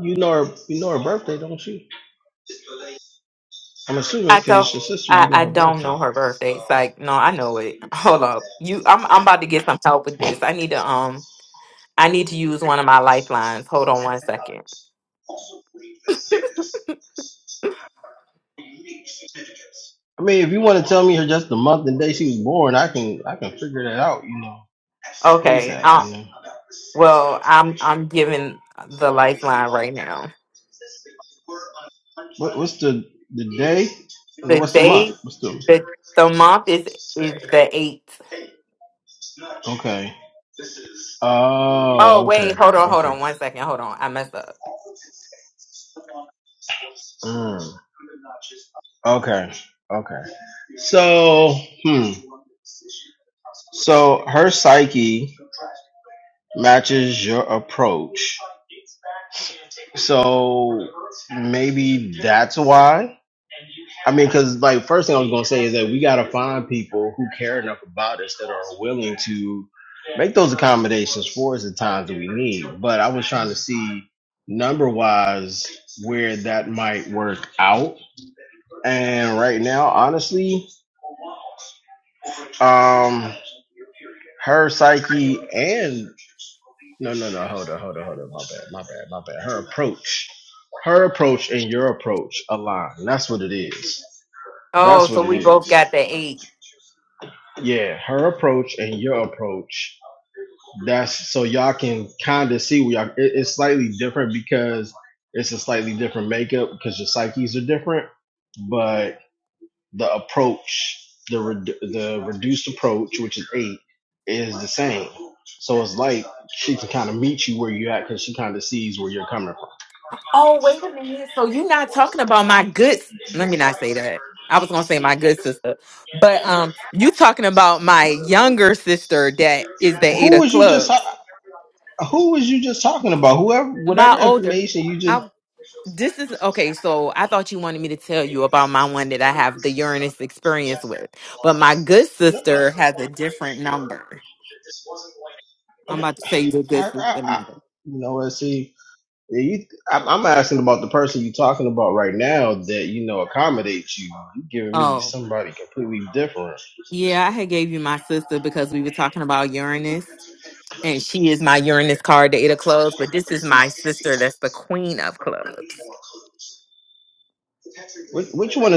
Speaker 3: You know her. You know her birthday, don't you? I'm assuming
Speaker 8: I
Speaker 3: because
Speaker 8: don't.
Speaker 3: it's your sister.
Speaker 8: I,
Speaker 3: You know
Speaker 8: I
Speaker 3: her
Speaker 8: don't
Speaker 3: birthday.
Speaker 8: know her birthday. It's like no, I know it. [LAUGHS] Hold up, you. I'm I'm about to get some help with this. I need to um. I need to use one of my lifelines. Hold on one second.
Speaker 3: I mean, if you want to tell me her just the month and day she was born, I can I can figure that out. You know,
Speaker 8: Okay.
Speaker 3: ASAP.
Speaker 8: Uh,
Speaker 3: You know.
Speaker 8: well, I'm I'm giving the lifeline right now.
Speaker 3: What, what's the the day? And
Speaker 8: The
Speaker 3: what's the month?
Speaker 8: date,
Speaker 3: What's the?
Speaker 8: the the month is is the eighth.
Speaker 3: Okay.
Speaker 8: Oh,
Speaker 3: Oh, okay.
Speaker 8: wait, hold on, hold
Speaker 3: Okay.
Speaker 8: on, one second, hold on. I messed up.
Speaker 3: Mm, okay. Okay. So, hmm. So her psyche matches your approach. So maybe that's why. mean, because like first thing I was gonna say is that we gotta find people who care enough about us are willing to make those accommodations for us at times that we need. But I was trying to
Speaker 8: Mm.
Speaker 3: see number work out, and right now, honestly, um, her psyche and No, no, no. Hold on, hold on, hold on. My bad, my bad, my bad. Her approach, her approach, and your approach align. That's what it is. That's
Speaker 8: Oh, so
Speaker 3: what it
Speaker 8: we both got
Speaker 3: is.
Speaker 8: the eight.
Speaker 3: Yeah, her approach and your approach. That's so y'all can kind of see we are. It, it's slightly different because it's a slightly different makeup because your psyches are different, but the approach, the reduced approach, is you where you to kind of sees where
Speaker 8: Oh, wait a minute. So you're not talking about my good. Let me not say that. I was gonna say my good sister, but um, you talking about my younger sister that is the eight of clubs.
Speaker 3: you're talking about whoever, whatever
Speaker 8: My older.
Speaker 3: information.
Speaker 8: I this is okay. So I thought you wanted me to tell you about my one that I have the Uranus experience with, but my good sister has a different number. I'm about to
Speaker 3: I,
Speaker 8: tell you the good sister
Speaker 3: I, I,
Speaker 8: number.
Speaker 3: you know what? See, yeah, you, I'm, I'm asking about the person you're talking about right now that you know accommodates you. you giving me
Speaker 8: Oh
Speaker 3: somebody completely different.
Speaker 8: yeah, I had gave you my sister because we were talking about Uranus. And she is my Uranus card, the eight of clubs, but this is my sister that's the queen of clubs.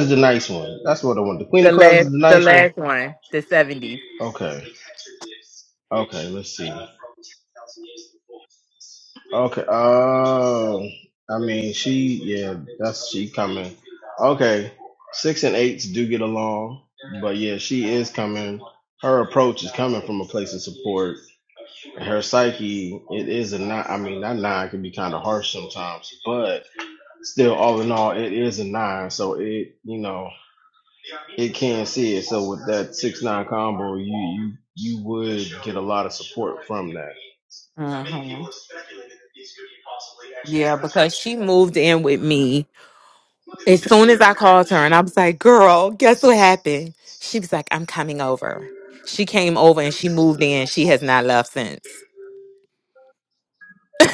Speaker 3: This is the nice one. That's what I want. The Queen
Speaker 8: The
Speaker 3: of Clubs
Speaker 8: last
Speaker 3: is the
Speaker 8: the
Speaker 3: nice one.
Speaker 8: last one, the 70.
Speaker 3: Okay, let's. Okay, um, I mean, she. Okay, six and eights do get along, but yeah, she is coming. Her I could be complex. But no, it is a nine, so it you know you would.
Speaker 8: hmm Yeah, because she moved in with me As soon as I called her and I was like, girl, guess what happened? She was like, I'm coming over. She came over and she moved in. She has not left since. [LAUGHS]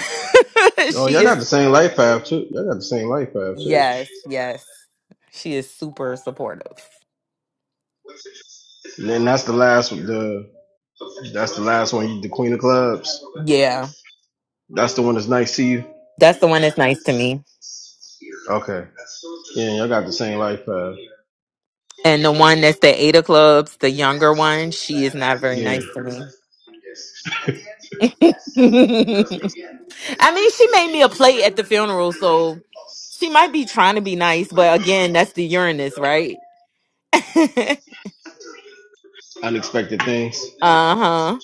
Speaker 3: Oh, y'all
Speaker 8: she
Speaker 3: got the
Speaker 8: is,
Speaker 3: same life path too. Y'all got the same life path too.
Speaker 8: yes, yes. She is super supportive.
Speaker 3: that's the last one. The,
Speaker 8: Yeah.
Speaker 3: the one that's nice to see you.
Speaker 8: That's the one that's nice to me.
Speaker 3: The
Speaker 8: And the one that's the Ada Clubs, the younger one, she is not very nice to me. [LAUGHS] I mean, she made me a plate at the funeral, so she might be trying to be nice, but again, that's the Uranus, right? [LAUGHS]
Speaker 3: thing.
Speaker 8: Uh-huh.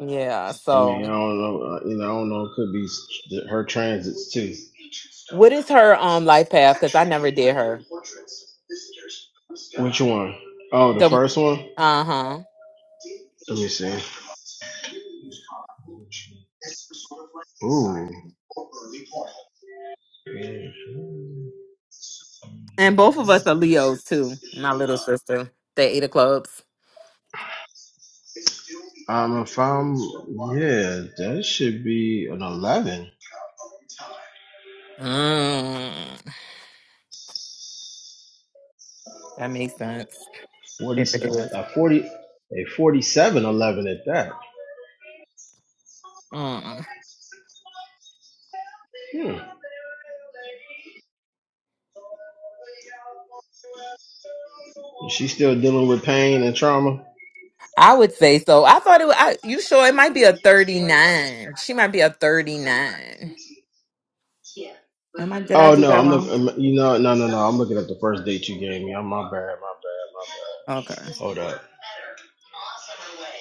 Speaker 8: Yeah.
Speaker 3: I mean,
Speaker 8: So
Speaker 3: I don't know. uh, You know, I don't know. It could be her transit
Speaker 8: what is her um life path? Because I never did her.
Speaker 3: one. Oh, the
Speaker 8: The
Speaker 3: first one.
Speaker 8: uh-huh.
Speaker 3: Let's See,
Speaker 8: And both of us are Leos too. My little sister. They eat the clubs.
Speaker 3: that should be an 11.
Speaker 8: Mm, that makes sense.
Speaker 3: 40,
Speaker 8: If it
Speaker 3: uh,
Speaker 8: is.
Speaker 3: 40, a 47 11 at that.
Speaker 8: Mm.
Speaker 3: You dealing with pain and trauma?
Speaker 8: I would say so. I thought it was, I, you sure it might be a 39. She might be a 39. Am I did I
Speaker 3: Oh
Speaker 8: do
Speaker 3: no,
Speaker 8: that
Speaker 3: I'm
Speaker 8: wrong?
Speaker 3: looking. You know, no, no, no. I'm looking at the first date you gave me. I'm my bad, my bad. My,
Speaker 8: Okay.
Speaker 3: hold up.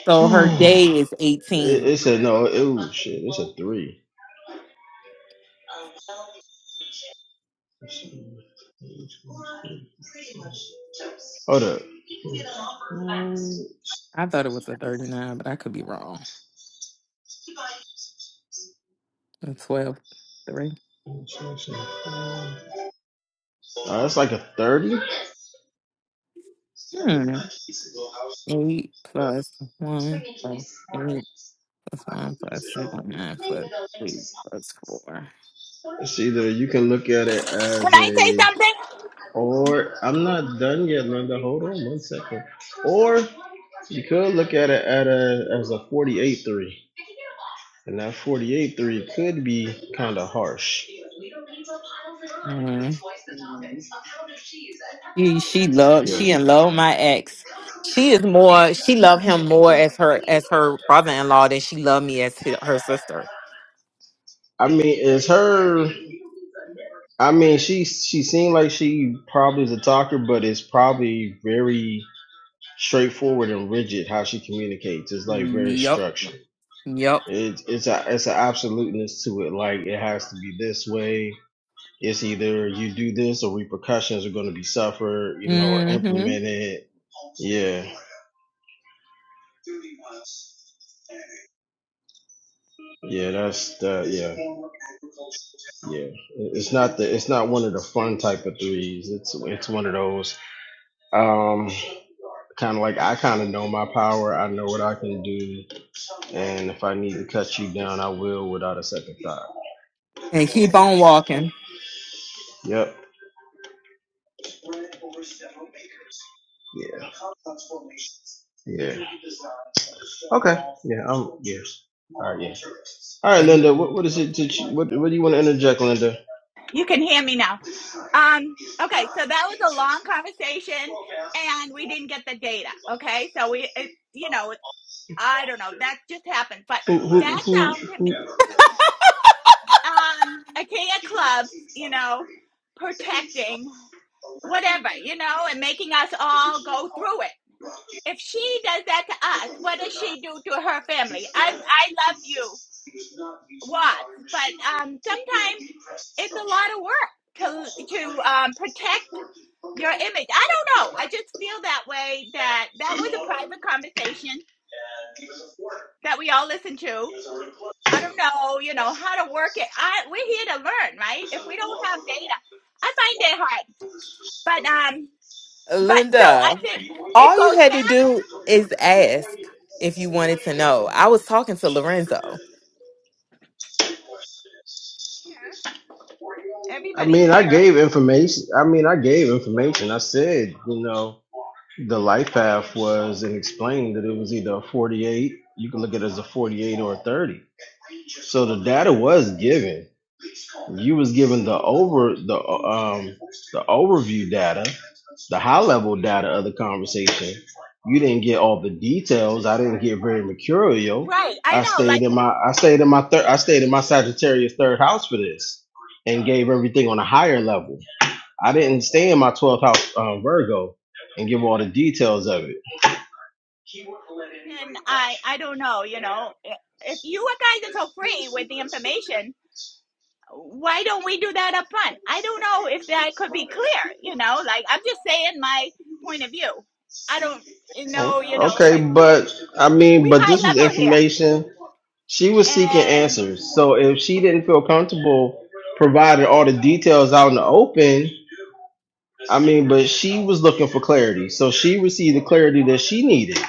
Speaker 8: So her
Speaker 3: [SIGHS]
Speaker 8: day is
Speaker 3: it,
Speaker 8: 18.
Speaker 3: it said no. It, oh shit. It's a three. Hold up.
Speaker 8: I thought it was a 39, but I could be wrong. A 12,
Speaker 3: Uh, that's like a 30.
Speaker 8: three. Eight plus one plus eight plus one plus three plus nine plus three plus four.
Speaker 3: It's either you can look at it
Speaker 9: Can
Speaker 3: as
Speaker 9: I say
Speaker 3: a,
Speaker 9: something?
Speaker 3: can get at a, 3. And that 48 3 would be harsh.
Speaker 8: Mm-hmm. She she love she in love with my ex. She is more she love him more as her as her brother in law than she love me as hi- her sister.
Speaker 3: I mean, it's her. I mean, she she seemed like she probably is a talker, but it's probably very straightforward and rigid how she communicates. It's like very
Speaker 8: Yep.
Speaker 3: structured.
Speaker 8: Yep.
Speaker 3: It's it's a it's an absoluteness to it. Like it has to be this way. it's either you do this or repercussions are going to be suffered, you know, or
Speaker 8: Mm-hmm.
Speaker 3: implemented. Yeah, yeah, that's that. Yeah, it's not the it's not one of the fun type of threes. It's one of those um kind of like I kind of know my power. I know what I can do, and if I need done, I will without a second.
Speaker 8: And keep on walking.
Speaker 3: Yep. Yeah. Yeah. All right,
Speaker 8: Thank
Speaker 3: Linda. What
Speaker 8: you.
Speaker 3: what what, what do you want to interject, Linda?
Speaker 9: You can hear me now. Um. Okay. So that was a long conversation, and we didn't get the data. Okay. So we, it, you know, it- I don't know. That just happened, but that sounded to me, um IKEA clubs. You know, protecting whatever. You know, and making us all go through it. If she does that to us, what does she do to her family? I'm. I love you. watts, but um, sometimes it's a lot of work to to um, protect your image. I don't know. I just feel that way. That that was a private conversation that we all listened to. I don't know, you know, how to work it. I we're here to learn, right? If we don't have data, I find it hard. But um, but so I
Speaker 8: Linda.
Speaker 9: think it
Speaker 8: All you
Speaker 9: goes
Speaker 8: had to
Speaker 9: back
Speaker 8: do is ask if you wanted to know. I was talking to Lorenzo.
Speaker 9: here. Everybody's
Speaker 3: And I
Speaker 9: here,
Speaker 3: gave information. I mean, I gave information. I said, you know, the life forty eight. You can thirty. For the level data of the conversation. Didn't get all the details. yo.
Speaker 9: right? I
Speaker 3: I
Speaker 9: know.
Speaker 3: stayed
Speaker 9: Like
Speaker 3: in my I stayed in my third I stayed in my Sagittarius third house for this and gave everything on a higher level. I didn't stay in my 12th house um, Virgo and give all the details of it.
Speaker 9: then I I don't know, you know, if you guys are so free with the information why don't we do that up front? I don't know if that could be clear, you know, like I'm just saying my point of view. I don't know, you know, because we,
Speaker 3: mean,
Speaker 9: we
Speaker 3: but
Speaker 9: high
Speaker 3: this was
Speaker 9: level here.
Speaker 3: information she was seeking
Speaker 9: And
Speaker 3: answers. So if she didn't feel comfortable providing all the details out in the open, she needed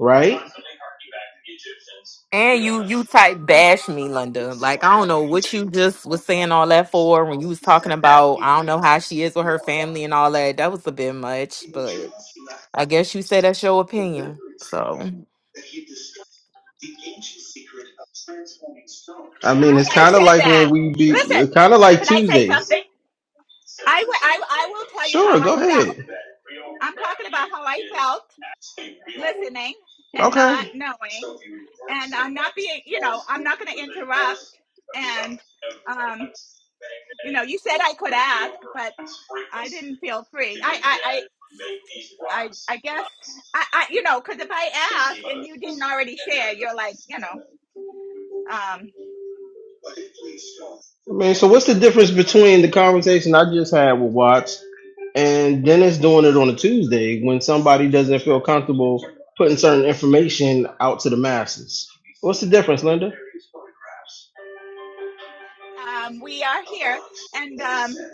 Speaker 3: right?
Speaker 8: And you you type bash me, Linda. Like I don't know what you just was saying all that for when you was talking about I don't know how she is with her family and all that. That was a bit much, but I guess you said that's your opinion. So
Speaker 9: why I said
Speaker 3: Like when
Speaker 9: that.
Speaker 3: we
Speaker 9: Listen, can I say
Speaker 3: Tuesday.
Speaker 9: something? I w- I I will tell you how I
Speaker 3: Hey,
Speaker 9: felt. I'm talking about how I felt listening and not
Speaker 3: okay.
Speaker 9: knowing. And I'm not being, you know, I'm not going to interrupt. And, um, you know, you said I could ask, but I didn't feel free. I, I, I, I, I guess I, I, you know, because if I ask and you didn't already share, you're like, you know, um,
Speaker 3: I mean, so what's the difference between the conversation I just had with Watts? and then it's doing it on a Tuesday when somebody doesn't feel comfortable putting certain information out to the masses. What's the difference, Linda?
Speaker 9: um, we are here, and um,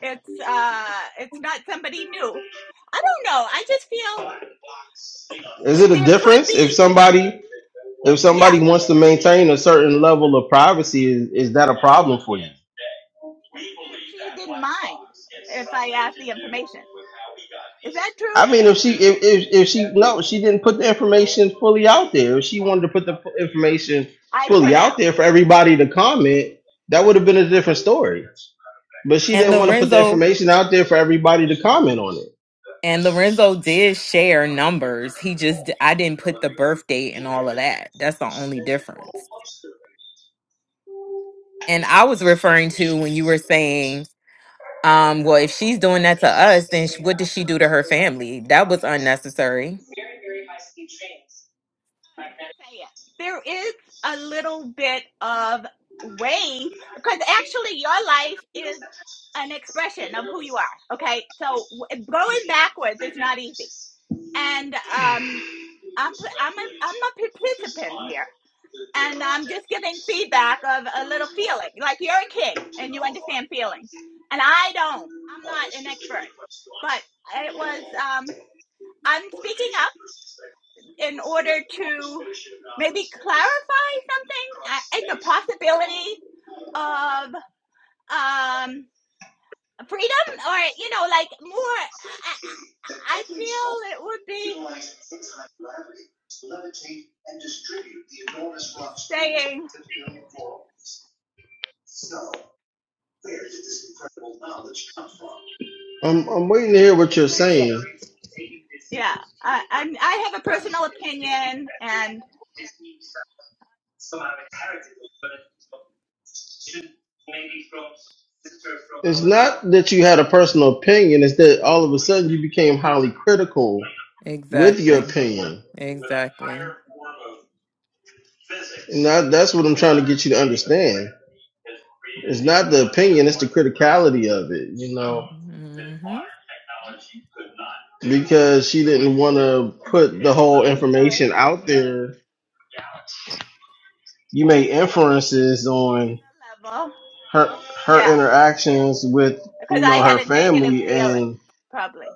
Speaker 9: it's, uh, it's not somebody new. I don't know. I just feel there could be.
Speaker 3: If
Speaker 9: Yeah,
Speaker 3: somebody wants to maintain a certain level of privacy, is, is that a problem for you?
Speaker 9: she said she didn't mind if I asked the information. Is that true?
Speaker 3: I mean, if she if, if if she no, she didn't put the information fully out there. If she wanted to put the information
Speaker 9: I
Speaker 3: fully
Speaker 9: could ask.
Speaker 3: out there for everybody to comment, that would have been a different story. But she
Speaker 8: and
Speaker 3: didn't want to put the
Speaker 8: Lorenzo
Speaker 3: information out there for everybody to comment on it.
Speaker 8: and Lorenzo did share numbers. He just I didn't put the birth date and all of that. That's the only difference. And I was referring to when you were saying Um, well, if she's doing that to us, then sh- what did she do to her family? That was unnecessary.
Speaker 9: There is a little bit of wave because actually your life is an expression of who you are. Okay, so w- going backwards is not easy, and um, I'm I'm a I'm a participant here, and I'm just giving feedback of a little feeling. Like you're a king, and you understand feelings, and I don't. I'm not an expert, but it was um, I'm speaking up in order to maybe clarify something I, I- the possibility of um freedom or you know like more i, I I feel it would be i'm just saying
Speaker 3: I'm I'm waiting to hear what
Speaker 9: like
Speaker 3: your
Speaker 9: it's insane yeah i I'm, i have a personal opinion and
Speaker 3: that you had a personal opinion. is that all of a sudden you became highly critical with your
Speaker 8: Exactly.
Speaker 3: opinion.
Speaker 8: Exactly.
Speaker 3: Now that's what the reality of it, you know,
Speaker 8: hmm
Speaker 3: because she didn't want
Speaker 9: sorry
Speaker 3: to put the whole
Speaker 9: i'm sorry
Speaker 3: information out there. You made inferences on
Speaker 9: the level
Speaker 3: her her
Speaker 9: yeah
Speaker 3: interactions with
Speaker 9: because
Speaker 3: you
Speaker 9: i
Speaker 3: know
Speaker 9: had
Speaker 3: her
Speaker 9: a negative
Speaker 3: family
Speaker 9: feeling
Speaker 3: and
Speaker 9: probably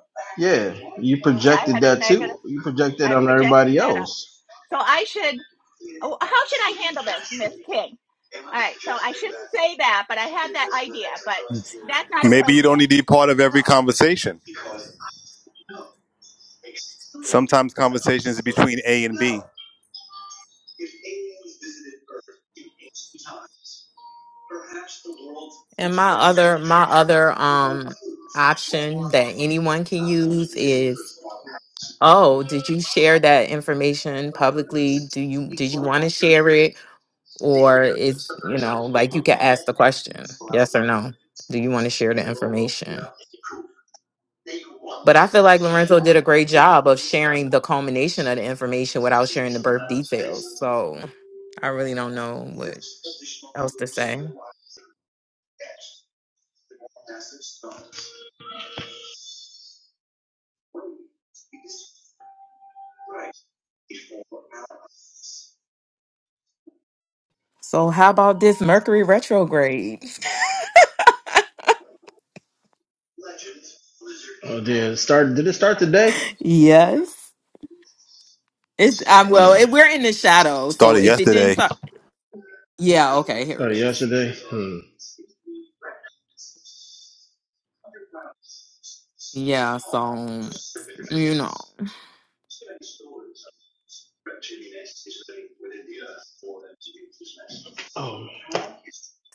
Speaker 9: yeah i
Speaker 3: affected
Speaker 9: had a
Speaker 3: that too.
Speaker 9: negative
Speaker 3: You
Speaker 9: i
Speaker 3: on
Speaker 9: projected that out
Speaker 3: else.
Speaker 9: so i should oh, how should I handle this, Miss King? All right, so I shouldn't say that, but I had that idea, but that's not
Speaker 2: Maybe you
Speaker 9: appropriate,
Speaker 2: don't need to be part of every conversation. Sometimes conversations are between A and B.
Speaker 8: And my other my other um option that anyone can use is Oh, did you share that information publicly? Do you did you want to share it or is, you know, like you can ask the question, yes or no. Do you want to share the information? But I feel like Lorenzo did a great job of sharing the culmination of the information without sharing the birth details. So I really don't know what else to say. So how about this Mercury retrograde?
Speaker 3: And it started did it start today?
Speaker 8: [LAUGHS] yes. It's i well, it, we're in the shadow. So
Speaker 2: Started
Speaker 8: if it didn't
Speaker 2: yesterday.
Speaker 8: start, yeah, okay, here it is. Yeah, so you know.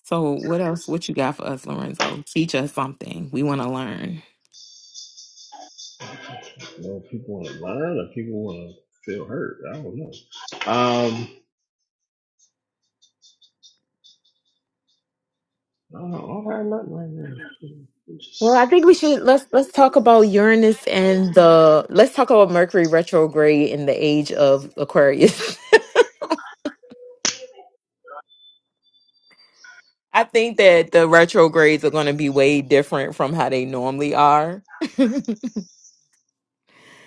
Speaker 8: So what else? What you got for us, Lorenzo? Teach us something. We want to learn. Well, I think we should let's let's talk about Uranus
Speaker 9: right?
Speaker 8: and the let's talk about Mercury retrograde in the age of Aquarius. [LAUGHS] I think that the retrogrades are going to be way different from how they normally are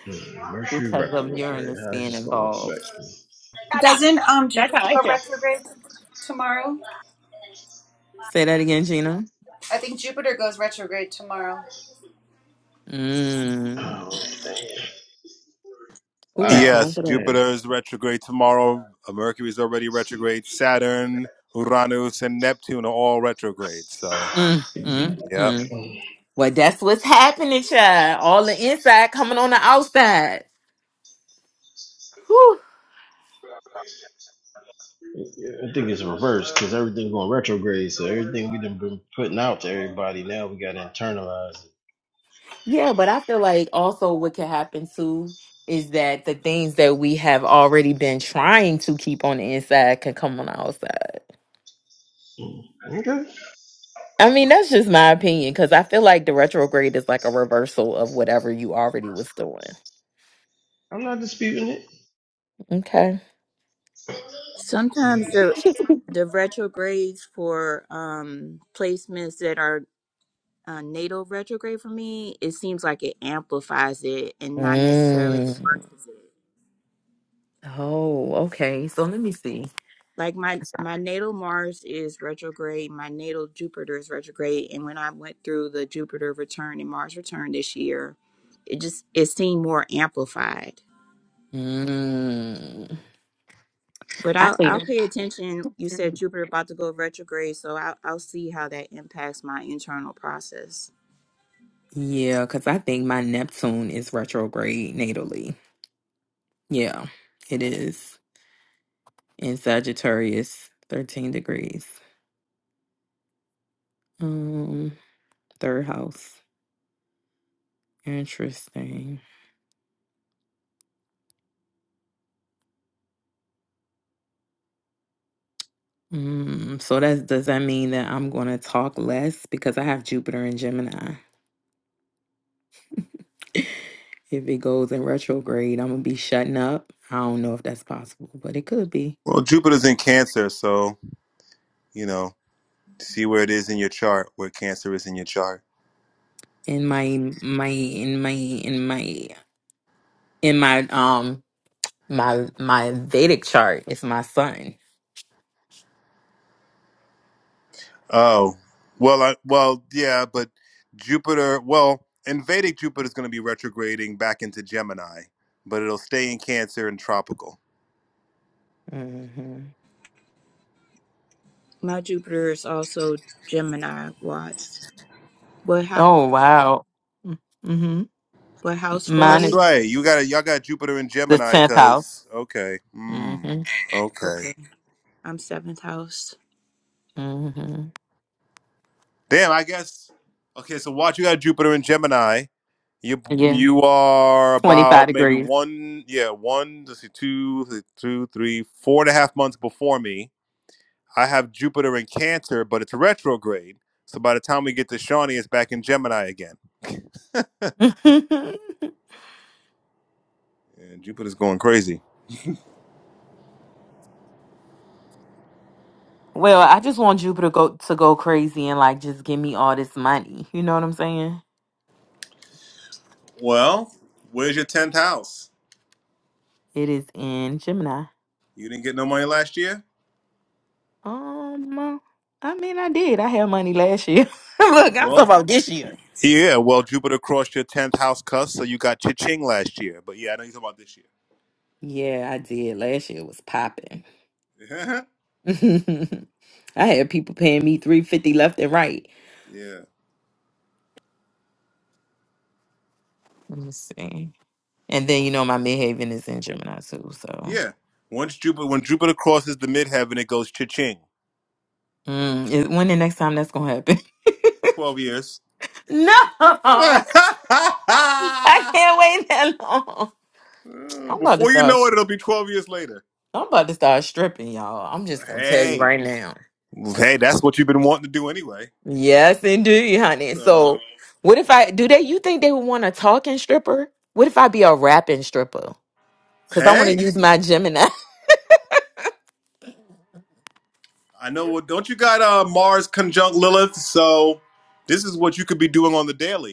Speaker 3: Hmm.
Speaker 8: because of Uranus
Speaker 3: How's
Speaker 8: being
Speaker 3: this going to affect?
Speaker 8: involved.
Speaker 9: Shut up.
Speaker 7: Doesn't um
Speaker 9: That's
Speaker 7: Jupiter
Speaker 9: how I
Speaker 7: go
Speaker 9: feel.
Speaker 7: retrograde t- tomorrow?
Speaker 8: Say that again, Gina.
Speaker 7: I think Jupiter goes retrograde tomorrow.
Speaker 8: Mm.
Speaker 3: Oh,
Speaker 8: Who got
Speaker 3: wow,
Speaker 8: time
Speaker 2: Yes,
Speaker 8: for
Speaker 3: damn.
Speaker 8: that?
Speaker 2: Jupiter is retrograde tomorrow. uh, Mercury is already retrograde. Saturn, Uranus, and Neptune are all retrograde. So,
Speaker 8: Mm, mm,
Speaker 2: yep.
Speaker 8: mm. Well, that's what's happening, child. All the inside coming on the outside. Whew.
Speaker 3: Yeah, I think it's reversed because everything's going retrograde. So everything we done been putting out to everybody now we got to internalize
Speaker 8: Yeah, but I feel like also what can happen too is that the things that we have already been trying to keep on the inside can come on the outside.
Speaker 3: it. Okay,
Speaker 8: I mean, that's just my opinion because I feel like the retrograde is like a reversal of whatever you already was doing.
Speaker 3: shooting it.
Speaker 8: Okay.
Speaker 6: Sometimes the the retrogrades for um placements that are uh, natal retrograde for me, it seems like it amplifies it and not necessarily
Speaker 8: Mm.
Speaker 6: reverses it.
Speaker 8: Oh, okay. So let me see.
Speaker 6: like my
Speaker 8: 'Cause I-
Speaker 6: my natal mars is retrograde my natal jupiter is retrograde and when i went through the jupiter return and mars return this year it just it seemed more amplified
Speaker 8: Mm.
Speaker 6: but
Speaker 8: I
Speaker 6: i'll
Speaker 8: think,
Speaker 6: i'll pay attention you said jupiter about to go retrograde so i'll, I'll see how that impacts my internal process
Speaker 8: yeah, because I think my Neptune is retrograde natally. Yeah, it is in Sagittarius, 13 degrees. Um, third house. Interesting. Mm, so that's does that mean that I'm gonna talk less because I have Jupiter and Gemini? [LAUGHS] If it goes in retrograde, I'm gonna be shutting up. I don't know if that's possible, but it could be.
Speaker 2: Well, Jupiter's in Cancer, so you know, see where it is in your chart, where Cancer is in your chart.
Speaker 8: In my my in my in my in my um my my Vedic chart it's my sun.
Speaker 2: Oh, well, I, well, yeah, but Jupiter, well, in Vedic Jupiter's going to be retrograding back into Gemini, but it'll stay in Cancer and tropical.
Speaker 8: hmm
Speaker 6: my jupiter is also gemini watched what house
Speaker 8: Oh wow. Mm-hmm.
Speaker 6: what house for
Speaker 2: Oh,
Speaker 8: Mine
Speaker 2: that's
Speaker 8: is
Speaker 6: you
Speaker 2: right. You got y'all got Jupiter in
Speaker 8: the
Speaker 2: Gemini,
Speaker 8: tenth house.
Speaker 2: cause okay, mm,
Speaker 8: Mm-hmm.
Speaker 2: okay.
Speaker 6: okay i'm seventh house
Speaker 8: Mm-hmm.
Speaker 2: Damn, I guess. Okay, so watch. You got Jupiter and Gemini. You
Speaker 8: Yeah,
Speaker 2: you are
Speaker 8: twenty five
Speaker 2: about maybe
Speaker 8: degrees.
Speaker 2: one, yeah, one, let's see, two, th- two, three, four and a half months before me. I have Jupiter in Cancer, but it's retrograde. So by the time we get to Shawnee, it's back in Gemini again.
Speaker 8: [LAUGHS] well,
Speaker 2: And Jupiter's going crazy.
Speaker 8: I just want Jupiter go to go crazy and like just give me all this money. You know what I'm saying?
Speaker 2: Well, where's your tenth house?
Speaker 8: It is in Gemini.
Speaker 2: You didn't get no money last year.
Speaker 8: Um, I mean, I did. I had money last year. [LAUGHS]
Speaker 2: Oh,
Speaker 8: Look, I'm talking
Speaker 2: well,
Speaker 8: about this year.
Speaker 2: yeah, well, Jupiter crossed your tenth house, cuss. So you got cha-ching last year. But yeah, I know you're talking about this year.
Speaker 8: Yeah, I did. Last year was popping.
Speaker 2: [LAUGHS]
Speaker 8: [LAUGHS] I had people paying me three fifty left and right.
Speaker 2: yeah.
Speaker 8: Let me see. And then you know my midhaven is in Gemini too. So
Speaker 2: Yeah. Once Jupiter, when Jupiter crosses the midheaven, it goes cha-ching.
Speaker 8: mm, is- when the next time that's gonna happen?
Speaker 2: Twelve years.
Speaker 8: [LAUGHS] no, I
Speaker 2: [LAUGHS]
Speaker 8: can't wait that long.
Speaker 2: Uh,
Speaker 8: I'm about to
Speaker 2: Before you
Speaker 8: start.
Speaker 2: know it, it'll be twelve years later.
Speaker 8: I'm about to start stripping, y'all. I'm just gonna tell you
Speaker 2: Hey,
Speaker 8: right now.
Speaker 2: hey, that's what you've been wanting to do anyway.
Speaker 8: Yes, indeed, honey.
Speaker 2: So,
Speaker 8: So what if I do they? You think they would want a talking stripper? What if I be a rapping stripper? Cause I want to
Speaker 2: hey,
Speaker 8: use my Gemini. [LAUGHS]
Speaker 2: I know. Well, don't you got uh, Mars conjunct Lilith? So, this is what you could be doing on the daily.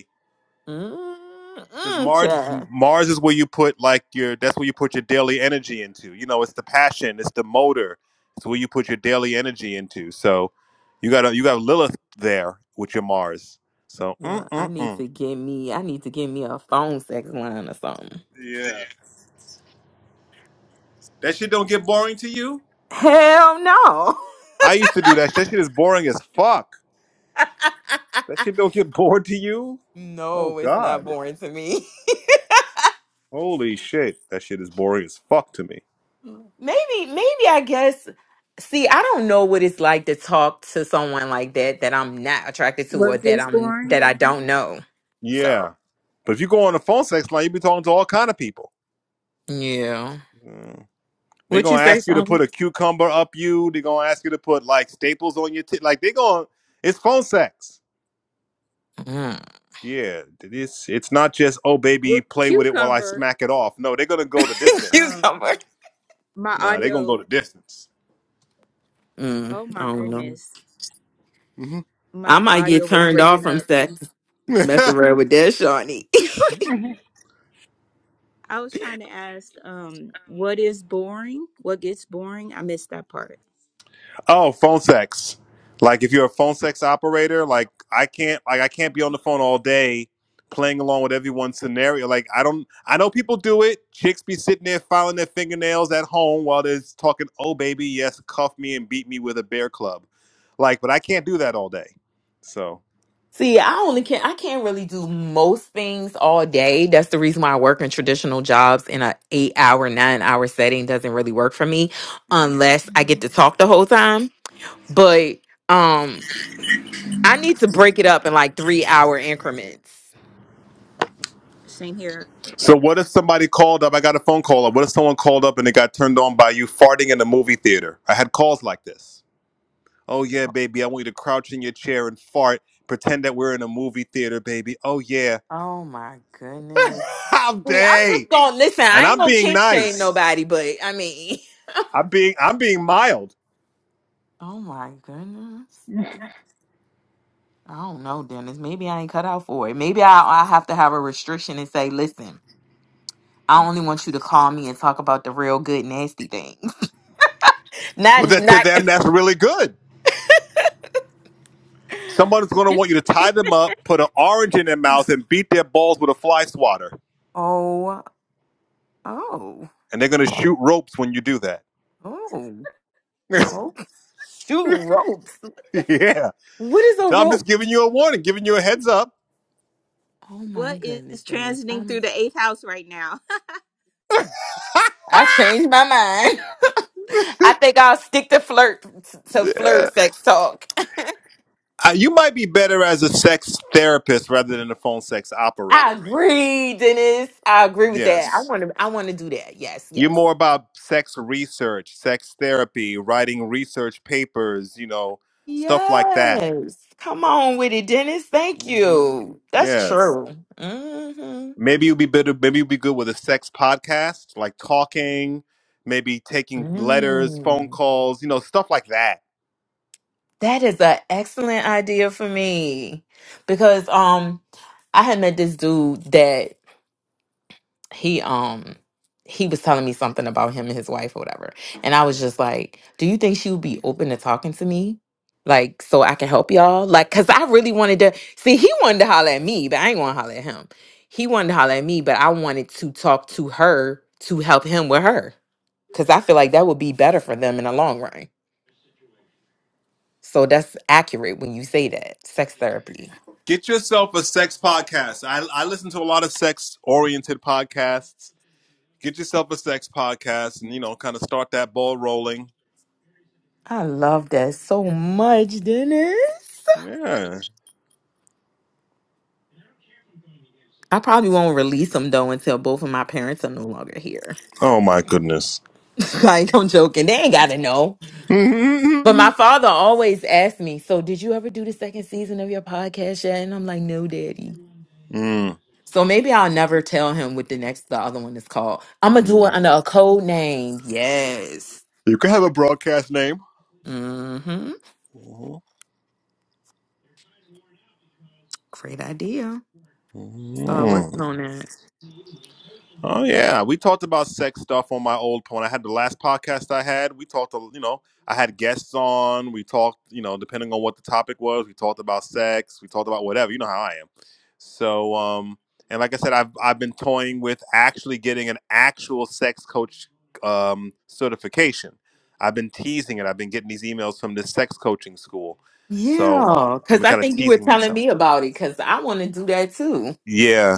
Speaker 2: Because
Speaker 8: Mm-mm,
Speaker 2: Mars,
Speaker 8: child.
Speaker 2: Mars is where you put like your. That's where you put your daily energy into. You know, it's the passion, it's the motor. It's where you put your daily energy into. So, you got a, you got Lilith there with your Mars. So,
Speaker 8: Well,
Speaker 2: mm
Speaker 8: I
Speaker 2: mm
Speaker 8: need
Speaker 2: mm.
Speaker 8: to get me. I need to get me a phone sex line or something.
Speaker 2: Yeah, that shit don't get boring to you.
Speaker 8: Hell no.
Speaker 2: I used to do that. That shit is boring as fuck.
Speaker 8: [LAUGHS]
Speaker 2: That shit don't get [LAUGHS] bored to you. Oh
Speaker 8: no, it's not
Speaker 2: God,
Speaker 8: boring to me.
Speaker 2: holy shit, that shit is boring as fuck to me.
Speaker 8: [LAUGHS] maybe, maybe I guess. See, I don't know what it's like to talk to someone like that that I'm not attracted to or
Speaker 6: what
Speaker 8: that
Speaker 6: gets
Speaker 8: I'm
Speaker 6: boring?
Speaker 8: that I don't know. So
Speaker 2: Yeah, but if you go on a phone sex line, you be talking to all kind of people.
Speaker 8: yeah,
Speaker 2: Mm. They're
Speaker 8: what you
Speaker 2: gonna
Speaker 8: say,
Speaker 2: ask you to
Speaker 8: Sean?
Speaker 2: put a cucumber up you. They're gonna ask you to put like staples on your tit. Like they're gonna, it's phone sex.
Speaker 8: Mm.
Speaker 2: Yeah, it's it's not just oh baby,
Speaker 6: what
Speaker 2: play with it while I
Speaker 6: cucumber
Speaker 2: smack it off. No, they're gonna go the
Speaker 8: [LAUGHS]
Speaker 2: distance.
Speaker 6: um
Speaker 8: Cucumber.
Speaker 6: my
Speaker 2: Nah, they're gonna
Speaker 6: audio
Speaker 2: go the distance.
Speaker 8: Mm,
Speaker 6: Oh
Speaker 8: I
Speaker 6: my
Speaker 8: don't know.
Speaker 6: goodness.
Speaker 2: hmm
Speaker 6: My
Speaker 8: I might
Speaker 6: audio
Speaker 8: get
Speaker 6: was
Speaker 8: turned off
Speaker 6: breaking
Speaker 8: from
Speaker 6: up.
Speaker 8: sex. Mess
Speaker 2: [LAUGHS]
Speaker 8: around with that, Shawnee.
Speaker 6: I was trying to ask, um, what is boring? What gets boring? I missed that part.
Speaker 2: Oh, phone sex. Like if you're a phone sex operator, like I can't like I can't be on the phone all day playing along with everyone's scenario. Like I don't I know people do it. Chicks be sitting there filing their fingernails at home while they're talking, oh baby, yes, cuff me and beat me with a bear club. Like, but I can't do that all day. So
Speaker 8: See, I only can I can't really do most things all day. That's the reason why I work in traditional jobs in a 8-hour, 9-hour setting doesn't really work for me unless I get to talk the whole time. But um I need to break it up in like 3-hour increments.
Speaker 6: Same here.
Speaker 2: So what if somebody called up? I got a phone call up. What if someone called up and they got turned on by you farting in the movie theater? I had calls like this. Oh yeah, baby, I want you to crouch in your chair and fart, pretend that we're in a movie theater, baby. Oh yeah.
Speaker 8: Oh my
Speaker 2: [LAUGHS]
Speaker 8: goodness.
Speaker 2: How
Speaker 8: See, I'm just
Speaker 2: day.
Speaker 8: going to listen.
Speaker 2: And
Speaker 8: I ain't
Speaker 2: I'm
Speaker 8: going to
Speaker 2: being
Speaker 8: kick shame
Speaker 2: nice.
Speaker 8: nobody, but I mean,
Speaker 2: I'm being I'm being mild.
Speaker 8: [LAUGHS] oh my goodness. I don't know, Dennis. Maybe I ain't cut out for it. Maybe I I have to have a restriction and say, "Listen, I only want you to call me and talk about the real good nasty things. [LAUGHS] Not
Speaker 2: Well that to
Speaker 8: not
Speaker 2: them that's really good. Someone's gonna
Speaker 6: [LAUGHS]
Speaker 2: want you to tie them up, put an orange in their mouth, and beat their balls with a fly swatter.
Speaker 8: Oh oh
Speaker 2: And they're gonna shoot ropes when you do that.
Speaker 8: oh
Speaker 2: [LAUGHS]
Speaker 8: oh shoot ropes.
Speaker 2: yeah.
Speaker 8: What is a
Speaker 2: So I'm just
Speaker 8: rope?
Speaker 2: giving you a warning, giving you a heads up. [LAUGHS]
Speaker 8: Oh my
Speaker 6: what
Speaker 8: goodness,
Speaker 6: is
Speaker 8: Dennis.
Speaker 6: transiting
Speaker 8: I'm
Speaker 6: through the eighth house right now? [LAUGHS]
Speaker 8: I changed my mind. [LAUGHS] I think I'll stick to flirt to flirt
Speaker 2: Yeah.
Speaker 8: sex talk.
Speaker 2: Uh, you might be better as a sex therapist rather than a phone sex
Speaker 8: I
Speaker 2: operator
Speaker 8: agree, Dennis. I agree with that. I
Speaker 2: Yes.
Speaker 8: want to I want to do that. Yes,
Speaker 2: You're
Speaker 8: yes.
Speaker 2: more about sex research, sex therapy, writing research papers, you know, stuff like that.
Speaker 8: Yes. Come on with it, Dennis. Thank
Speaker 2: hmm
Speaker 8: you. That's
Speaker 2: Yes.
Speaker 8: true. hmm.
Speaker 2: Maybe you'll be better. Maybe you'll be good with a sex podcast, like talking, maybe taking letters, phone
Speaker 8: Mm,
Speaker 2: calls, you know, stuff like that.
Speaker 8: that is an excellent idea for me because um I had met this dude that he um he was telling me something about him and his wife or whatever. And I was just like, "Do you think she would be open to talking to me?" Like so I can help y'all? Like cuz I really wanted to see he wanted to holler at me, but I ain't going to holler at him. He wanted to holler at me, but I wanted to talk to her to help him with her cuz I feel like that would be better for them in the long run. So that's accurate when you say that. Sex therapy.
Speaker 2: Get yourself a sex podcast. I, I listen to a lot of sex oriented podcasts. Get yourself a sex podcast and, you know, kind of start that ball rolling.
Speaker 8: I love that so much, Dennis.
Speaker 2: Yeah.
Speaker 8: I probably won't release them though until both of my parents are no longer here.
Speaker 2: Oh, my goodness.
Speaker 8: [LAUGHS] like, I'm joking. They ain't gotta know. But
Speaker 2: [LAUGHS]
Speaker 8: my father always asked me, So, did you ever do the second season of your podcast yet? And I'm like, No, daddy.
Speaker 2: Mm,
Speaker 8: So maybe I'll never tell him what the next, the other one is called. I'm gonna do it
Speaker 2: mm.
Speaker 8: under a code name. Yes.
Speaker 2: You can have a broadcast name.
Speaker 8: Mm hmm. Great idea. Start
Speaker 2: Mm-hmm.
Speaker 8: working on that.
Speaker 2: Oh yeah, we talked about sex stuff on my old when I had the last podcast I had. We talked, a- you know, I had guests on. We talked, you know, depending on what the topic was, we talked about sex. We talked about whatever. You know how I am. So, um, and like I said, I've I've been toying with actually getting an actual sex coach um, certification. I've been teasing it. I've been getting these emails from this sex coaching school, so
Speaker 8: Yeah,
Speaker 2: I've
Speaker 8: because
Speaker 2: been
Speaker 8: I
Speaker 2: kind of
Speaker 8: think you were
Speaker 2: teasing
Speaker 8: telling
Speaker 2: myself.
Speaker 8: me about it because I want to do that too.
Speaker 2: Yeah,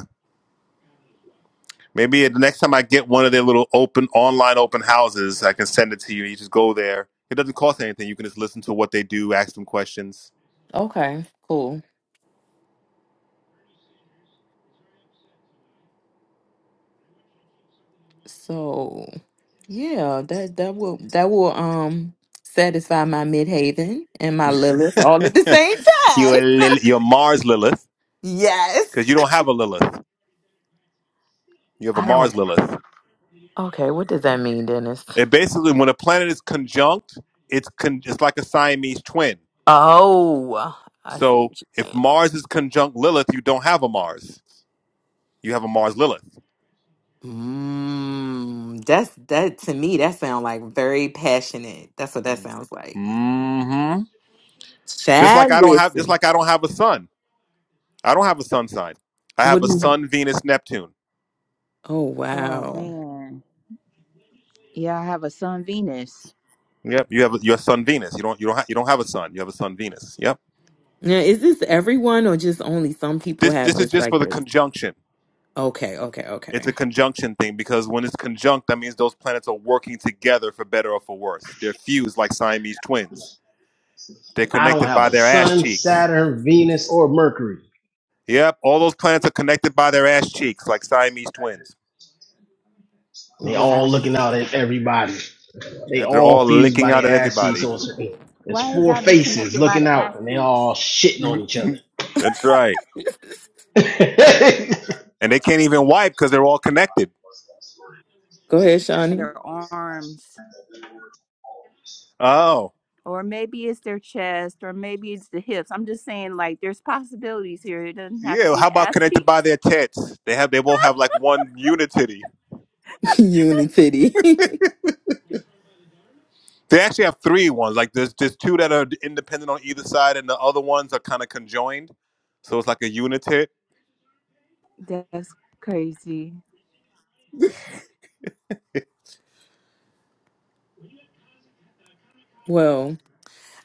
Speaker 2: Maybe the next time I get one of their little open online open houses, I can send it to you. You just go there. It doesn't cost anything. You can just listen to what they do, ask them questions.
Speaker 8: Okay, cool. So yeah, that that will that will um satisfy my midhaven and my Lilith all at the same
Speaker 2: You're
Speaker 8: time.
Speaker 2: a
Speaker 8: [LAUGHS]
Speaker 2: Lil- you're Mars Lilith
Speaker 8: Yes.
Speaker 2: because you don't have a Lilith. You have a
Speaker 8: I don't.
Speaker 2: Mars Lilith.
Speaker 8: Okay, what does that mean, Dennis?
Speaker 2: It basically when a planet is conjunct, it's con- it's like a Siamese twin.
Speaker 8: Oh, I see
Speaker 2: So
Speaker 8: what you're
Speaker 2: if
Speaker 8: saying.
Speaker 2: Mars is conjunct Lilith, you don't have a Mars. You have a Mars Lilith.
Speaker 8: Mm, that's that to me. That sounds like very passionate. That's what that sounds like.
Speaker 2: hmm Just like
Speaker 8: Child,
Speaker 2: I don't have just
Speaker 8: listen.
Speaker 2: like I don't have a sun. I don't have a sun sign. I
Speaker 8: What
Speaker 2: have
Speaker 8: do
Speaker 2: a
Speaker 8: you?
Speaker 2: sun Venus Neptune.
Speaker 8: Oh,
Speaker 6: Oh
Speaker 8: wow.
Speaker 6: man. Yeah, I have a sun Venus.
Speaker 2: Yep. You have a- your son Venus. You don't you don't ha- you don't have a son. You have a son Venus. Yep.
Speaker 8: Now, is this everyone or just only some people
Speaker 2: This
Speaker 8: have
Speaker 2: this is
Speaker 8: this
Speaker 2: just
Speaker 8: like
Speaker 2: for the
Speaker 8: this?
Speaker 2: conjunction.
Speaker 8: Okay, okay,
Speaker 2: It's
Speaker 8: okay.
Speaker 2: a conjunction thing because when it's conjunct, that means those planets are working together for better or for worse. They're fused like Siamese twins. They're
Speaker 3: I don't
Speaker 2: connected
Speaker 3: have
Speaker 2: by
Speaker 3: a
Speaker 2: their ass
Speaker 3: sun,
Speaker 2: cheeks.
Speaker 3: Saturn, Venus, or Mercury.
Speaker 2: Yep. All those planets are connected by their ass cheeks like Siamese twins.
Speaker 3: They
Speaker 8: Wow.
Speaker 3: all looking out at everybody. They
Speaker 2: And they're
Speaker 3: all
Speaker 2: all
Speaker 3: fused
Speaker 2: licking
Speaker 3: by the
Speaker 2: out at
Speaker 3: ass cheeks. So
Speaker 2: everybody.
Speaker 3: it's, it's
Speaker 6: Why it
Speaker 3: four
Speaker 6: gotta be
Speaker 3: faces
Speaker 6: connected by
Speaker 3: looking
Speaker 6: the
Speaker 3: out, and they all
Speaker 6: athletes?
Speaker 3: shitting on each other.
Speaker 2: [LAUGHS] That's right. And they can't even wipe because they're all connected.
Speaker 8: Go ahead,
Speaker 6: By
Speaker 8: Shawnee.
Speaker 6: Their arms.
Speaker 2: Oh.
Speaker 6: Or maybe it's their chest, or maybe it's the hips. I'm just saying, like, there's possibilities here. It doesn't have to
Speaker 2: Yeah.
Speaker 6: be
Speaker 2: How
Speaker 6: the
Speaker 2: about
Speaker 6: ass
Speaker 2: connected by
Speaker 6: cheeks.
Speaker 2: their tits? They have they both have like one unity.
Speaker 8: [LAUGHS] Unity. [LAUGHS]
Speaker 2: They actually have three ones. Like there's there's two that are independent on either side, and the other ones are kind of conjoined. So it's like a unit hit.
Speaker 6: [LAUGHS] That's crazy.
Speaker 8: well,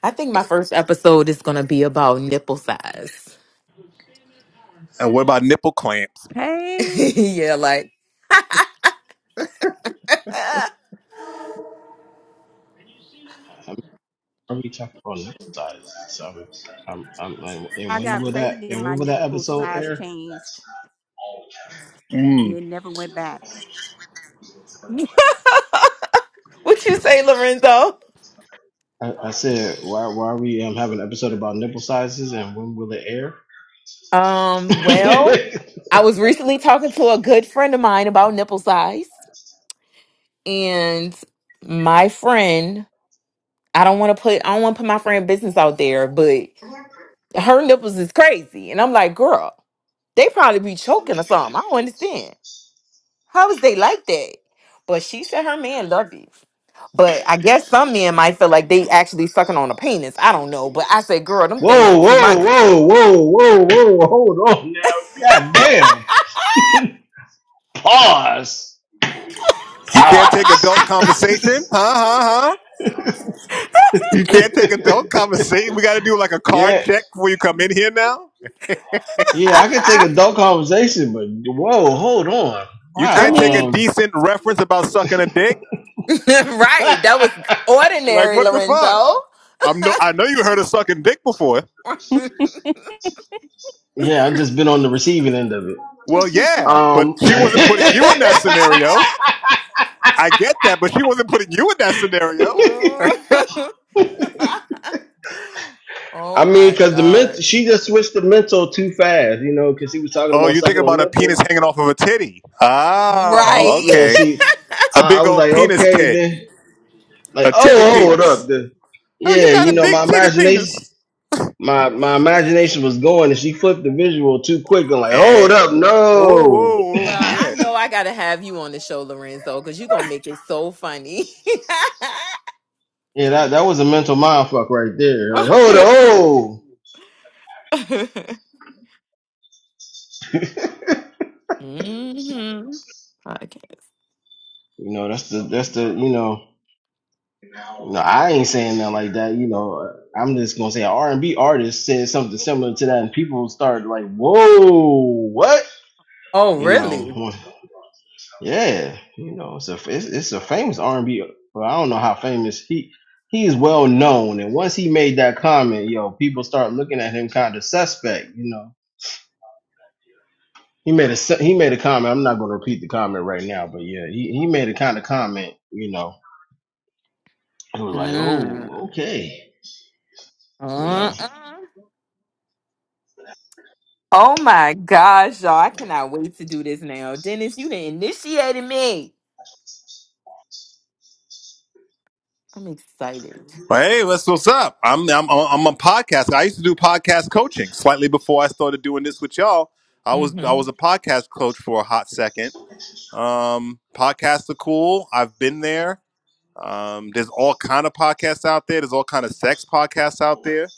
Speaker 8: I think my first episode is going to be about nipple size.
Speaker 2: And what about nipple clamps?
Speaker 8: [LAUGHS]
Speaker 6: Hey,
Speaker 8: yeah, like, ah,
Speaker 3: Are we talking about next size? So i I'm, I'm, I'm- and
Speaker 6: I
Speaker 3: when
Speaker 6: got
Speaker 3: will that?
Speaker 6: pregnant.
Speaker 3: And
Speaker 6: My
Speaker 3: when will that
Speaker 6: nipple
Speaker 3: episode
Speaker 6: size
Speaker 3: air?
Speaker 6: changed, and
Speaker 2: Mm.
Speaker 6: it never went back.
Speaker 8: what you say, Lorenzo?
Speaker 3: I, I said, why, why are we um, having an episode about nipple sizes, and when will it air?
Speaker 8: Um,
Speaker 3: [LAUGHS]
Speaker 8: well, I was recently talking to a good friend of mine about nipple size, and my friend, I don't want to put, I don't want to put my friend business out there, but Her nipples is crazy. And I'm like, girl, they probably be choking or something. I don't understand. How is they like that? But she said her man love you. But I guess some men might feel like they actually sucking on a penis. I don't know. But I said, girl, them things
Speaker 3: whoa, whoa,
Speaker 8: too humongous.
Speaker 3: whoa, whoa, whoa, whoa, hold on now. God damn. Pause.
Speaker 2: You can't take
Speaker 3: Pause.
Speaker 2: adult conversation, huh? Huh? Huh? You can't take
Speaker 3: [LAUGHS]
Speaker 2: adult conversation. We got to do like a card
Speaker 3: yeah.
Speaker 2: check before you come in here now.
Speaker 3: Yeah, I could take
Speaker 8: [LAUGHS]
Speaker 3: adult conversation, but whoa, hold on.
Speaker 2: You
Speaker 8: I
Speaker 2: can't
Speaker 3: Wow.
Speaker 2: take a
Speaker 8: mean,
Speaker 3: Um
Speaker 2: decent reference about sucking a dick.
Speaker 8: [LAUGHS] right. That was
Speaker 3: [LAUGHS]
Speaker 2: Like
Speaker 8: ordinary,
Speaker 2: what the fuck?
Speaker 8: Lorenzo.
Speaker 2: I'm no. I know you heard of sucking dick before.
Speaker 3: Yeah, I've just been on the receiving end of it.
Speaker 2: Well, yeah, but
Speaker 3: Um
Speaker 2: she wasn't putting you in that
Speaker 3: [LAUGHS]
Speaker 8: [LAUGHS]
Speaker 2: scenario. I get that, but she wasn't putting you in that scenario.
Speaker 8: oh [LAUGHS] oh
Speaker 3: I mean,
Speaker 8: my
Speaker 3: cause the ment-
Speaker 8: gosh.
Speaker 3: she just switched the mental too fast, you know, cause he was talking
Speaker 2: Oh,
Speaker 3: about
Speaker 2: you think
Speaker 3: sucking on
Speaker 2: about a penis
Speaker 3: nipples.
Speaker 2: hanging off of a titty.
Speaker 3: Y-
Speaker 2: Oh,
Speaker 8: Right.
Speaker 3: Yeah,
Speaker 8: [LAUGHS]
Speaker 2: okay.
Speaker 3: she.
Speaker 2: A
Speaker 3: I, I
Speaker 2: big
Speaker 3: was
Speaker 2: old
Speaker 3: like,
Speaker 2: penis
Speaker 3: okay,
Speaker 2: tit.
Speaker 3: then Like,
Speaker 2: A titty
Speaker 3: oh, hold up.
Speaker 2: penis.
Speaker 3: The,
Speaker 2: Oh, you
Speaker 3: yeah,
Speaker 2: got
Speaker 3: you
Speaker 2: a
Speaker 3: know,
Speaker 2: big
Speaker 3: my
Speaker 2: titty
Speaker 3: imagination,
Speaker 2: penis.
Speaker 3: my my imagination was going, and she flipped the visual too quick, and like, hold
Speaker 2: Hey.
Speaker 3: up,
Speaker 2: Whoa,
Speaker 3: no.
Speaker 2: whoa, whoa,
Speaker 8: Well, I
Speaker 2: yeah.
Speaker 8: know I got to have you on the show, Lorenzo, because you're going to make it so funny. [LAUGHS]
Speaker 3: Yeah, that that was a mental mind fuck right there. Like, hold up, oh.
Speaker 8: hmm Podcast.
Speaker 3: You know, that's the that's the you know, no, I ain't saying that like that. You know, I'm just gonna say an R and B artist said something similar to that, and people start like, whoa, what?
Speaker 8: Oh,
Speaker 3: You
Speaker 8: really?
Speaker 3: know, Yeah, you know, it's a it's, it's a famous R and B, but I don't know how famous he he is well known. And once he made that comment, yo, people start looking at him kind of suspect. You know, he made a su- he made a comment. I'm not going to repeat the comment right now, but yeah, he, he made a kind of comment. You know,
Speaker 8: Mm.
Speaker 3: you know,
Speaker 8: Mm-mm. Oh my gosh, y'all. I cannot wait to do this now. Dennis, you done initiated me. I'm excited.
Speaker 2: Well, hey, what's what's up? I'm I'm I'm a podcast. I used to do podcast coaching slightly before I started doing this with y'all. I was I
Speaker 8: hmm
Speaker 2: was a podcast coach for a hot second. Um, podcasts are cool. I've been there. Um, there's all kind of podcasts out there. There's all kind of sex podcasts out there.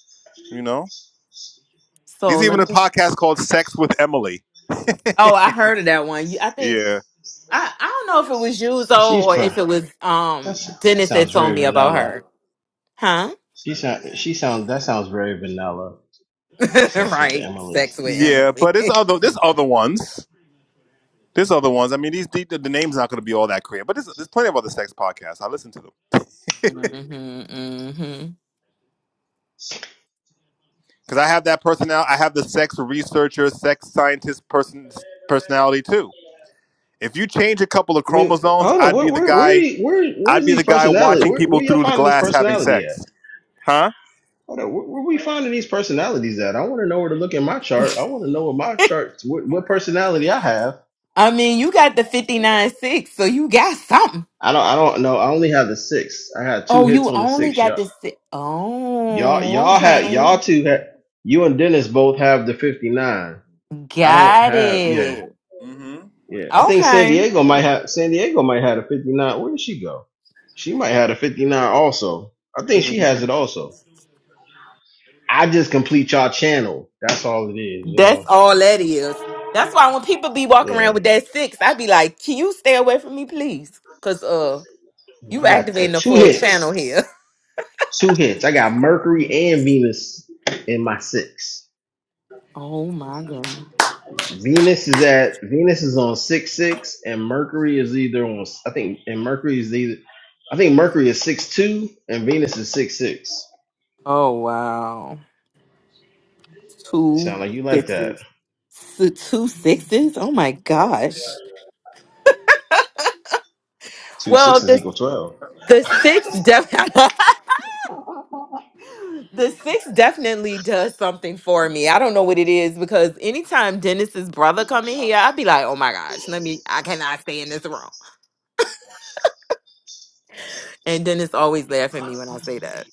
Speaker 2: You know,
Speaker 8: So
Speaker 2: There's
Speaker 8: let
Speaker 2: even
Speaker 8: me
Speaker 2: a podcast called Sex with Emily. [LAUGHS]
Speaker 8: Oh, I heard of that one. You- I think
Speaker 2: Yeah,
Speaker 8: I, I don't know if it was Yuzo or if it was um
Speaker 3: that's that
Speaker 8: Dennis that
Speaker 3: sounds
Speaker 8: told
Speaker 3: very
Speaker 8: me about her.
Speaker 3: vanilla.
Speaker 8: Huh?
Speaker 3: She sounds that sounds very vanilla.
Speaker 8: [LAUGHS] right. Sex with
Speaker 2: yeah,
Speaker 8: Emily.
Speaker 2: but there's
Speaker 8: [LAUGHS]
Speaker 2: other there's other ones. There's other ones. I mean, these the, the name's not going to be all that clear, but there's, there's plenty of other sex podcasts. I listen to them
Speaker 8: hmm hmm
Speaker 2: because I have that personality. I have the sex researcher, sex scientist person personality too. If you change a couple of
Speaker 3: I mean,
Speaker 2: chromosomes,
Speaker 3: hold on,
Speaker 2: I'd
Speaker 3: where
Speaker 2: be the
Speaker 3: where where do
Speaker 2: guy.
Speaker 3: you- where
Speaker 2: I'd
Speaker 3: where's
Speaker 2: be the
Speaker 3: these
Speaker 2: guy
Speaker 3: personality?
Speaker 2: watching
Speaker 3: Where
Speaker 2: people
Speaker 3: where y'all
Speaker 2: through the
Speaker 3: finding these
Speaker 2: glass having
Speaker 3: personality at?
Speaker 2: sex, huh?
Speaker 3: Hold on, where, where we finding these personalities at? I want to know where to look in my chart. I want to know what my chart, what, what personality I have.
Speaker 8: I mean, you got the 59 6, so you got something.
Speaker 3: I don't, I don't know. I only have the six. I had two
Speaker 8: Oh,
Speaker 3: hits
Speaker 8: you
Speaker 3: on the
Speaker 8: only
Speaker 3: six.
Speaker 8: got the
Speaker 3: Y'all,
Speaker 8: six.
Speaker 3: y'all,
Speaker 8: Oh,
Speaker 3: y'all had,
Speaker 8: okay.
Speaker 3: y'all two had, you and Dennis both have the fifty nine. I don't
Speaker 8: Got
Speaker 3: have, yeah,
Speaker 8: it.
Speaker 2: hmm
Speaker 3: yeah. I think San
Speaker 8: Okay.
Speaker 3: Diego might have, San Diego might have a fifty nine. Where did she go? She might have a fifty nine also. I think she has
Speaker 8: Mm-hmm.
Speaker 3: it also. I just complete y'all channel. That's all it is, you
Speaker 8: That's
Speaker 3: know.
Speaker 8: all that is. That's why when people be walking around
Speaker 3: Yeah,
Speaker 8: with that six, I be like, can you stay away from me, please? Cause uh, you
Speaker 3: I got uh,
Speaker 8: activating the
Speaker 3: two
Speaker 8: full channel
Speaker 3: hits.
Speaker 8: here. [LAUGHS]
Speaker 3: Two hits. I got Mercury and Venus in my six.
Speaker 8: Oh my god.
Speaker 3: Venus is at Venus is on six six, and Mercury is either on I think and Mercury is either I think Mercury is six two and Venus is six six.
Speaker 8: Oh wow. Two
Speaker 3: Sound like you like that?
Speaker 8: sixes. S- two sixes. Oh my gosh.
Speaker 3: Two
Speaker 8: Well,
Speaker 3: sixes
Speaker 8: the
Speaker 3: equal twelve.
Speaker 8: the six definitely. [LAUGHS] The six definitely does something for me. I don't know what it is because anytime Dennis's brother come in here, I'd be like, "Oh my gosh, let me! I cannot stay in this room." And Dennis always laugh at me when I say that.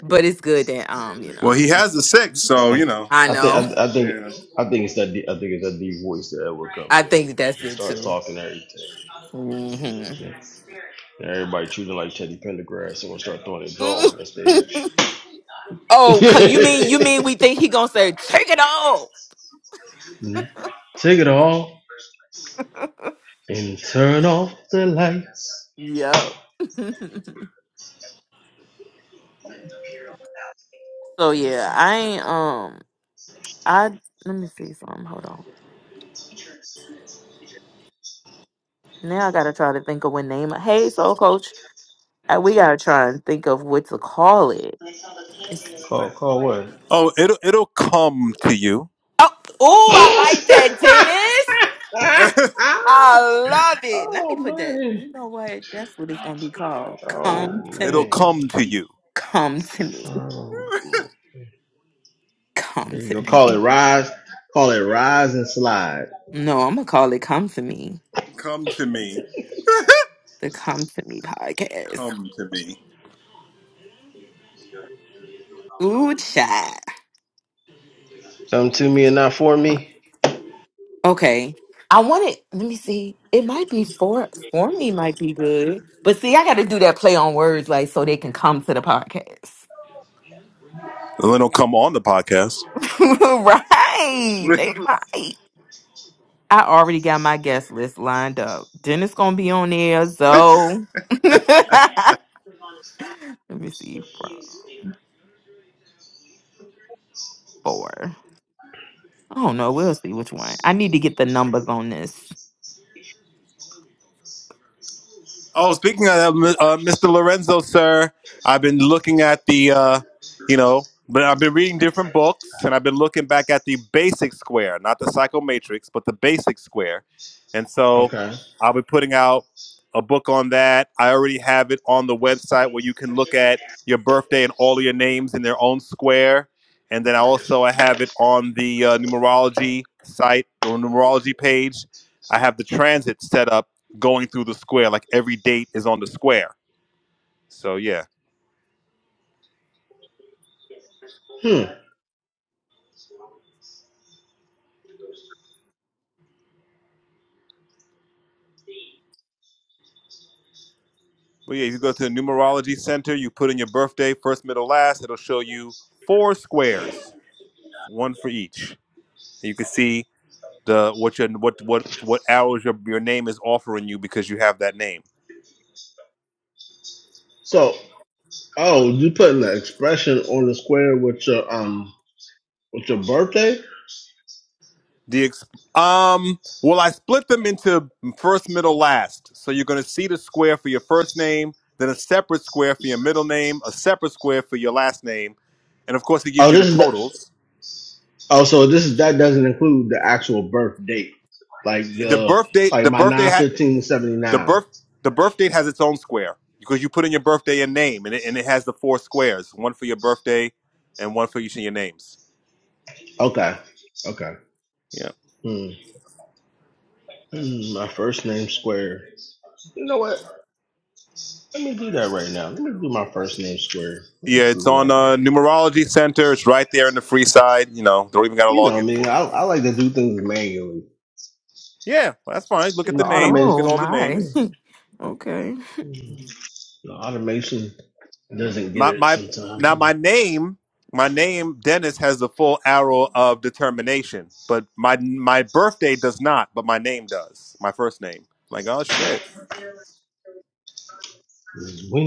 Speaker 8: But it's good that um, you know,
Speaker 2: Well, he has the sex, so
Speaker 3: I,
Speaker 2: you know.
Speaker 8: I
Speaker 3: I think
Speaker 8: know.
Speaker 3: I,
Speaker 2: Yeah.
Speaker 3: I think it's a deep voice that Edward comes
Speaker 8: I
Speaker 3: in here
Speaker 8: think
Speaker 3: with.
Speaker 8: that's it too. hmm
Speaker 3: Like treating like Teddy Pendergrass or
Speaker 8: [LAUGHS] Oh, cause you mean you
Speaker 3: something.
Speaker 8: mean we think he gonna say take it off? Yep. [LAUGHS] so yeah, I ain't um I let me see something. Hold on. Now I gotta try to think of what name. Hey, soul coach, uh, we gotta try and think of what to call it. It's-
Speaker 3: [LAUGHS]
Speaker 2: Oh, it'll it'll come to you.
Speaker 8: Oh, ooh, I like that,
Speaker 3: [LAUGHS]
Speaker 8: Dennis.
Speaker 2: [LAUGHS]
Speaker 8: I love it. Let
Speaker 3: oh
Speaker 8: me put that.
Speaker 3: man.
Speaker 8: You know what? That's what it's gonna be called. Come to
Speaker 3: man.
Speaker 2: It'll
Speaker 8: me.
Speaker 2: come to you.
Speaker 8: Come to me.
Speaker 3: Oh,
Speaker 2: [LAUGHS]
Speaker 8: Come
Speaker 3: there you
Speaker 8: to
Speaker 3: go. Call it
Speaker 8: me.
Speaker 3: rise. Call it rise and slide.
Speaker 8: No, I'm gonna call it Come to Me.
Speaker 2: Come to me. [LAUGHS]
Speaker 8: The Come to Me podcast.
Speaker 2: Come to me.
Speaker 8: Ooh, chat.
Speaker 3: Seventeen.
Speaker 8: Okay. I want it. Let me see. It might be for for me. Might be good. But see, I got to do that play on words, like so they can come to the podcast.
Speaker 2: And then it'll come on the podcast.
Speaker 8: [LAUGHS] right?
Speaker 2: [LAUGHS]
Speaker 8: They might. I already got my guest list lined up. Dennis gonna be on there, so [LAUGHS] let me see from four. I don't know. We'll see which one. I need to get the numbers on this.
Speaker 2: Oh, speaking of that, uh, Mr. Lorenzo, sir, I've been looking at the, uh, you know, but I've been reading different books and I've been looking back at the basic square, not the psychomatrix, but the basic square. And so I'll be putting out a book on that. I already have it on the website where you can look at your birthday and all of your names in their own square. And then I also I have it on the uh, numerology site, the numerology page. I have the transit set up going through the square. Like every date is on the square. So yeah, but yeah, if you go to the numerology center, you put in your birthday, first, middle, last. It'll show you four squares, one for each. And you can see the what your what what what hours your your name is offering you because you have that name.
Speaker 3: So, oh, you putting the expression on the square with your um with your birthday?
Speaker 2: The ex- um, well, I split them into first, middle, last. So you're going to see the square for your first name, then a separate square for your middle name, a separate square for your last name, and of course, it gives
Speaker 3: Oh,
Speaker 2: you the
Speaker 3: this is the,
Speaker 2: totals.
Speaker 3: oh, so this is that doesn't include the actual birth date, like
Speaker 2: The
Speaker 3: the
Speaker 2: birth date,
Speaker 3: like
Speaker 2: the
Speaker 3: my
Speaker 2: birthday
Speaker 3: nine
Speaker 2: hat,
Speaker 3: fifteen seventy
Speaker 2: the
Speaker 3: nine.
Speaker 2: birth, the birth date has its own square because you put in your birthday and name, and it, and it has the four squares, one for your birthday, and one for each of your names.
Speaker 3: Okay, okay.
Speaker 2: Yeah,
Speaker 3: Hmm. Hmm, My first name square. You know what? Let me do that right now. Let me do my first name square. Let me
Speaker 2: yeah,
Speaker 3: see
Speaker 2: it's
Speaker 3: what I
Speaker 2: on uh,
Speaker 3: get.
Speaker 2: Numerology Center. It's right there in the free side. You know, don't even got to
Speaker 3: You
Speaker 2: log
Speaker 3: know
Speaker 2: in
Speaker 3: me.
Speaker 2: for it.
Speaker 3: I I like to do things manually.
Speaker 2: Yeah, well, that's fine. Look at
Speaker 3: The
Speaker 2: the name. Look
Speaker 3: automation,
Speaker 2: at
Speaker 8: Oh
Speaker 2: all the
Speaker 8: my.
Speaker 2: names.
Speaker 8: [LAUGHS] okay.
Speaker 3: the automation doesn't get
Speaker 2: My
Speaker 3: it
Speaker 2: my
Speaker 3: sometimes.
Speaker 2: now my name my name Dennis has the full arrow of determination, but my my birthday does not, but my name does. My first name. like oh shit.
Speaker 3: It's weird.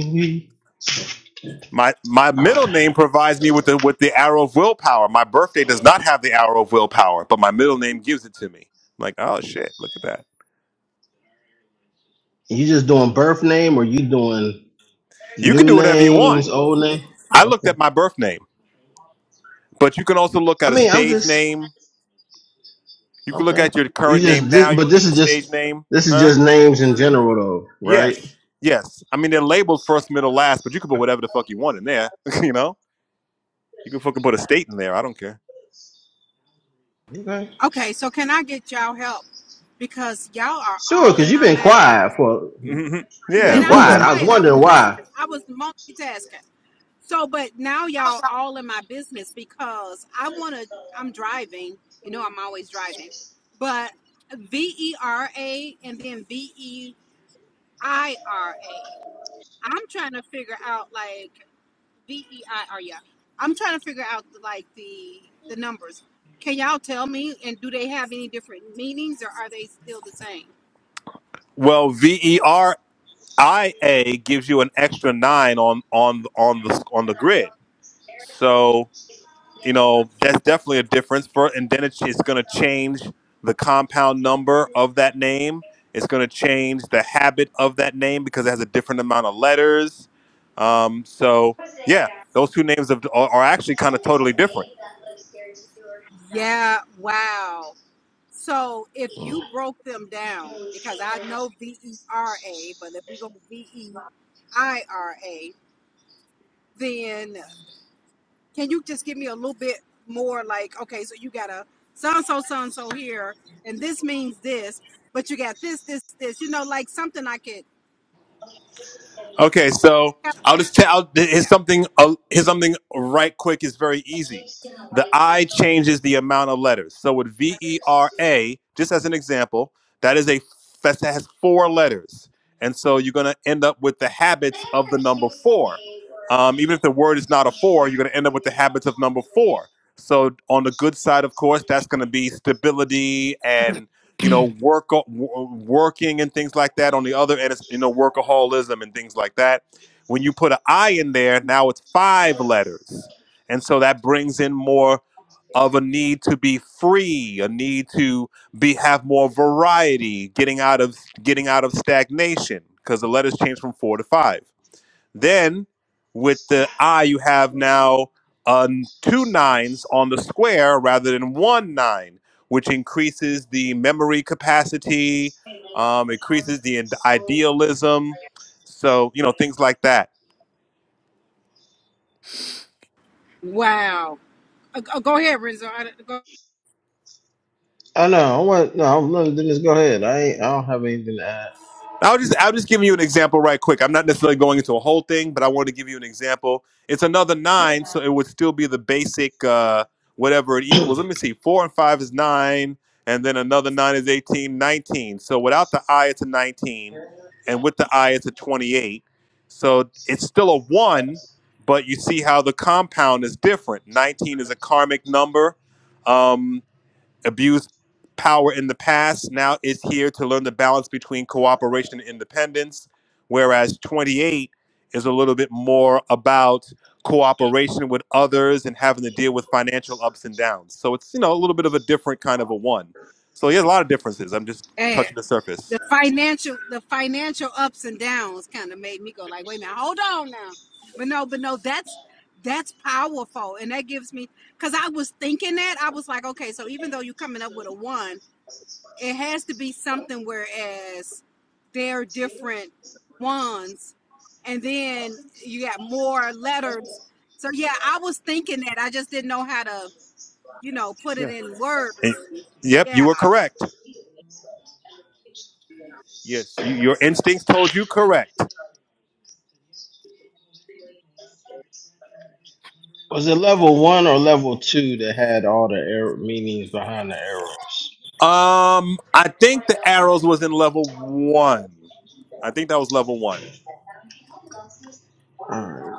Speaker 2: My my middle name provides me with the with the arrow of willpower. My birthday does not have the arrow of willpower, but my middle name gives it to me. like oh shit, look at that.
Speaker 3: You just
Speaker 2: You can
Speaker 3: new
Speaker 2: do
Speaker 3: name.
Speaker 2: whatever you want.
Speaker 3: name.
Speaker 2: I looked at my birth name, but you can also look
Speaker 3: I
Speaker 2: at a
Speaker 3: mean, I'm
Speaker 2: stage
Speaker 3: just
Speaker 2: name You can
Speaker 3: okay.
Speaker 2: look at your
Speaker 3: you
Speaker 2: current
Speaker 3: just
Speaker 2: name now.
Speaker 3: this,
Speaker 2: You can look at your stage name,
Speaker 3: this is
Speaker 2: huh?
Speaker 3: right.
Speaker 2: Yes, yes. I mean, they're labeled first, middle, last, but you can put whatever the fuck you want in there. [LAUGHS] you know, you can fucking put a state in there. I don't care.
Speaker 3: Okay.
Speaker 10: Okay, so can I get y'all help? Because y'all are
Speaker 3: Sure,
Speaker 10: all
Speaker 3: because
Speaker 10: in
Speaker 3: you've
Speaker 10: my
Speaker 3: been
Speaker 10: mind and I
Speaker 3: quiet
Speaker 10: was
Speaker 3: for
Speaker 2: hmm
Speaker 3: you've
Speaker 8: [LAUGHS]
Speaker 3: been
Speaker 2: Yeah.
Speaker 10: and
Speaker 3: quiet.
Speaker 10: I
Speaker 2: What's
Speaker 10: was
Speaker 8: so
Speaker 2: up?
Speaker 10: quiet. I was listening. I was multitasking. So but now y'all all in my business because I wanna I'm driving. You know I'm always driving. But V E R A and then V E I R A. I'm trying to figure out like V E I R. Yeah, I'm trying to figure out like the the numbers. Can y'all tell me? And do they have any different meanings, or are they still the same?
Speaker 2: Well, V E R I A gives you an extra nine on on on the on the grid. So you know that's definitely a difference for and then it's, it's going to change the compound number of that name it's going to change the habit of that name because it has a different amount of letters um, so yeah those two names of, are, are actually kind of totally different
Speaker 10: Yeah. Wow. So if you broke them down, because I know V E R A, but if we go V E I R A, then can you just give me a little bit more? Like, okay, so you got a so and so, so and so here, and this means this, but you got this, this, this. You know, like something I could.
Speaker 2: Okay, so
Speaker 10: Have,
Speaker 2: I'll just tell
Speaker 10: yeah.
Speaker 2: here's something. uh, Here's something right quick. is very easy. The I changes the amount of letters. So with V E R A, just as an example, that is a that has four letters, and so you're going to end up with the habits of the number four. Um, even if the word is not a four, you're going to end up with the habits of number four. So on the good side, of course, that's going to be stability you know, work working and things like that. On the other end, it's you know workaholism and things like that. When you put an I in there, now it's five letters, and so that brings in more of a need to be free, a need to be have more variety, getting out of getting out of stagnation because the letters change from four to five. Then with the I, you have now um, two nines on the square rather than one nine, which increases the memory capacity, um, increases the ind- idealism. So, you know, things like that.
Speaker 10: Wow. Uh, go go ahead, Renzo. I, go
Speaker 3: Oh no, I want no. I'm- No, then just go ahead. I ain't, I don't have anything to add.
Speaker 2: I'll just I'll just give you an example right quick. I'm not necessarily going into a whole thing, but I wanted to give you an example. It's another nine, so it would still be the basic uh, whatever it equals. Let me see. Four and five is nine, and then another nine is 18, 19. So without the I, it's a 19, and with the I, it's a 28. So it's still a one, but you see how the compound is different. 19 is a karmic number. Um, abused power in the past, now is here to learn the balance between cooperation and independence. Whereas 28 is a little bit more about cooperation with others and having to deal with financial ups and downs. So it's, you know, a little bit of a different kind of a one. So he has a lot of differences. I'm just
Speaker 10: ahead.
Speaker 2: touching the
Speaker 10: The
Speaker 2: surface.
Speaker 10: financial, the financial ups and downs kind of made me go like, wait a minute, hold on now. But no, but no, that's that's powerful, and that gives me because I was thinking that I was like, okay, so even though you're coming up with a one, it has to be something whereas they're different ones, and then you got more letters. So yeah, I was thinking that I just didn't know how to. you know, put it
Speaker 2: Yeah.
Speaker 10: in
Speaker 2: And-
Speaker 10: words.
Speaker 2: yep, you
Speaker 10: Yeah.
Speaker 2: were correct. Yes. You, your instincts told you correct.
Speaker 3: Was it level one or level two that had all the arrow meanings behind the arrow?
Speaker 2: Um, I think the arrows was in level one. I think that was level one.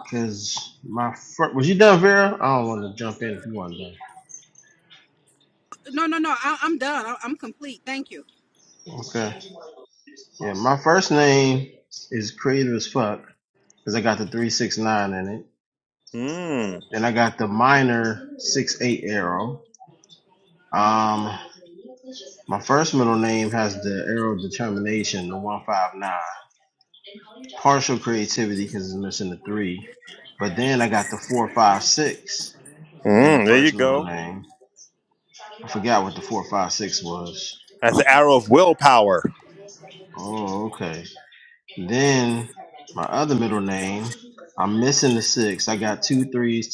Speaker 3: Because my first was you done, Vera? I don't want to if you want done.
Speaker 10: No, no, no. I, I'm done. I, I'm complete. Thank you.
Speaker 3: Okay. Yeah, my first name is creative as fuck. because I got the three six nine in it. Then I got the minor six eight arrow. Um, my first middle name has the arrow of determination, the one for nine, creativity. But then I got the four six in the
Speaker 2: Mm, there you
Speaker 3: first middle
Speaker 2: go.
Speaker 3: name.
Speaker 2: That's the arrow of willpower.
Speaker 3: And In the six, I got threes,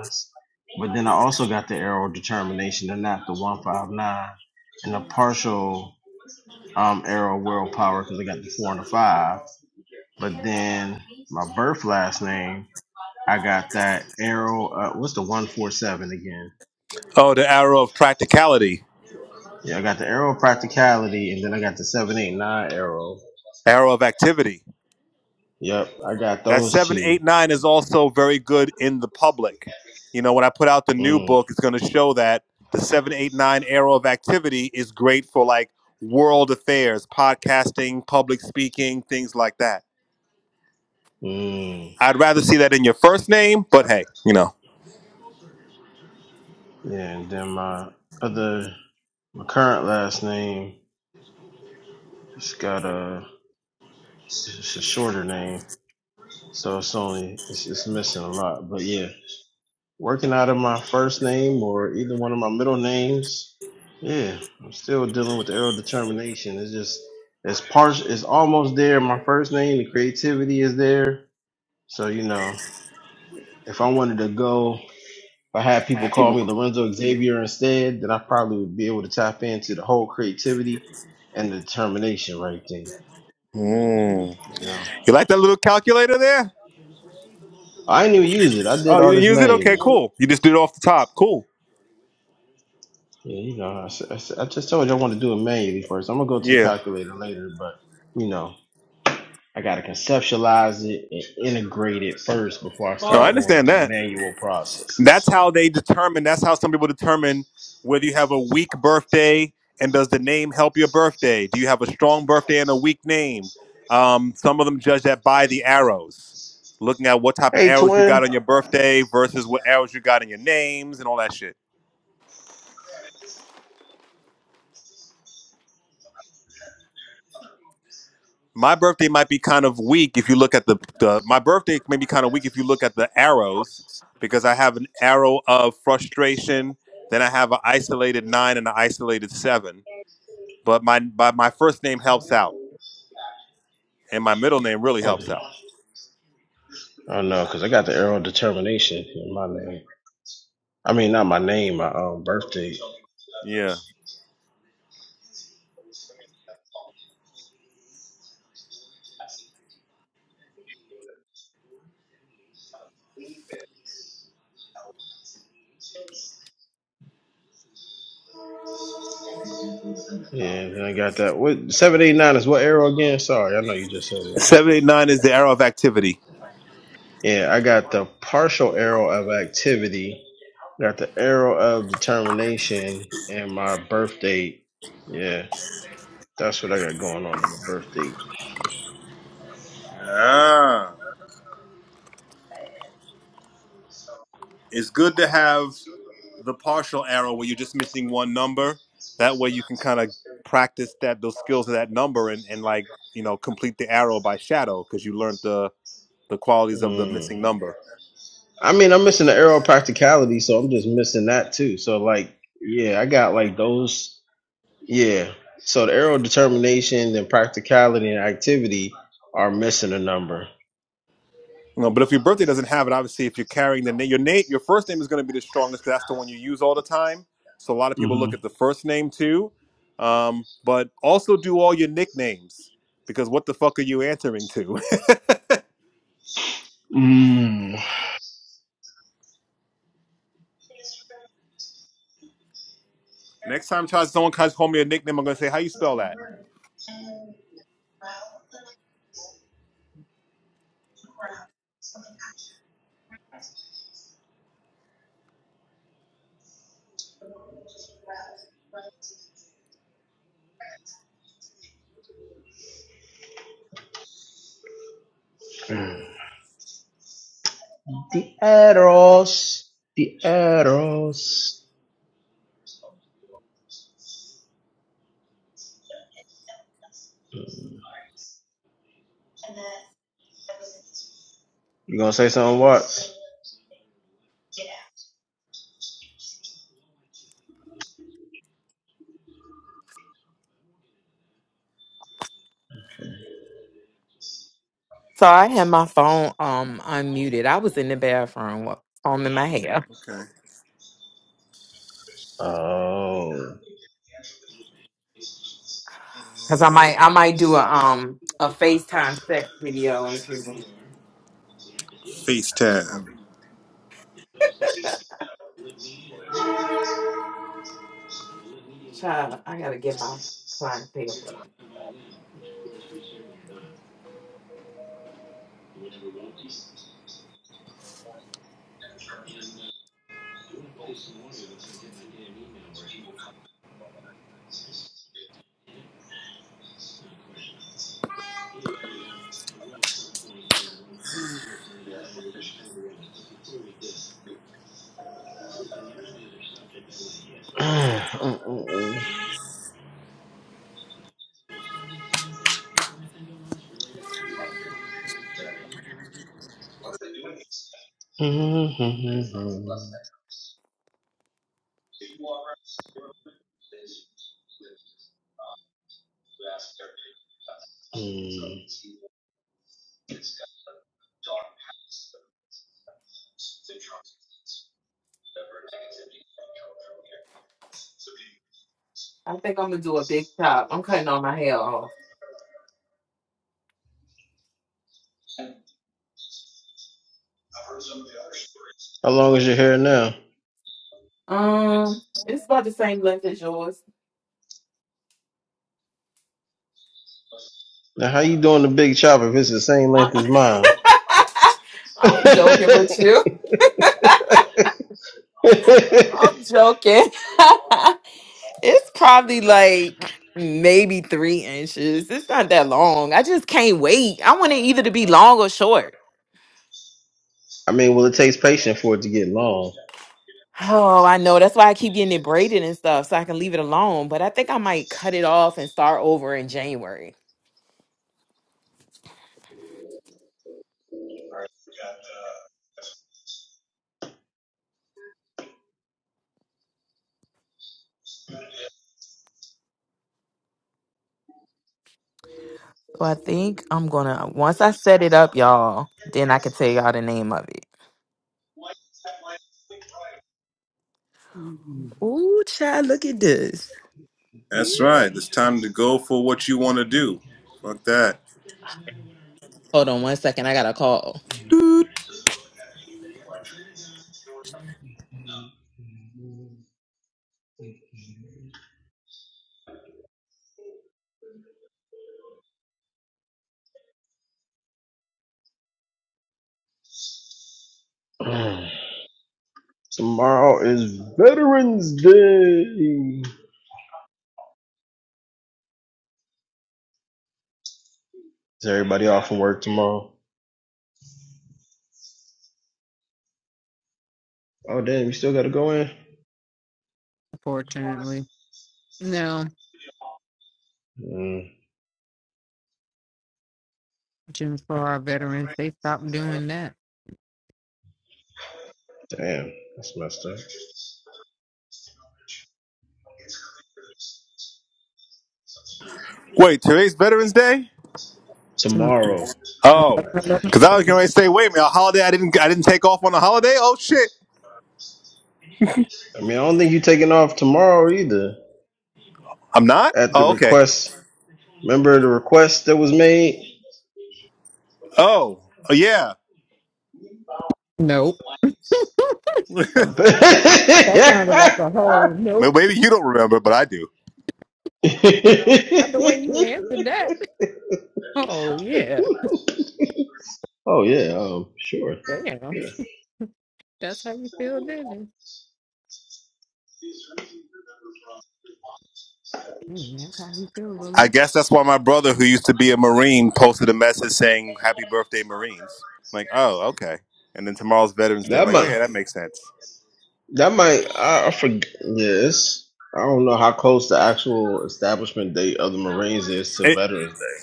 Speaker 3: ones. But then I also got the arrow of determination, and not five nine, and a partial um arrow of willpower because I got the four and the five. But then my birth last name I got that arrow. Uh, what's the one four seven again?
Speaker 2: Oh, the arrow of practicality,
Speaker 3: Yeah, I got the arrow of practicality, and then I got the seven eight nine arrow.
Speaker 2: arrow of activity.
Speaker 3: Yep, I got
Speaker 2: That
Speaker 3: those two.
Speaker 2: 789 is also very good in the public. You know, when I put out the new
Speaker 3: Mm,
Speaker 2: book, it's going to show that the 789 arrow of activity is great for like world affairs, podcasting, public speaking, things like that.
Speaker 3: mm.
Speaker 2: I'd rather see that in your first name, but hey, you know.
Speaker 3: Yeah, and then my other my current last name it's got a it's a shorter name, so it's only it's, it's missing a lot. But yeah, working out of my first name or either one of my middle names. Yeah, I'm still dealing with the arrow determination. It's just it's part it's almost there. My first name, the creativity is there. So you know, if I wanted to go, if I had people call me Lorenzo Xavier instead, then I probably would be able to tap into the whole creativity and the determination right there.
Speaker 2: Mm.
Speaker 3: You know,
Speaker 2: You like that little calculator there?
Speaker 3: I didn't even use it. I did
Speaker 2: Oh, you
Speaker 3: all
Speaker 2: didn't
Speaker 3: this
Speaker 2: use it? Okay,
Speaker 3: manually.
Speaker 2: cool. You just did it off the top. Cool.
Speaker 3: Yeah, you know, I, s- I s- I just told you I want to do it manually first. I'm gonna go to the
Speaker 2: Yeah.
Speaker 3: calculator later, but you know. I got to conceptualize it and integrate it first before I
Speaker 2: No, I
Speaker 3: start going
Speaker 2: understand
Speaker 3: through
Speaker 2: that.
Speaker 3: manual
Speaker 2: That's
Speaker 3: processes.
Speaker 2: how they determine. That's how some people determine whether you have a weak birthday and does the name help your birthday. Do you have a strong birthday and a weak name? Um, some of them judge that by the arrows, looking at what type of
Speaker 3: Hey,
Speaker 2: arrows you
Speaker 3: twin.
Speaker 2: got on your birthday versus what arrows you got in your names and all that shit. My birthday might be kind of weak if you look at the, the my birthday may be kind of weak if you look at the arrows because I have an arrow of frustration, then I have an isolated nine and an isolated seven but my my, my first name helps out, and my middle name really helps out.
Speaker 3: Oh no, because I got the arrow determination in my name. I mean, not my name, my um, birthday.
Speaker 2: Yeah,
Speaker 3: Yeah, and I got that. What seven eight nine is what arrow again? Sorry, I know you just said it. It's
Speaker 2: seven
Speaker 3: the,
Speaker 2: eight nine is the arrow of activity.
Speaker 3: yeah, I got the partial arrow of activity, got the arrow of determination, and my birth date. Yeah, that's what I got going on on my birth date.
Speaker 2: Ah, it's good to have the partial arrow where you're just missing one number. That way, you can kind of practice that those skills of that number and and like you know complete the arrow by shadow because you learned the the qualities of the
Speaker 3: Mm.
Speaker 2: missing number.
Speaker 3: I mean, I'm missing the arrow of practicality, so I'm just missing that too. So like, yeah, I got like those. Yeah. So the arrow of determination and practicality and activity are missing a number.
Speaker 2: No, but if your birthday doesn't have it, obviously, if you're carrying the name, your name, your first name is going to be the strongest because that's the one you use all the time. So a lot of people look at the first name too. Um, but also do all your nicknames because what the fuck are you answering to?
Speaker 3: Mm.
Speaker 2: [LAUGHS] Next time, try someone tries to call me a nickname, I'm going to say, "How you spell that?"
Speaker 3: Eros, the Eros. You gonna say something, Watts?
Speaker 8: I had my phone um unmuted. I was in the bathroom wa- combing my hair
Speaker 2: Okay,
Speaker 3: Um, [CLEARS THROAT]
Speaker 8: because I might I might do a um a FaceTime sex video in a few minutes.
Speaker 2: FaceTime.
Speaker 8: Child, I gotta get my client paperwork.
Speaker 3: how
Speaker 8: I think I'm gonna do a big chop. I'm cutting all my hair off.
Speaker 3: long is your hair now?
Speaker 8: Um, it's about the same length as yours.
Speaker 3: Now, how you doing the big chop if it's the same
Speaker 8: I'm,
Speaker 3: length as mine?
Speaker 8: [LAUGHS] I'm joking with you.
Speaker 3: [LAUGHS]
Speaker 8: I'm joking. [LAUGHS] it's probably like maybe three inches. It's not that long. I just can't wait. I want it either to be long or short.
Speaker 3: I mean, well, it takes patience for it to get long.
Speaker 8: Oh, I know. That's why I keep getting it braided and stuff so I can leave it alone. But I think I might cut it off and start over in January. So I think I'm gonna once I set it up, y'all, then I can tell y'all the name of it. Ooh, child, look at this. Mm.
Speaker 2: That's right. It's time to go for what you want to do. Fuck that.
Speaker 8: Hold on one second. I got a call.
Speaker 3: [SIGHS] tomorrow is Veterans Day. Is everybody off from work tomorrow? Oh, damn, you still got to go in?
Speaker 1: [LAUGHS] Fortunately. No,
Speaker 3: Mm,
Speaker 1: Jim, for our veterans, they stopped doing that.
Speaker 3: damn, that's messed up.
Speaker 2: Wait, today's Veterans Day.
Speaker 3: Tomorrow.
Speaker 2: Oh,
Speaker 1: [LAUGHS]
Speaker 2: because I was going to say, wait a minute, a holiday I didn't I didn't take off on a holiday. Oh shit,
Speaker 3: I mean, I don't think you are taking off tomorrow either.
Speaker 2: I'm not.
Speaker 3: At the
Speaker 2: Oh okay.
Speaker 3: request, remember the request that was made?
Speaker 2: Oh, yeah.
Speaker 1: Nope.
Speaker 2: [LAUGHS]
Speaker 3: I bet-
Speaker 1: That sounded like a whole
Speaker 2: Well,
Speaker 1: nope.
Speaker 2: Maybe you don't remember, but I do.
Speaker 1: Not the way you answered
Speaker 3: [LAUGHS]
Speaker 1: that. [LAUGHS] Oh yeah.
Speaker 3: oh, yeah, um, sure.
Speaker 1: Damn.
Speaker 3: Yeah.
Speaker 1: That's how you feel, didn't it? Mm, That's how you feel,
Speaker 2: I
Speaker 1: Lulu.
Speaker 2: guess that's why my brother, who used to be a Marine, posted a message saying, Happy birthday, Marines. I'm like, oh, okay. And then tomorrow's Veterans Day. I'm
Speaker 3: That
Speaker 2: like,
Speaker 3: might.
Speaker 2: okay, that makes sense.
Speaker 3: That might I, I forget. Yes, I don't know how close the actual establishment date of the Marines is to
Speaker 2: It,
Speaker 3: Veterans Day.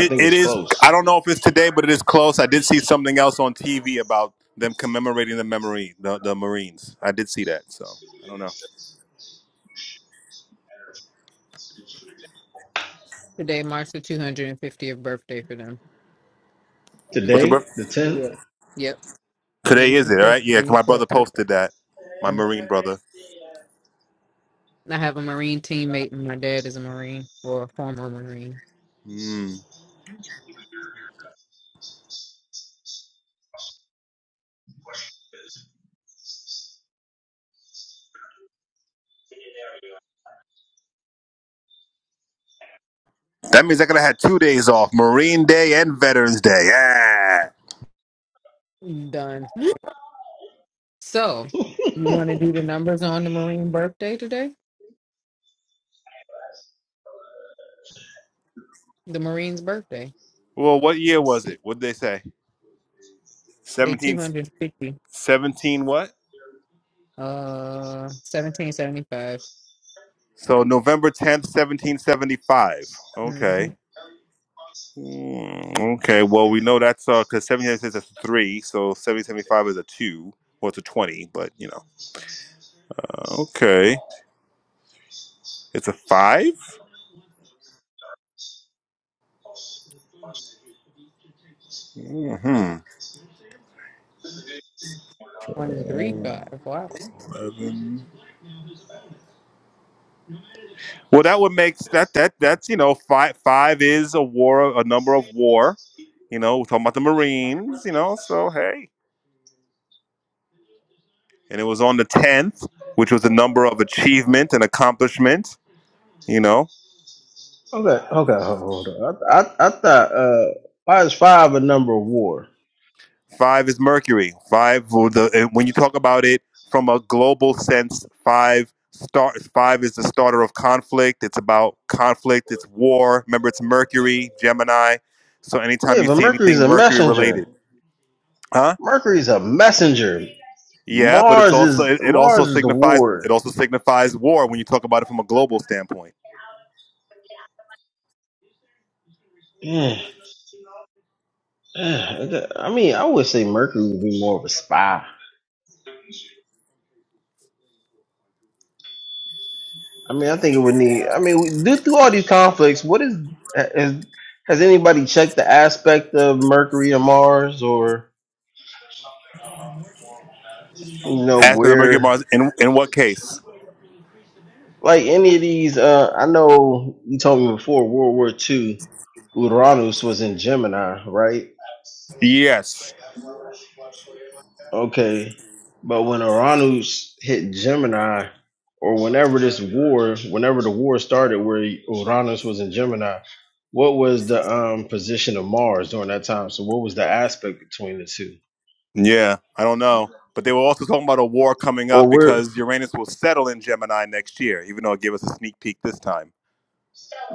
Speaker 3: I think
Speaker 2: it
Speaker 3: it's
Speaker 2: is, I
Speaker 3: close.
Speaker 2: don't know if it's today, but it is close. I did see something else on TV about them commemorating the memory, the, the Marines. I did see that. So I don't know.
Speaker 1: Today marks the 250th birthday for them.
Speaker 2: What's
Speaker 1: That's
Speaker 2: the birth?
Speaker 3: Today, the tenth.
Speaker 1: yeah. Yep.
Speaker 2: Today is
Speaker 1: United
Speaker 2: it,
Speaker 1: States
Speaker 2: right? Yeah, 'cause
Speaker 1: Marine
Speaker 2: my
Speaker 1: Corps
Speaker 2: brother
Speaker 1: birthday.
Speaker 2: posted that. My
Speaker 1: Mm.
Speaker 2: Marine brother.
Speaker 1: I have a Marine teammate, and my dad is a Marine or a former Marine.
Speaker 2: Hmm. That means I could have had two days off Marine Day and Veterans Day. Yeah.
Speaker 1: Done. So, you want to do the numbers on the Marine birthday today? the Marine's birthday.
Speaker 2: Well, what year
Speaker 1: Let's
Speaker 2: was
Speaker 1: see.
Speaker 2: it? What did they say?
Speaker 1: Day
Speaker 2: 17,
Speaker 1: 250.
Speaker 2: 17 what?
Speaker 1: Uh 1775.
Speaker 2: So November 10th, 1775.
Speaker 1: Mm-hmm.
Speaker 2: Okay. Hmm, okay. Well, we know that's uh, because 1776 is a three, so 1775 is a two. Well, it's a 20, but you know. Uh, okay. It's a five? Mm-hmm.
Speaker 1: 135. Wow.
Speaker 2: Well, that would make that that that's you know five five is a war a number of war, you know. We're talking about the Marines, you know. So hey, and it was on the tenth, which was a number of achievement and accomplishment, you know.
Speaker 3: Okay, okay, hold hold on. I, I, I thought uh, why is five a number of war?
Speaker 2: Five is Mercury. Five well, the eh, when you talk about it from a global sense, five start five is the starter of conflict. It's about conflict. It's war. Remember, it's Mercury, Gemini. So anytime
Speaker 3: Yeah,
Speaker 2: you
Speaker 3: but
Speaker 2: see
Speaker 3: Mercury's
Speaker 2: anything
Speaker 3: a
Speaker 2: Mercury related,
Speaker 3: messenger.
Speaker 2: huh?
Speaker 3: Mercury's a messenger.
Speaker 2: Yeah, but it's
Speaker 3: Mars
Speaker 2: also
Speaker 3: is
Speaker 2: it, it also
Speaker 3: Mars is the
Speaker 2: signifies it
Speaker 3: war.
Speaker 2: also signifies war when you talk about it from a global standpoint.
Speaker 3: Yeah, [SIGHS] yeah, I I mean, I would say Mercury would be more of a spy. I mean, I think it would need. I mean, we, do through all these conflicts, what is has has anybody checked the aspect of Mercury or Mars or you know
Speaker 2: Aspect of Mercury
Speaker 3: where
Speaker 2: Mars in in what case?
Speaker 3: like any of these? Uh, I know you told me before World War II, Uranus was in Gemini, right?
Speaker 2: Yes.
Speaker 3: Okay, but when Uranus hit Gemini, or whenever this war, whenever the war started, where Uranus was in Gemini. What was the um, position of Mars during that time? So, what was the aspect between the two?
Speaker 2: Yeah, I don't know. But they were also talking about a war coming up
Speaker 3: or where
Speaker 2: because Uranus will settle in Gemini next year, even though it gave us a sneak peek this time.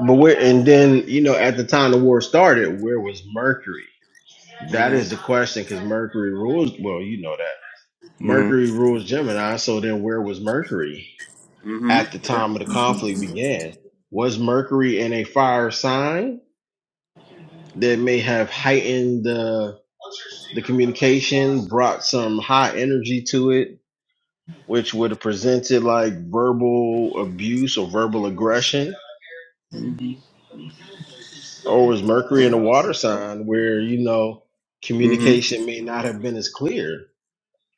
Speaker 3: but where and then you know at the time the war started where was mercury that is the question because mercury rules well you know that
Speaker 2: Mm-hmm.
Speaker 3: mercury rules gemini so then where was mercury
Speaker 2: Mm-hmm.
Speaker 3: at the time of the conflict began was mercury in a fire sign that may have heightened the brought some high energy to it which would have presented like verbal abuse or verbal aggression Or is Mercury in a
Speaker 2: Mm-hmm.
Speaker 3: water sign where, you know,
Speaker 2: Mm-hmm.
Speaker 3: communication may not have been as clear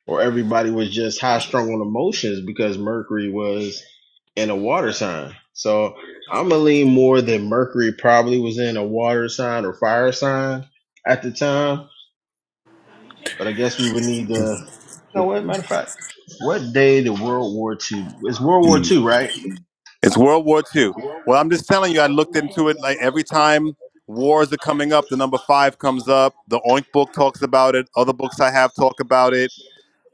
Speaker 3: or everybody was just high strung on emotions because Mercury was in a water sign. So I'm going to lean more that Mercury probably was in a water sign or fire sign at the time. But I guess we would need to, you know what, matter of fact, what day did World War II, it's World War II, right? You
Speaker 2: It's World War Two. Well, I'm just telling you, I looked into it like every time wars are coming up, the number five comes up. The Oink book talks about it. Other books I have talk about it.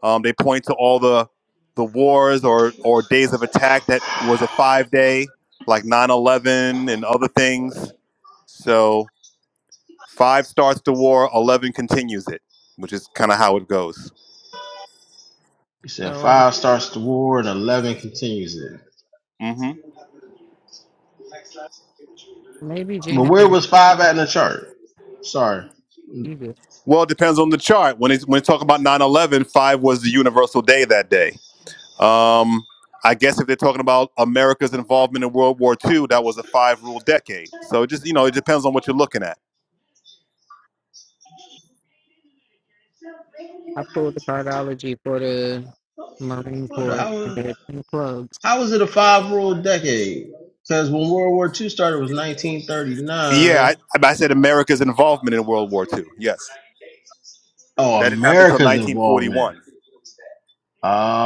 Speaker 2: Um, they point to all the the wars or or days of attack that was a five day, like nine eleven and other things. So five starts the war, eleven continues it, which is kind of how it goes.
Speaker 3: said
Speaker 1: So
Speaker 3: five starts the war and 11 continues it.
Speaker 2: hmm
Speaker 1: maybe Gina can do this.
Speaker 2: Well, it depends on the chart. When it's when you talk about nine eleven, five was the universal day that day Um, I guess if they're talking about America's involvement in World War II, that was a five rule decade. So it just, you know, it depends on what you're looking at.
Speaker 1: I pulled the cardology for the Marine Corps and
Speaker 3: How,
Speaker 1: the clubs.
Speaker 3: how is it a five rule decade?
Speaker 2: Yeah, I, I said America's involvement in World War II. Yes. That didn't happen until 1941.
Speaker 3: Uh,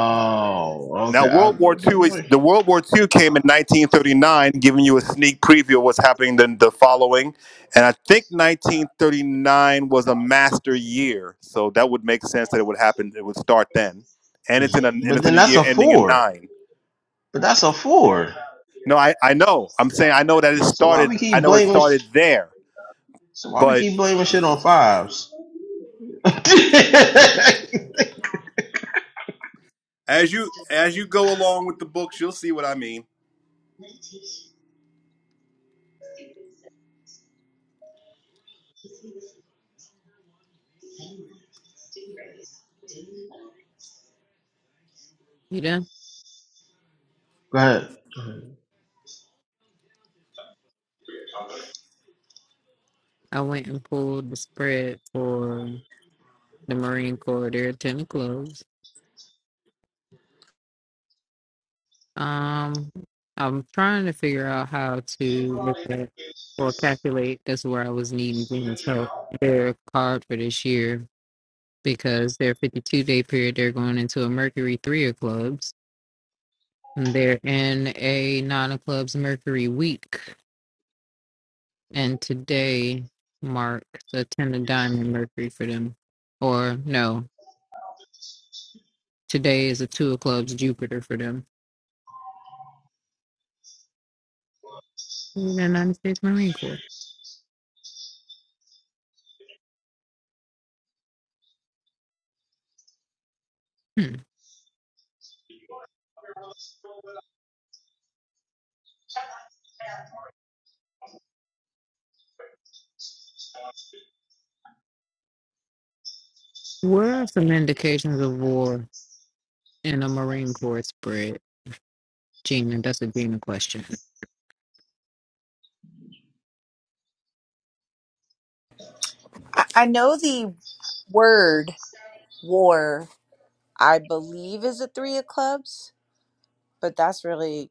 Speaker 2: Now, World War II is the World War II came in 1939, giving you a sneak preview of what's happening then the following. And I think 1939 was a master year. So that would make sense that it would happen. It would start then. And it's in a, and
Speaker 3: but
Speaker 2: it's in
Speaker 3: then
Speaker 2: a
Speaker 3: that's
Speaker 2: year ending in
Speaker 3: four.
Speaker 2: nine.
Speaker 3: But that's a four.
Speaker 2: No, I, I know. I'm saying I know that it
Speaker 3: So why we
Speaker 2: started. I
Speaker 3: keep
Speaker 2: know it
Speaker 3: blaming?
Speaker 2: started there,
Speaker 3: So why we
Speaker 2: but
Speaker 3: keep blaming shit on fives? [LAUGHS]
Speaker 2: As you as you go along with the books, you'll see what I mean.
Speaker 1: You done? I went and pulled the spread for the Marine Corps. There are 10 clubs. Um, I'm trying to figure out how to look at or calculate. That's where I was needing Venus help. Their card for this year because their 52 day period, they're going into a Mercury three of clubs. And they're in a nine of clubs Mercury week, and today marks a ten of diamond Mercury for them. Or no, today is a two of clubs Jupiter for them. The United States Marine Corps. Hmm. What are some indications of war? and a Marine Corps spread. Gina, that's a Gina question.
Speaker 7: I, I know the word war, I believe, is a three of clubs, but that's really,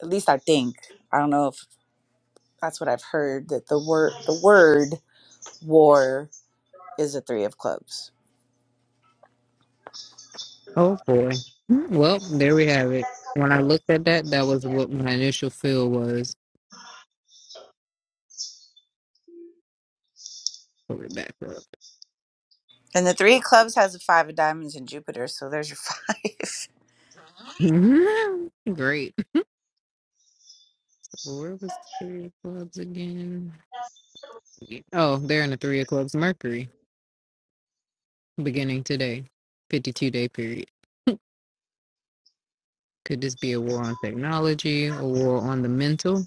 Speaker 7: at least I think, I don't know if that's what I've heard, that the word, the word war is a three of clubs.
Speaker 1: Oh boy. Well, there we have it. When I looked at that, that was what my initial feel was. Pull it back up.
Speaker 7: And the three of clubs has a five of diamonds in Jupiter, so there's your [LAUGHS] five.
Speaker 1: [LAUGHS] Great. Where was three of clubs again? Oh, they're in the three of clubs Mercury beginning today. 52 day period. Could this be a war on technology, a war on the mental?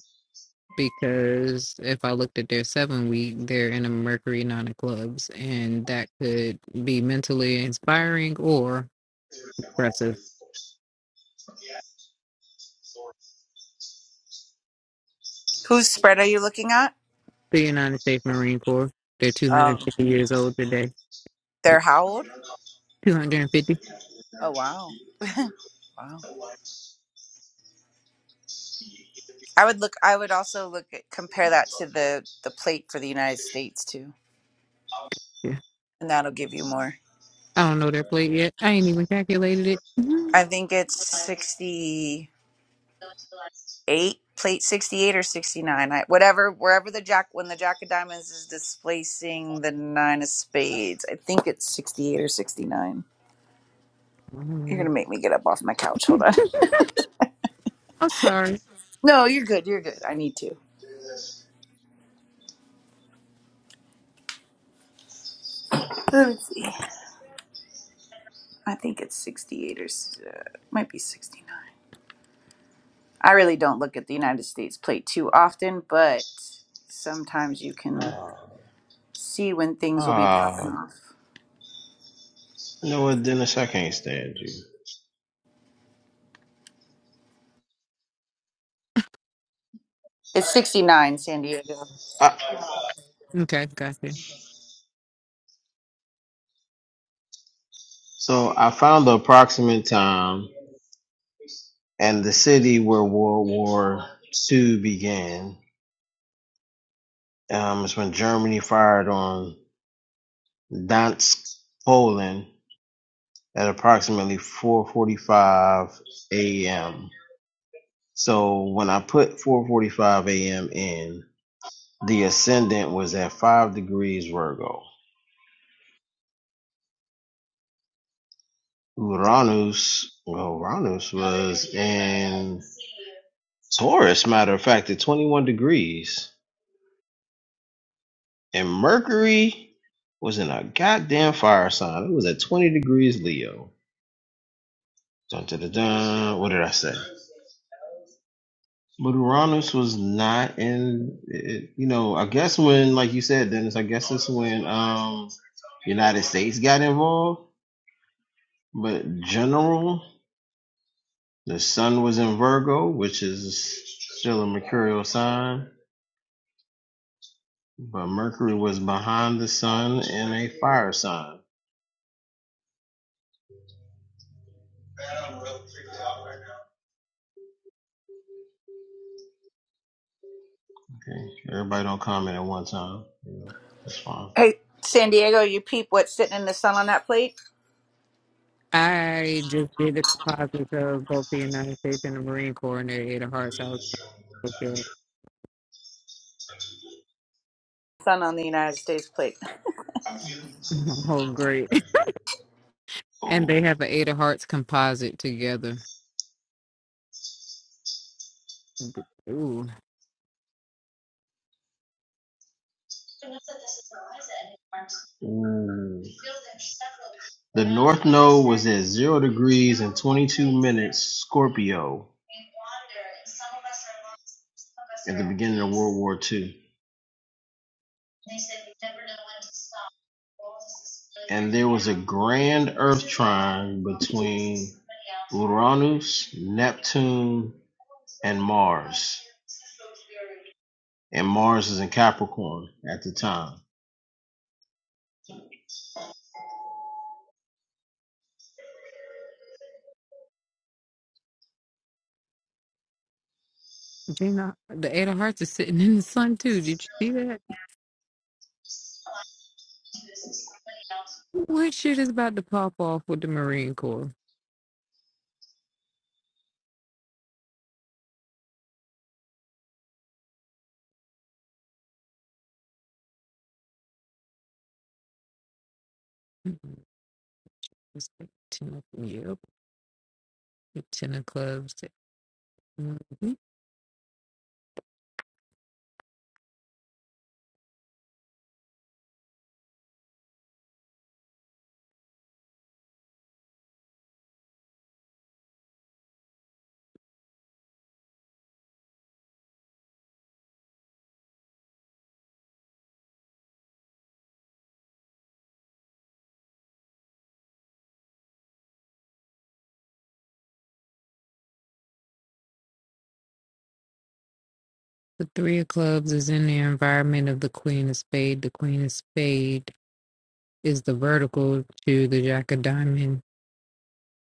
Speaker 1: because if I looked at their seven week, they're in a Mercury nine of clubs, and that could be mentally inspiring or impressive.
Speaker 7: Whose spread are you looking at?
Speaker 1: The United States Marine Corps, they're
Speaker 7: Um,
Speaker 1: 250 years old today.
Speaker 7: they're how old?
Speaker 1: 250?
Speaker 7: Oh wow, wow. I would look. I would also look at compare that to the the plate for the United States too,
Speaker 1: Yeah.
Speaker 7: and that'll give you more.
Speaker 1: I don't know their plate yet. I ain't even calculated it. [LAUGHS]
Speaker 7: I think it's sixty eight plate sixty eight or sixty nine. I, whatever, wherever the jack when the jack of diamonds is displacing the nine of spades, I think it's sixty eight or sixty nine. You're gonna make me get up off my couch. Hold on. [LAUGHS]
Speaker 1: I'm sorry.
Speaker 7: No, you're good. You're good. I need to. Let's see. I think it's 68 or s- uh, might be 69. I really don't look at the United States plate too often, but sometimes you can see when things will be popping
Speaker 3: Ah,
Speaker 7: off.
Speaker 3: you know what, Dennis? I can't stand you.
Speaker 7: It's 69, San Diego.
Speaker 3: I,
Speaker 1: Okay, gotcha.
Speaker 3: so I found the approximate time and the city where World War II began. Um, it's when Germany fired on Dansk, Poland, at approximately 4:45 a.m. So when I put 4:45 a.m. in, the ascendant was at five degrees Virgo. Uranus, well, Uranus was in Taurus. Matter of fact, at 21 degrees, and Mercury was in a goddamn fire sign. It was at 20 degrees Leo. Dun, dun, dun, dun. What did I say? But Uranus was not in. It, you know, I guess when, like you said, Dennis, I guess it's when um United States got involved But general, the sun was in Virgo, which is still a mercurial sign, but Mercury was behind the sun in a fire sign. Okay, everybody don't comment at one time. You know, that's fine.
Speaker 7: Hey, San Diego, you peep what's sitting in the sun on that plate?
Speaker 1: I just did the composites of both the United States and the Marine Corps, and they're a of hearts. I was okay.
Speaker 7: Sun on the United States plate.
Speaker 1: [LAUGHS] Oh, great. And they have an Eight of Hearts composite together. Ooh,
Speaker 3: Mm. Scorpio or to grand Neptune
Speaker 1: Gina, the Eight of Hearts is sitting in the sun too. Did you see that? What shit is about to pop off with the Marine Corps? It's like Ten of, yep, the Ten of Clubs. Mhm. The Three of Clubs is in the environment of the Queen of Spade. The Queen of Spade is the vertical to the Jack of Diamond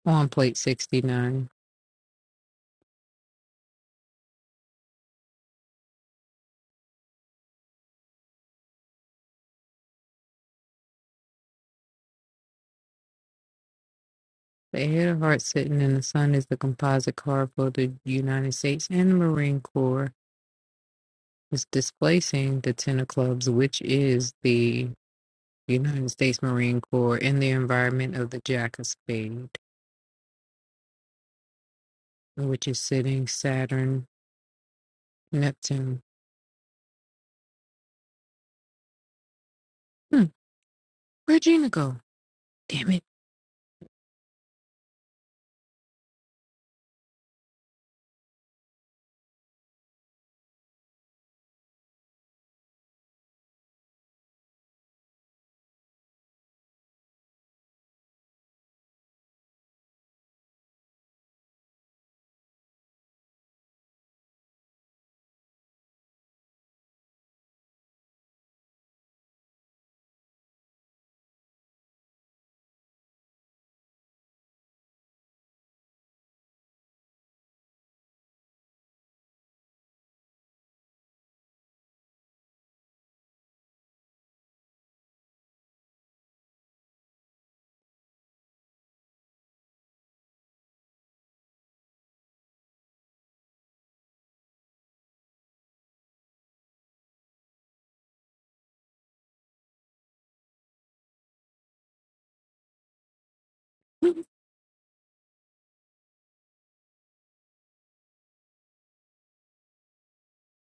Speaker 1: on plate 69. The Eight of Hearts sitting in the sun is the composite card for the United States and the Marine Corps. is displacing the Ten of Clubs, which is the United States Marine Corps in the environment of the Jack of Spades, which is sitting Saturn, Neptune. Hmm, where'd Gina go? Damn it.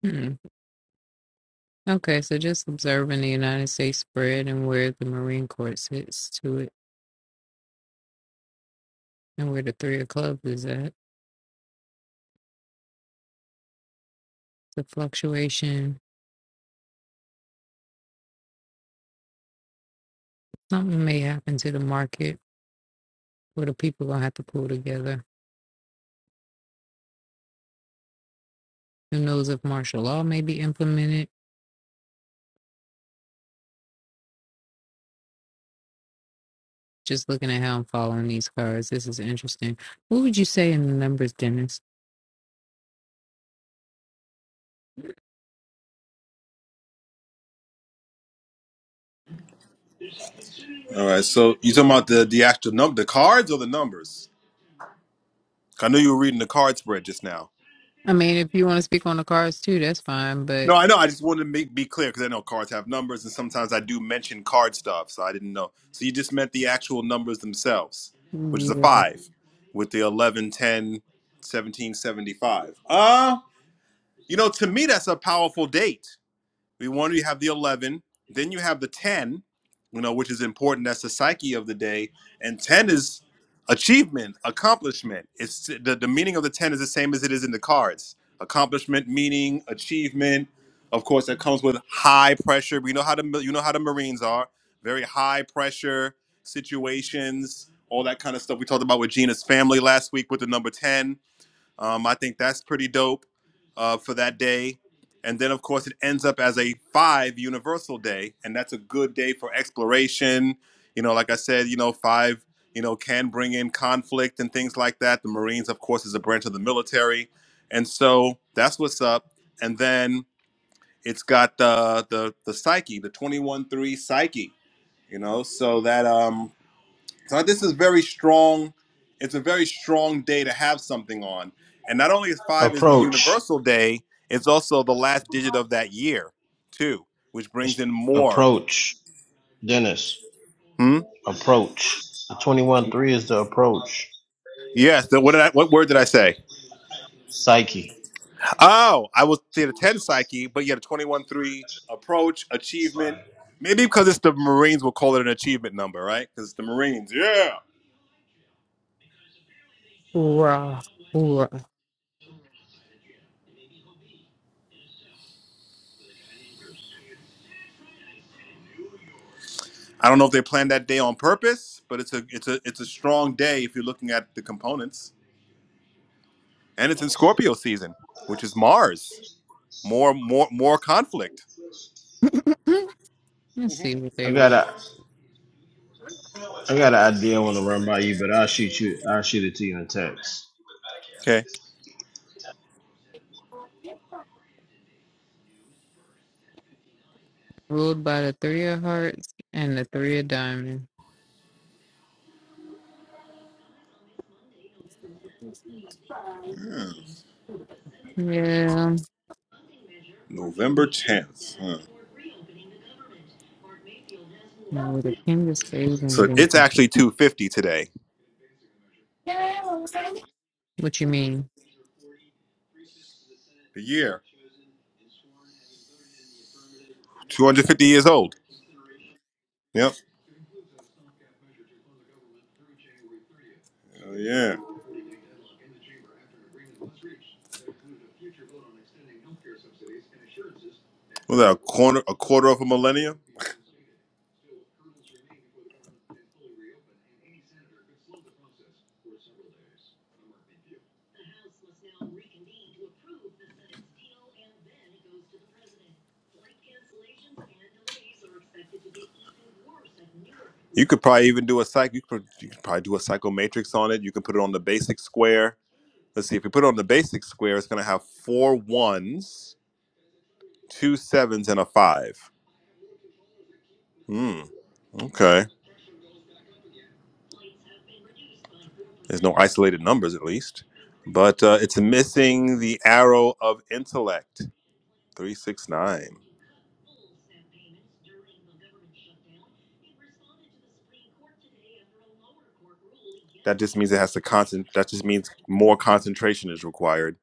Speaker 1: Hmm. Okay, so just observing the United States spread and where the Marine Corps sits to it and where the Three of Clubs is at. The fluctuation. Something may happen to the market where the people gonna have to pull together. Who knows if martial law may be implemented Just looking at how I'm following these cards. This is interesting. What would you say in the numbers, Dennis?
Speaker 2: All right. So you talking about the the actual number, the cards or the numbers? I knew you were reading the card spread just now.
Speaker 1: I mean, if you want to speak on the cards too, that's fine.
Speaker 2: No,
Speaker 1: But
Speaker 2: I know. I just wanted to make be clear because I know cards have numbers, and sometimes I do mention card stuff, so I didn't know. So you just meant the actual numbers themselves, which is a
Speaker 1: yeah,
Speaker 2: five, with the eleven, ten, seventeen, seventy-five. 10, Uh, you know, to me that's a powerful date. We want to have the 11. Then you have the 10, you know, which is important. That's the psyche of the day. And 10 is achievement, accomplishment. It's the, the meaning of the 10 is the same as it is in the cards. Accomplishment, meaning, achievement. Of course, that comes with high pressure. We know how the you know how the Marines are. Very high pressure situations, all that kind of stuff. We talked about with Gina's family last week with the number 10 um, I think that's pretty dope uh, for that day. And then, of course, it ends up as a five universal day, and that's a good day for exploration. You know, like I said, you know, five, you know, can bring in conflict and things like that. The Marines, of course, is a branch of the military, and so that's what's up. And then it's got the the the psyche, the twenty one three psyche. You know, so that um so this is very strong. It's a very strong day to have something on. And not only is five is the
Speaker 3: approach
Speaker 2: universal day, it's also the last digit of that year, too, which brings in more.
Speaker 3: approach Dennis
Speaker 2: Hmm?
Speaker 3: approach. The twenty one three is the approach
Speaker 2: Yes. The, what did I, what word did I say?
Speaker 3: psyche.
Speaker 2: Oh, I was say the ten psyche, but you had a twenty one three approach achievement. Maybe because it's the Marines, we'll call it an achievement number, right? Because it's the Marines. Yeah.
Speaker 1: hoorah, hoorah.
Speaker 2: I don't know if they planned that day on purpose, but it's a it's a it's a strong day if you're looking at the components. and it's in Scorpio season, which is Mars. More, more, more conflict.
Speaker 1: [LAUGHS] Let's see
Speaker 2: Mhm.
Speaker 1: what
Speaker 3: I
Speaker 1: they
Speaker 3: got
Speaker 1: rule.
Speaker 3: a I got an idea I want to run by you, but I'll shoot you. I'll shoot it to you in text.
Speaker 2: Okay,
Speaker 1: Ruled by the three of hearts and the three of diamonds. Yeah,
Speaker 2: November tenth. Huh.
Speaker 1: with the king of spades and
Speaker 2: So it's actually two fifty today.
Speaker 1: Venus. What you mean?
Speaker 2: The year two hundred fifty years old. Yep. Hell yeah. Was that a quarter, a quarter of a millennium? You could probably even do a psych. You could, you could probably do a psychomatrix on it. You could put it on the basic square. Let's see. If you put it on the basic square, it's going to have four ones, two sevens, and a five. Hmm. Okay. There's no isolated numbers, at least. But uh, it's missing the arrow of intellect, 369. That just means it has to concent. That just means more concentration is required.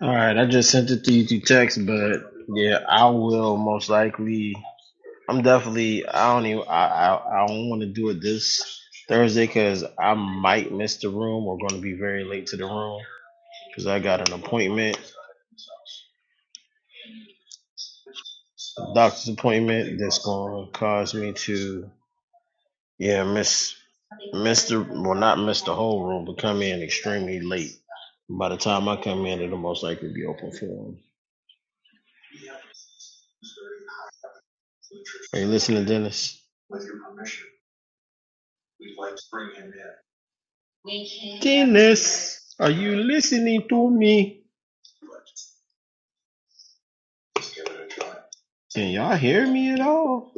Speaker 3: All right, I just sent it to you through text, but yeah, I will most likely. I'm definitely. I don't even. I I, I don't want to do it this Thursday because I might miss the room. We're going to be very late to the room because I got an appointment, a doctor's appointment that's going to cause me to yeah miss miss the well not miss the whole room, but come in extremely late. By the time I come in, it'll most likely be open for him. Dennis. Yes, are you listening to me? Can y'all hear me at all?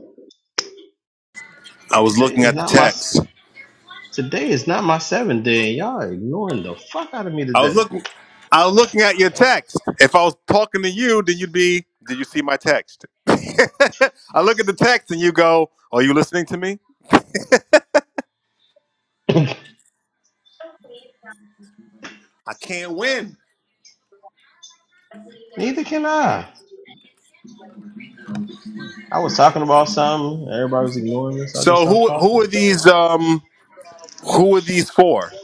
Speaker 2: I was
Speaker 3: Today
Speaker 2: looking
Speaker 3: is
Speaker 2: at the
Speaker 3: not my
Speaker 2: text.
Speaker 3: today is not my seventh day. and Y'all ignoring the fuck out of me
Speaker 2: I was
Speaker 3: today.
Speaker 2: looking. I was looking at your text. If I was talking to you, then you'd be. Did you see my text? [LAUGHS] I look at the text and you go, "Are you listening to me?"
Speaker 3: [CLEARS THROAT] Neither
Speaker 2: I can't win.
Speaker 3: can I. I was talking about something. Everybody was ignoring me, so I just
Speaker 2: So
Speaker 3: stopped
Speaker 2: who who
Speaker 3: talking.
Speaker 2: are these? Um, who are these for?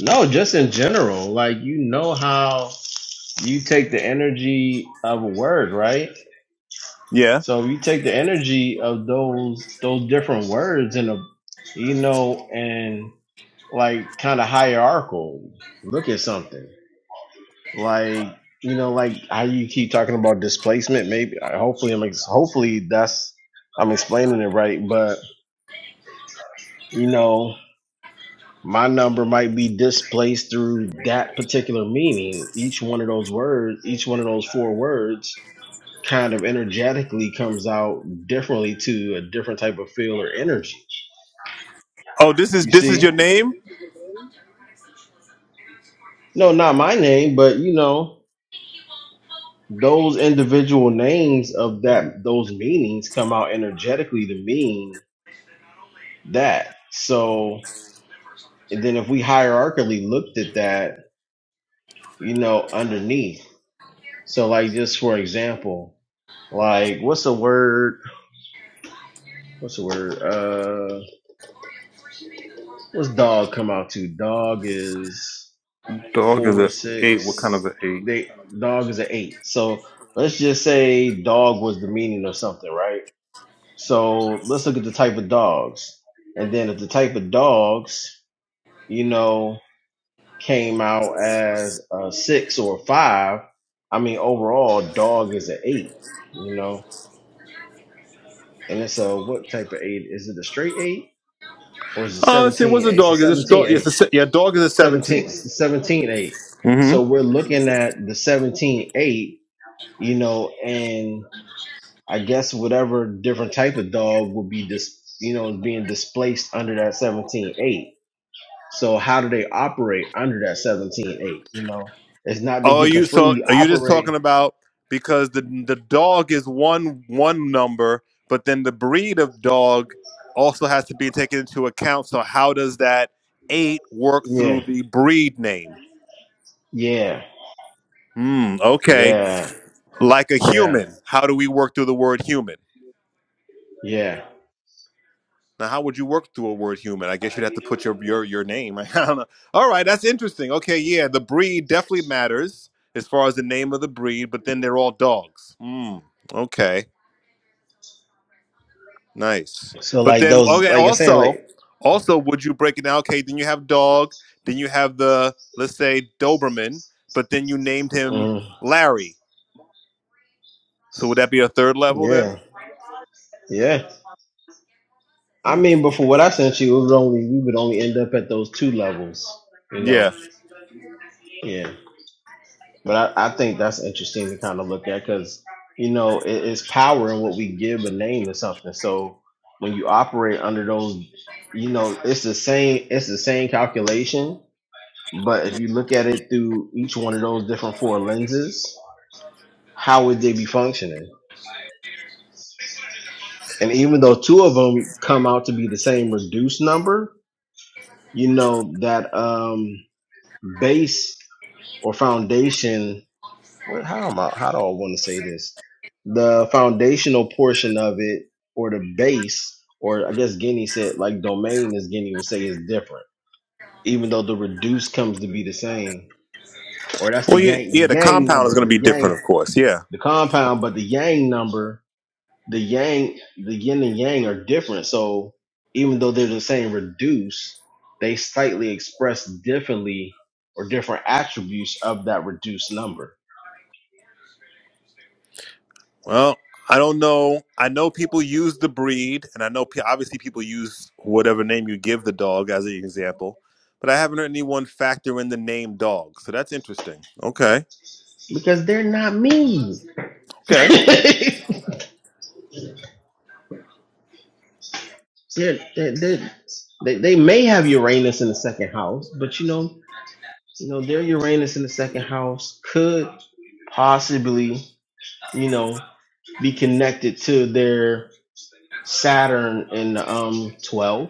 Speaker 3: No, just in general, like you know how you take the energy of a word, right?
Speaker 2: Yeah.
Speaker 3: So you take the energy of those those different words in a you know and like kind of hierarchical look at something. Like you know, like how you keep talking about displacement. Maybe I- hopefully I'm ex- hopefully that's I'm explaining it right. But you know, my number might be displaced through that particular meaning. Each one of those words, each one of those four words, kind of energetically comes out differently to a different type of feel or energy.
Speaker 2: Oh, this is
Speaker 3: You
Speaker 2: this is
Speaker 3: see?
Speaker 2: your name.
Speaker 3: No, not my name, but you know. Those individual names of that those meanings come out energetically to mean that. So and then if we hierarchically looked at that, you know, underneath. So like just for example, like what's the word? What's the word? Uh, what's dog come out to? Dog is
Speaker 2: Dog is
Speaker 3: four,
Speaker 2: a eight. What kind
Speaker 3: six.
Speaker 2: of an eight?
Speaker 3: They dog is an eight. So let's just say dog was the meaning of something, right? So let's look at the type of dogs, and then if the type of dogs, you know. came out as a six or a five. I mean, overall, dog is an eight, you know. And it's a what type of eight? Is it a straight eight or is it
Speaker 2: Oh, let's see, what's
Speaker 3: 17?
Speaker 2: a
Speaker 3: It's a
Speaker 2: dog? Is this
Speaker 3: 17
Speaker 2: dog? Yes, a
Speaker 3: eight.
Speaker 2: se- yeah, dog is a
Speaker 3: seventeen,
Speaker 2: seventeen.
Speaker 3: seventeen eight. So
Speaker 2: Mm-hmm.
Speaker 3: we're looking at the seventeen eight, you know, and I guess whatever different type of dog would be dis, you know, being displaced under that seventeen eight. So how do they operate under that seventeen eight? you know? It's not they
Speaker 2: Oh,
Speaker 3: get to
Speaker 2: you so
Speaker 3: freely
Speaker 2: are you just
Speaker 3: operate
Speaker 2: talking about because the the dog is one one number, but then the breed of dog also has to be taken into account. So how does that eight work through
Speaker 3: Yeah,
Speaker 2: the breed name?
Speaker 3: yeah,
Speaker 2: Hmm. Okay,
Speaker 3: yeah,
Speaker 2: like a
Speaker 3: yeah,
Speaker 2: human. How do we work through the word human?
Speaker 3: yeah.
Speaker 2: Now, how would you work through a word human? I guess you'd have to put your your your name. [LAUGHS] I don't know. All right, that's interesting. Okay, yeah, the breed definitely matters as far as the name of the breed, but then they're all dogs. Mm, okay, nice.
Speaker 3: So
Speaker 2: But
Speaker 3: like
Speaker 2: then,
Speaker 3: those,
Speaker 2: okay,
Speaker 3: like I'm saying,
Speaker 2: also,
Speaker 3: like
Speaker 2: also, would you break it down? Okay, then you have dog, then you have the let's say Doberman, but then you named him
Speaker 3: mm,
Speaker 2: Larry. So would that be a third level then?
Speaker 3: yeah, yeah. I
Speaker 2: Hmm.
Speaker 3: mean, before what I sent you, it would only we would only end up at those two.
Speaker 2: Yeah.
Speaker 3: Like, in the kind power and what we give a name or something. So when you operate under those, you know, it's the same. It's the same calculation, but if you look at it through each one of those different four lenses, how would they be functioning? And even though two of them come out to be the same reduced number, you know that um, base or foundation. What, how am I? How do I want to say this? The foundational portion of it, or the base, or I guess Guinea said like domain, as Guinea would say, is different. Even though the reduced comes to be the same, or that's the
Speaker 2: Well, yeah,
Speaker 3: yang, the
Speaker 2: yeah. The
Speaker 3: yang
Speaker 2: compound is going
Speaker 3: number,
Speaker 2: to be
Speaker 3: the
Speaker 2: different, of
Speaker 3: yang,
Speaker 2: course. Yeah.
Speaker 3: the compound, but the yang number the yang, the yin and yang are different. So even though they're the same reduce, they slightly express differently or different attributes of that reduced number
Speaker 2: Well, I don't know. I know people use the breed, and I know pe- obviously people use whatever name you give the dog as an example, but I haven't heard anyone factor in the name dog. So that's interesting. Okay.
Speaker 3: because they're not me. [LAUGHS]
Speaker 2: Okay.
Speaker 3: they're, they're, they're, they they may have Uranus in the second house, but you know, you know, their Uranus in the second house could possibly, you know, be connected to their Saturn in the um 12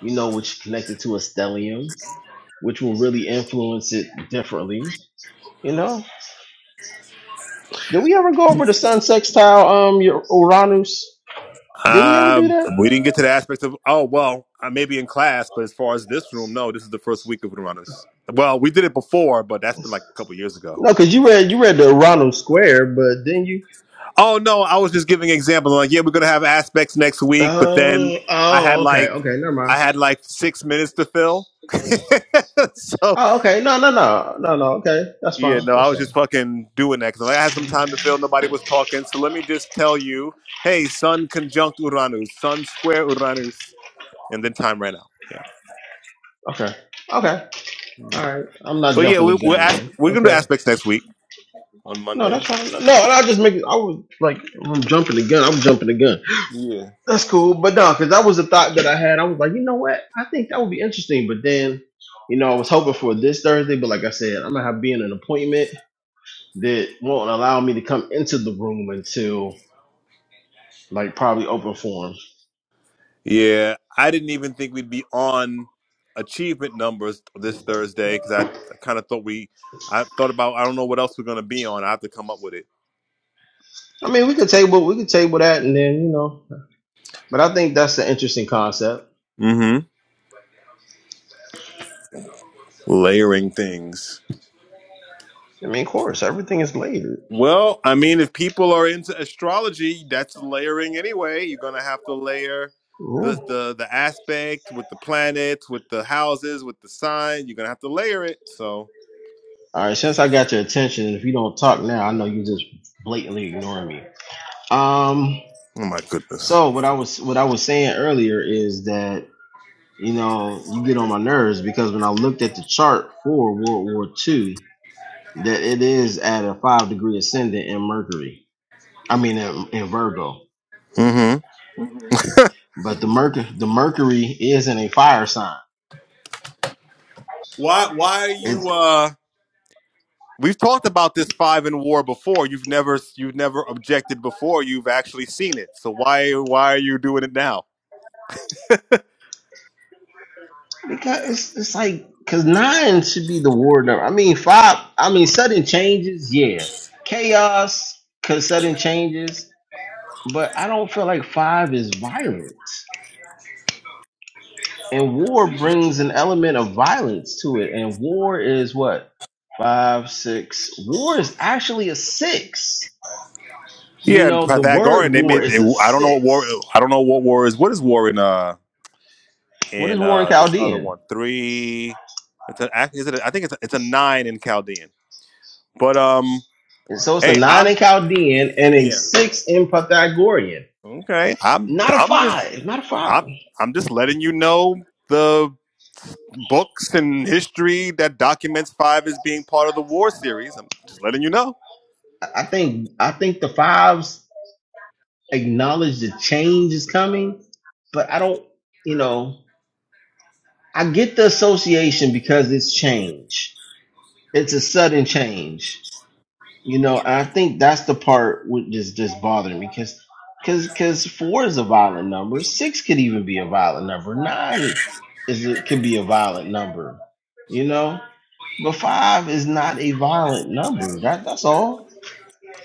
Speaker 3: you know, which connected to a stellium, which will really influence it differently. You know, did we ever go over the sun sextile, um, your Uranus? Did we ever
Speaker 2: Uh,
Speaker 3: do that?
Speaker 2: we didn't get to the aspects of, oh, well, I may be in class, but as far as this room, no, this is the first week of Runners. Well, we did it before, but that's been like a couple years ago.
Speaker 3: No, because you read you read the Uranus square, but didn't you?
Speaker 2: Oh no, I was just giving examples. Like, yeah, we're gonna have aspects next week, but then
Speaker 3: Oh,
Speaker 2: I had
Speaker 3: oh, okay,
Speaker 2: like
Speaker 3: okay, never
Speaker 2: I
Speaker 3: mind.
Speaker 2: had like six minutes to fill. [LAUGHS] so
Speaker 3: Oh, okay, no, no, no, no, no. Okay, that's
Speaker 2: yeah,
Speaker 3: fine,
Speaker 2: no, I
Speaker 3: that's
Speaker 2: was
Speaker 3: fine.
Speaker 2: just fucking doing that because I had some time to fill. Nobody was talking, so let me just tell you, hey, Sun conjunct Uranus, Sun square Uranus, and then time ran out. Yeah,
Speaker 3: Okay, okay, all right. I'm not
Speaker 2: but yeah,
Speaker 3: jumping
Speaker 2: we,
Speaker 3: the
Speaker 2: we're
Speaker 3: gun,
Speaker 2: asp-
Speaker 3: man.
Speaker 2: we're gonna do
Speaker 3: Okay,
Speaker 2: aspects next week.
Speaker 3: no, that's fine. No, I just make. I was like, I'm jumping the gun. I'm jumping the gun. That's cool, but no, because that was the thought that I had. I was like, you know what? I think that would be interesting. But then, you know, I was hoping for this Thursday, but like I said, I'm gonna have being an appointment that won't allow me to come into the room until like probably open forum.
Speaker 2: Yeah, I didn't even think we'd be on achievement numbers this Thursday because I, kind of thought we, I thought about, I don't know what else we're going to be on. I have to come up with it.
Speaker 3: I mean, we could table, we could table that, and then you know. But I think that's an interesting concept.
Speaker 2: hmm Layering things.
Speaker 3: I mean, of course, everything is layered.
Speaker 2: Well, I mean, if people are into astrology, that's layering anyway. You're going to have to layer
Speaker 3: Yeah.
Speaker 2: the, the the aspect with the planets, with the houses, with the sign. You're going to have to layer it. So,
Speaker 3: All right, since I got your attention, and if you don't talk now, I know you just blatantly ignoring me. Um.
Speaker 2: oh my goodness.
Speaker 3: So what I was what I was saying earlier is that you know, you get on my nerves because when I looked at the chart for World War Two, that it is at a five degree ascendant in Mercury. I mean, in, in Virgo.
Speaker 2: hmm
Speaker 3: But the Mercury, the Mercury is in a fire sign.
Speaker 2: Why why are you?
Speaker 3: It's
Speaker 2: uh We've talked about this five in war before. You've never you've never objected before. You've actually seen it. So why why are you doing it now?
Speaker 3: because it's, it's like because nine should be the war number. I mean, five. I mean, sudden changes, yeah, chaos, cause sudden changes. But I don't feel like five is violent. and war brings an element of violence to it and war is what five six war is actually a six you
Speaker 2: Yeah, and
Speaker 3: know the word
Speaker 2: Pythagorean they
Speaker 3: war
Speaker 2: made they,
Speaker 3: is a
Speaker 2: I don't know what war
Speaker 3: six
Speaker 2: I don't know what war is. What is war in uh
Speaker 3: what is
Speaker 2: in
Speaker 3: war in
Speaker 2: uh this other
Speaker 3: chaldean
Speaker 2: one? 3 It's a, act- is it a, I think it's a, it's a 9 in Chaldean. But um
Speaker 3: and so it's a
Speaker 2: hey,
Speaker 3: nine
Speaker 2: I'm
Speaker 3: in chaldean and a
Speaker 2: yeah.
Speaker 3: six in pythagorean
Speaker 2: Okay. I'm
Speaker 3: not a
Speaker 2: I'm just
Speaker 3: five not a five
Speaker 2: I'm I'm just letting you know the. books and history that documents five as being part of the war series. I'm just letting you know.
Speaker 3: i I think i think the fives but i don't you know i get the association because it's change it's a sudden change You know, I think that's the part with this this because four is a violent number. Six could even be, is but five is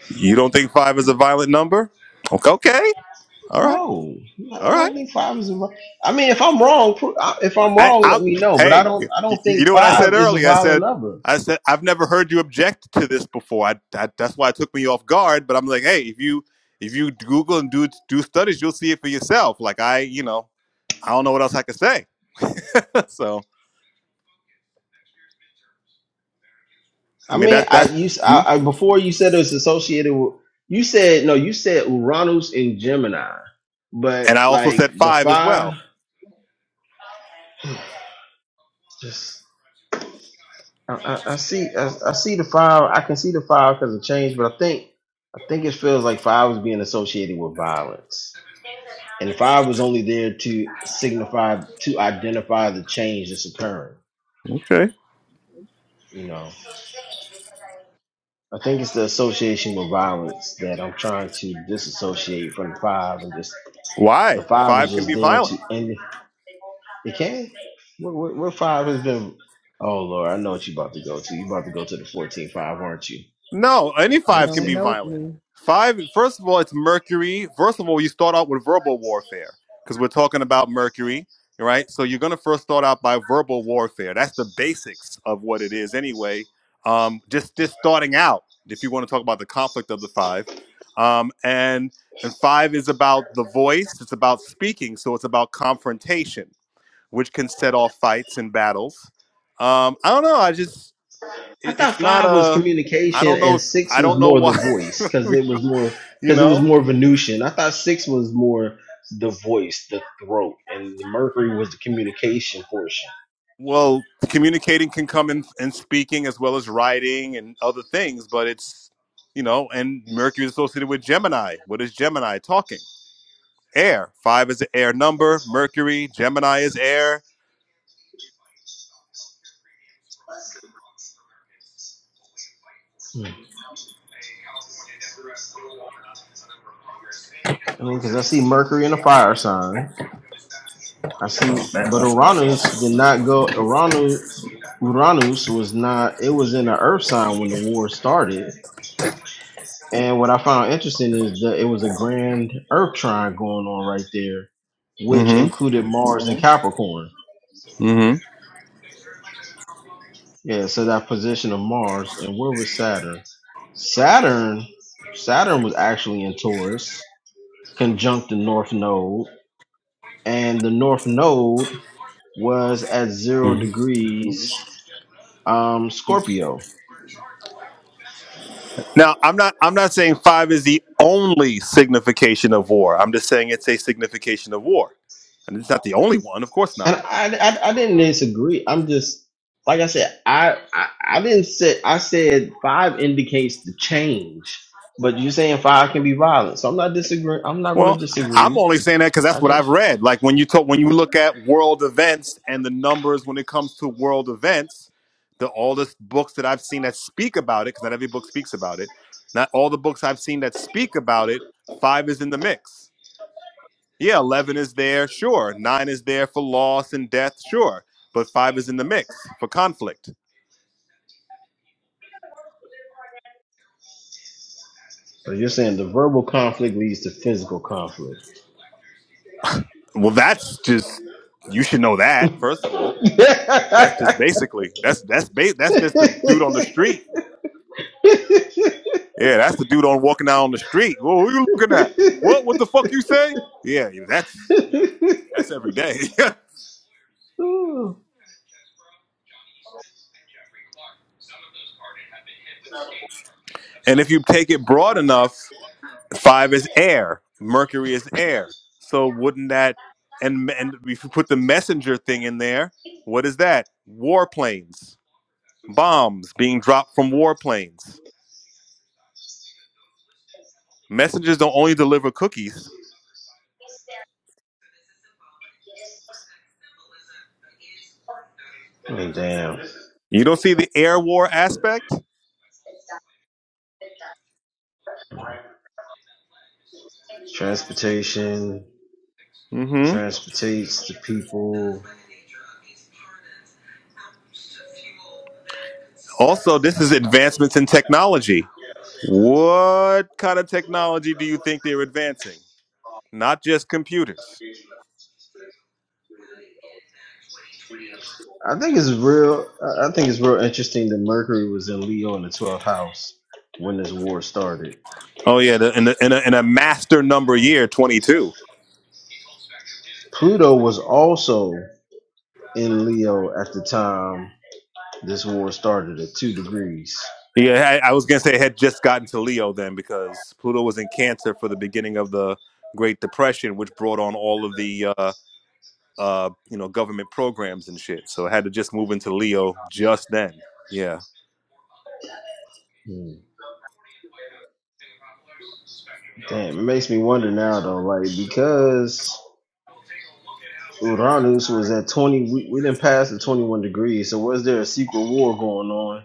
Speaker 2: You don't think five is a violent number? Okay. okay. All right.
Speaker 3: no. I,
Speaker 2: All
Speaker 3: don't,
Speaker 2: right.
Speaker 3: I mean, if I'm wrong, pro- I- if I'm
Speaker 2: I,
Speaker 3: wrong, let
Speaker 2: I,
Speaker 3: me know. But I
Speaker 2: hey, y-
Speaker 3: don't, I
Speaker 2: y-
Speaker 3: don't
Speaker 2: you
Speaker 3: think
Speaker 2: know what I said
Speaker 3: five is a
Speaker 2: earlier? I
Speaker 3: violent
Speaker 2: said,
Speaker 3: number.
Speaker 2: I said, I've never heard you object to this before. I, I, that's why it took me off guard. But I'm like, hey, if you if you Google and do do studies, you'll see it for yourself. Like I, you know, I don't know what else I could say. [LAUGHS] so I
Speaker 3: I
Speaker 2: mean,
Speaker 3: mean,
Speaker 2: that
Speaker 3: I
Speaker 2: that's,
Speaker 3: you s-
Speaker 2: hmm?
Speaker 3: I, I- before you said it's associated with. You said no. You said Uranus and Gemini, but
Speaker 2: and I also said
Speaker 3: like the
Speaker 2: five as well.
Speaker 3: five, [SIGHS] just. I, I see the fire. I can see the fire because of change, but I think I think it feels like fire was being associated with violence. Fire was only there to identify the change that's occurring.
Speaker 2: Okay.
Speaker 3: You know. I-
Speaker 2: Why? Five can be violent.
Speaker 3: What, what, what? Oh Lord, I know what you about do.
Speaker 2: No, any
Speaker 1: You
Speaker 2: five can
Speaker 1: don't
Speaker 2: be
Speaker 1: know
Speaker 2: violent.
Speaker 1: me.
Speaker 2: Five, first of all, it's Mercury. First of all, you start out with verbal warfare because we're talking about Mercury, right? So you're going to first start out by verbal warfare. That's the basics of what it is, anyway. Um, just just starting out, if you want to talk about the conflict of the five, um, and and five is about the voice. It's about speaking, so it's about confrontation, which can set off fights and battles. Um, I don't know. I just
Speaker 3: I
Speaker 2: it,
Speaker 3: thought
Speaker 2: it's not
Speaker 3: five was
Speaker 2: a i
Speaker 3: communication
Speaker 2: don't know
Speaker 3: and
Speaker 2: if
Speaker 3: six
Speaker 2: i
Speaker 3: was
Speaker 2: don't know
Speaker 3: more the
Speaker 2: why
Speaker 3: voice
Speaker 2: [LAUGHS]
Speaker 3: because it was more
Speaker 2: you
Speaker 3: because it was
Speaker 2: know
Speaker 3: more Venusian. I thought six was more the voice, the throat, and Mercury was the communication portion.
Speaker 2: well communicating can come in in speaking as well as writing and other things but it's you know and mercury is associated with gemini what is gemini talking air five is an air number mercury gemini is air
Speaker 3: Hmm. I mean, because I see Mercury in a fire sign. I see, but Uranus did not go. Uranus, Uranus was not. It was in the Earth sign when the war started. And what I found interesting is that it was a grand Earth trine going on right there, which
Speaker 2: mm-hmm
Speaker 3: included Mars and Capricorn.
Speaker 2: mm-hmm
Speaker 3: Yeah, so that position of Mars, and where was Saturn? Saturn, Saturn was actually in Taurus, conjunct the North Node, and the North Node was at zero
Speaker 2: hmm
Speaker 3: degrees um, Scorpio.
Speaker 2: now, I'm not. I'm not saying five is the only signification of war. I'm just saying it's a signification of war, and it's not the only one. Of course not.
Speaker 3: And I, I, I didn't disagree. I'm just like I said. I, I, I didn't say I said five indicates the change, but you're saying five can be violent. So I'm not disagreeing. I'm not going to
Speaker 2: Well, I'm
Speaker 3: disagree.
Speaker 2: only saying that because that's
Speaker 3: I
Speaker 2: what I've
Speaker 3: just.
Speaker 2: read. Like when you talk, when you look at world events and the numbers when it comes to world events, the all the books that I've seen that speak about it, because not every book speaks about it. Not all the books I've seen that speak about it. Five is in the mix. Yeah, eleven is there, sure. Nine is there for loss and death, sure. But five is in the mix for conflict.
Speaker 3: So you're saying the verbal conflict leads to physical conflict.
Speaker 2: Well, that's just you should know that first of all.
Speaker 3: [LAUGHS]
Speaker 2: That's just
Speaker 3: I
Speaker 2: basically that's that's ba- that's just the dude on the street Yeah, that's the dude on walking down the street. Whoa, who you looking at? What? What the fuck you say? Yeah, yeah, that's yeah, that's every day. [LAUGHS] and if you take it broad enough, five is air. Mercury is air. So wouldn't that and and if you put the messenger thing in there, what is that? Warplanes, bombs being dropped from warplanes. Messengers don't only deliver cookies.
Speaker 3: mean, damn.
Speaker 2: You don't see the air war aspect. Mm-hmm.
Speaker 3: Transportation.
Speaker 2: Also, this is advancements in technology. What kind of technology do you think they're advancing? Not just computers.
Speaker 3: I think it's real. I I think it's real interesting that Mercury was in Leo in the 12th house when this war started.
Speaker 2: Oh yeah, the, in, a, in, a, in a master number year, twenty-two.
Speaker 3: Pluto was also in Leo at the time this war started at two degrees.
Speaker 2: Yeah, I, I was gonna say it had just gotten to Leo then because Pluto was in Cancer for the beginning of the Great Depression, which brought on all of the uh, uh, you know government programs and shit. So it had to just move into Leo just then. Yeah.
Speaker 3: Hmm. Damn, it makes me wonder now though, like because Uranus was at twenty, we, we didn't pass the twenty-one degrees. So was there a secret war going on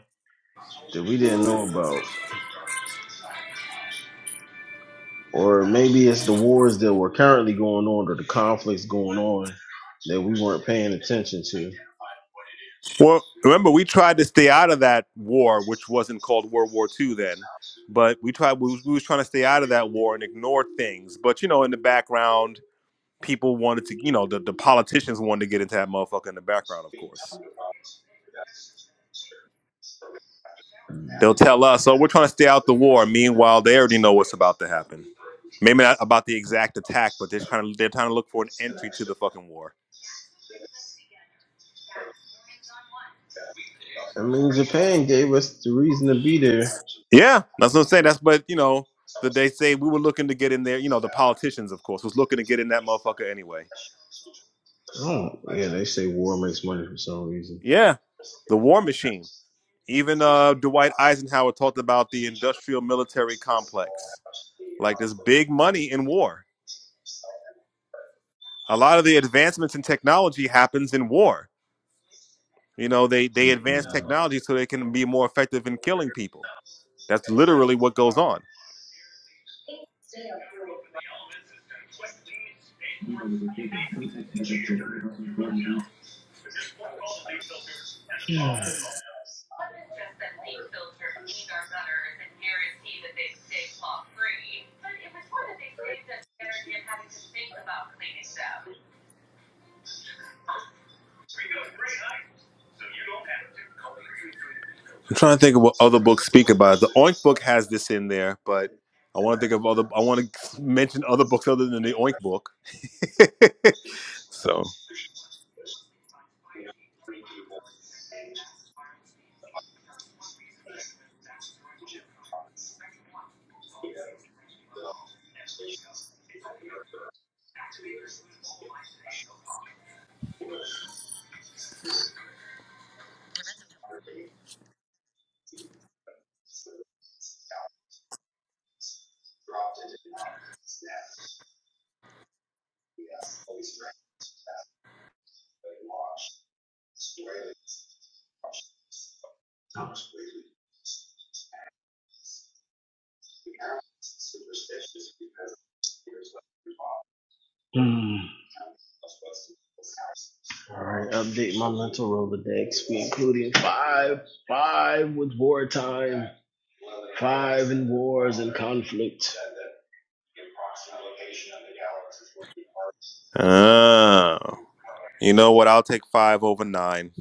Speaker 3: that we didn't know about, or maybe it's the wars that were currently going on or the conflicts going on that we weren't paying attention to?
Speaker 2: Well, remember we tried to stay out of that war, which wasn't called World War Two then, but we tried. We was, we was trying to stay out of that war and ignore things. But you know, in the background, people wanted to. You know, the, the politicians wanted to get into that motherfucker in the background. Of course, they'll tell us, "Oh, we're trying to stay out the war." Meanwhile, they already know what's about to happen. Maybe not about the exact attack, but they're trying to they're trying to look for an entry to the fucking war.
Speaker 3: I mean, Japan gave us the reason to be there.
Speaker 2: Yeah, that's what I'm saying. That's but you know. That they say we were looking to get in there, you know, the politicians, of course, was looking to get in that motherfucker anyway.
Speaker 3: Hmm. They say war makes money for some reason.
Speaker 2: Yeah, the War Machine. Even uh, Dwight Eisenhower talked about the industrial military complex. Like there's big money in war. A lot of the advancements in technology happens in war. You know, they they advance technology so they can be more effective in killing people. That's literally what goes on. I'm trying to think of what other books speak about it. The Oink book has this in there, but I want to think of other. I want to mention other books other than the Oink book. [LAUGHS] so,
Speaker 3: Hmm. All right, update my mental Rolodex, be including five, five with wartime and wars and conflict.
Speaker 2: oh. You know what? I'll take five over nine.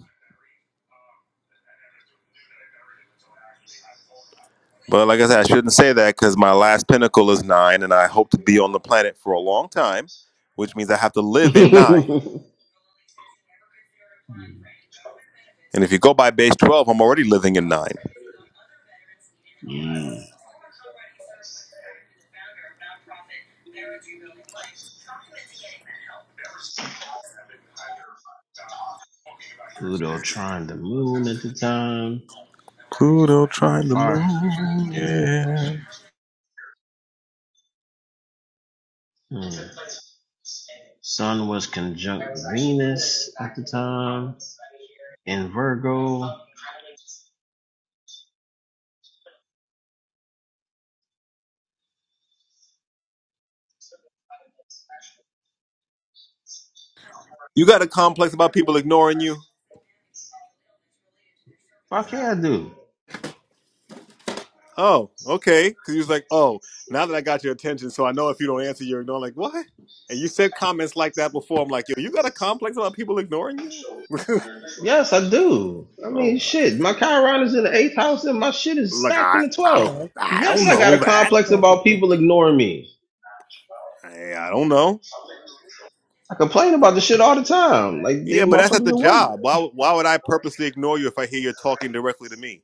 Speaker 2: But like I said, I shouldn't say that because my last pinnacle is nine, and I hope to be on the planet for a long time, which means I have to
Speaker 3: [LAUGHS]
Speaker 2: live in nine.
Speaker 3: yeah,
Speaker 2: And if you go by base 12, I'm already living in nine.
Speaker 3: Pluto trying the moon at the time,
Speaker 2: Pluto
Speaker 3: and a
Speaker 2: trying to
Speaker 3: fire.
Speaker 2: move. Yeah.
Speaker 3: mm. Sun was conjunct Venus at the time in Virgo.
Speaker 2: You got a complex about people ignoring you?
Speaker 3: Fuck yeah, I do.
Speaker 2: Oh, okay. Because he was like, oh, now that I got your attention, so I know if you don't answer, you're ignoring. Like, what? And you said comments like that before. I'm like, yo, you got a complex about people ignoring you? [LAUGHS]
Speaker 3: Yes, I do. I mean,
Speaker 2: oh, wow.
Speaker 3: shit, my Chiron is in the eighth house and my shit is
Speaker 2: look,
Speaker 3: stacked
Speaker 2: I,
Speaker 3: in the
Speaker 2: I,
Speaker 1: Yeah,
Speaker 3: 12th.
Speaker 1: that's
Speaker 2: I
Speaker 3: Yes,
Speaker 2: don't
Speaker 3: I got
Speaker 2: know
Speaker 3: a
Speaker 2: that.
Speaker 3: complex about
Speaker 1: championship.
Speaker 3: people ignoring me.
Speaker 2: I, I don't know.
Speaker 3: I complain about this shit all the time. Like
Speaker 2: Yeah,
Speaker 3: these
Speaker 2: but that's at
Speaker 3: motherfuckers
Speaker 2: the
Speaker 3: at work.
Speaker 2: job. Why, would- why would I purposely ignore you if I hear you're talking directly to me?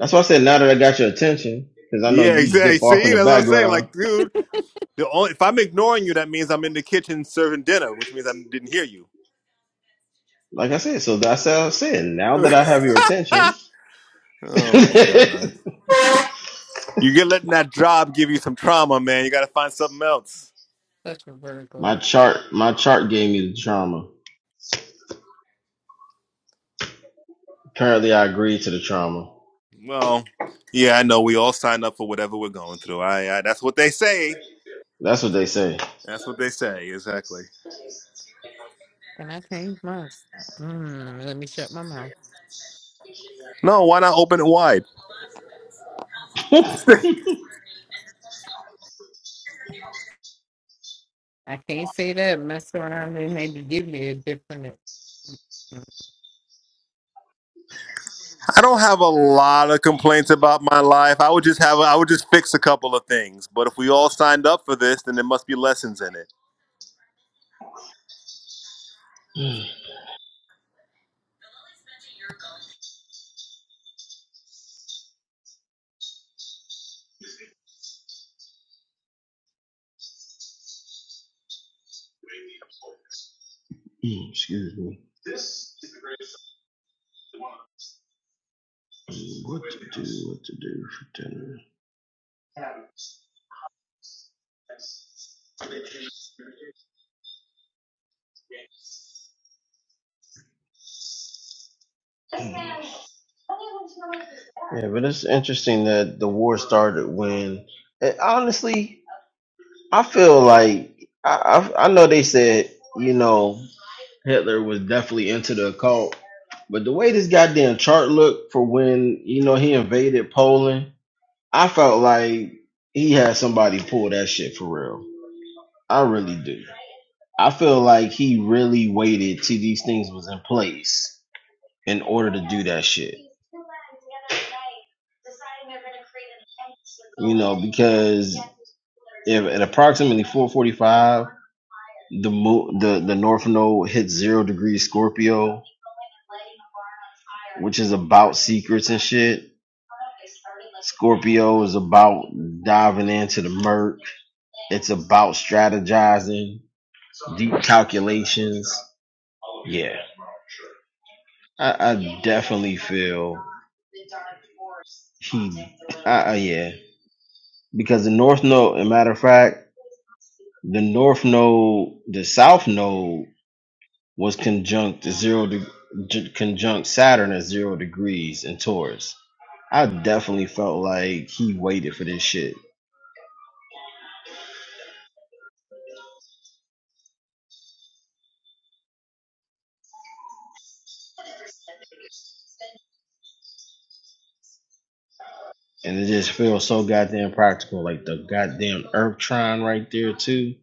Speaker 3: That's why I said now that I got your attention, because I know
Speaker 2: Yeah, [LAUGHS]
Speaker 3: you
Speaker 2: exactly.
Speaker 3: dip off in
Speaker 2: See,
Speaker 3: the
Speaker 2: that's what I'm saying.
Speaker 3: background.
Speaker 2: Like, dude, the only, if I'm ignoring you, that means I'm in the kitchen serving dinner, which means I didn't hear you.
Speaker 3: Like I said, so that's how I said. Now that I
Speaker 2: [LAUGHS]
Speaker 3: have your attention,
Speaker 2: oh my
Speaker 3: [LAUGHS]
Speaker 2: god. You get letting that job give you some trauma, man. You got to find something else.
Speaker 1: Such a Virgo.
Speaker 3: my chart, my chart gave me the trauma. Apparently, I agreed to the trauma.
Speaker 2: Well, yeah, I know. We all sign up for whatever we're going through. I, I that's what they say.
Speaker 3: That's what they say. [LAUGHS]
Speaker 2: That's what they say. Exactly.
Speaker 1: Can I change mine? Mm, let me shut my mouth.
Speaker 2: No, why not open it wide?
Speaker 1: I can't say that. Mess around and maybe give me a different.
Speaker 2: I don't have a lot of complaints about my life. I would just have. I would just fix a couple of things. But if we all signed up for this, then there must be lessons in it.
Speaker 3: Mm, Excuse me. what to do for dinner? Yeah, but it's interesting that the war started when. And honestly, I feel like I I, I know they said you know. Hitler was definitely into the occult. But the way this goddamn chart looked for when, you know, he invaded Poland, I felt like he had somebody pull that shit for real. I really do. I feel like he really waited till these things was in place and ordered that shit. Because 45, the mo- the the North Node hits zero degrees Scorpio. It- It's about strategizing, deep calculations. Yeah, I, I yeah. because the North Node, a matter of fact, the North Node, the South Node was conjunct zero de- j- conjunct Saturn at zero degrees in Taurus. I definitely felt like he waited for this shit, and it just feels so like trying right there too.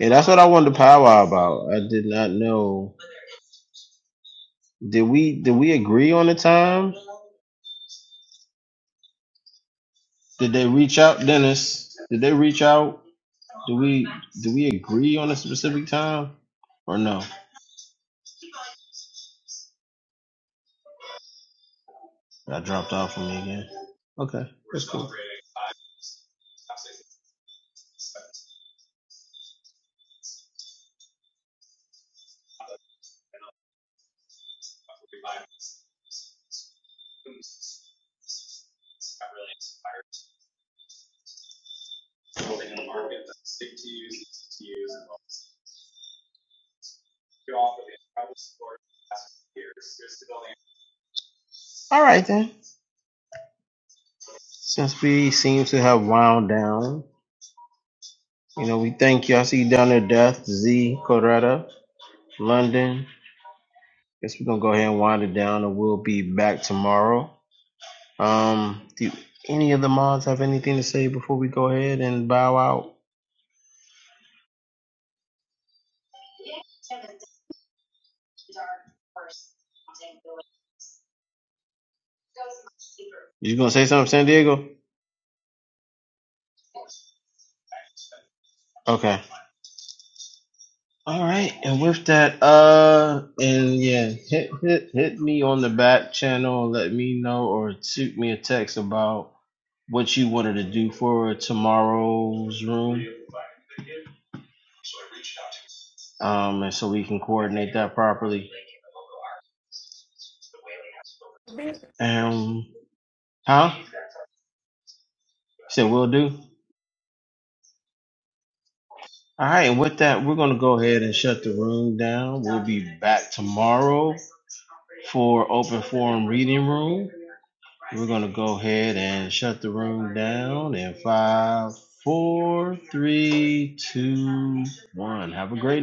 Speaker 3: And that's what I wanted to powwow about. I did not know. Did we did we agree on the time? Did they reach out, Dennis? Did they reach out? Did we agree on a specific time or no? That dropped off from me again. Okay. All right then. Since we seem to have wound down, you know, we thank you. I see you down there, Death, Z, Coretta, London. Guess we're gonna go ahead and wind it down and we'll be back tomorrow. Um do any of the mods have anything to say before we go ahead and bow out? You gonna say something, San Diego? Okay. All right, and with that, uh, and yeah, hit hit hit me on the back channel. and Let me know or shoot me a text about what you wanted to do for tomorrow's room, um, and so we can coordinate that properly.
Speaker 1: Mm,
Speaker 3: Um, huh? Said we'll do. All right, and with that, we're gonna go ahead and shut the room down for open shut the room. One, have a great.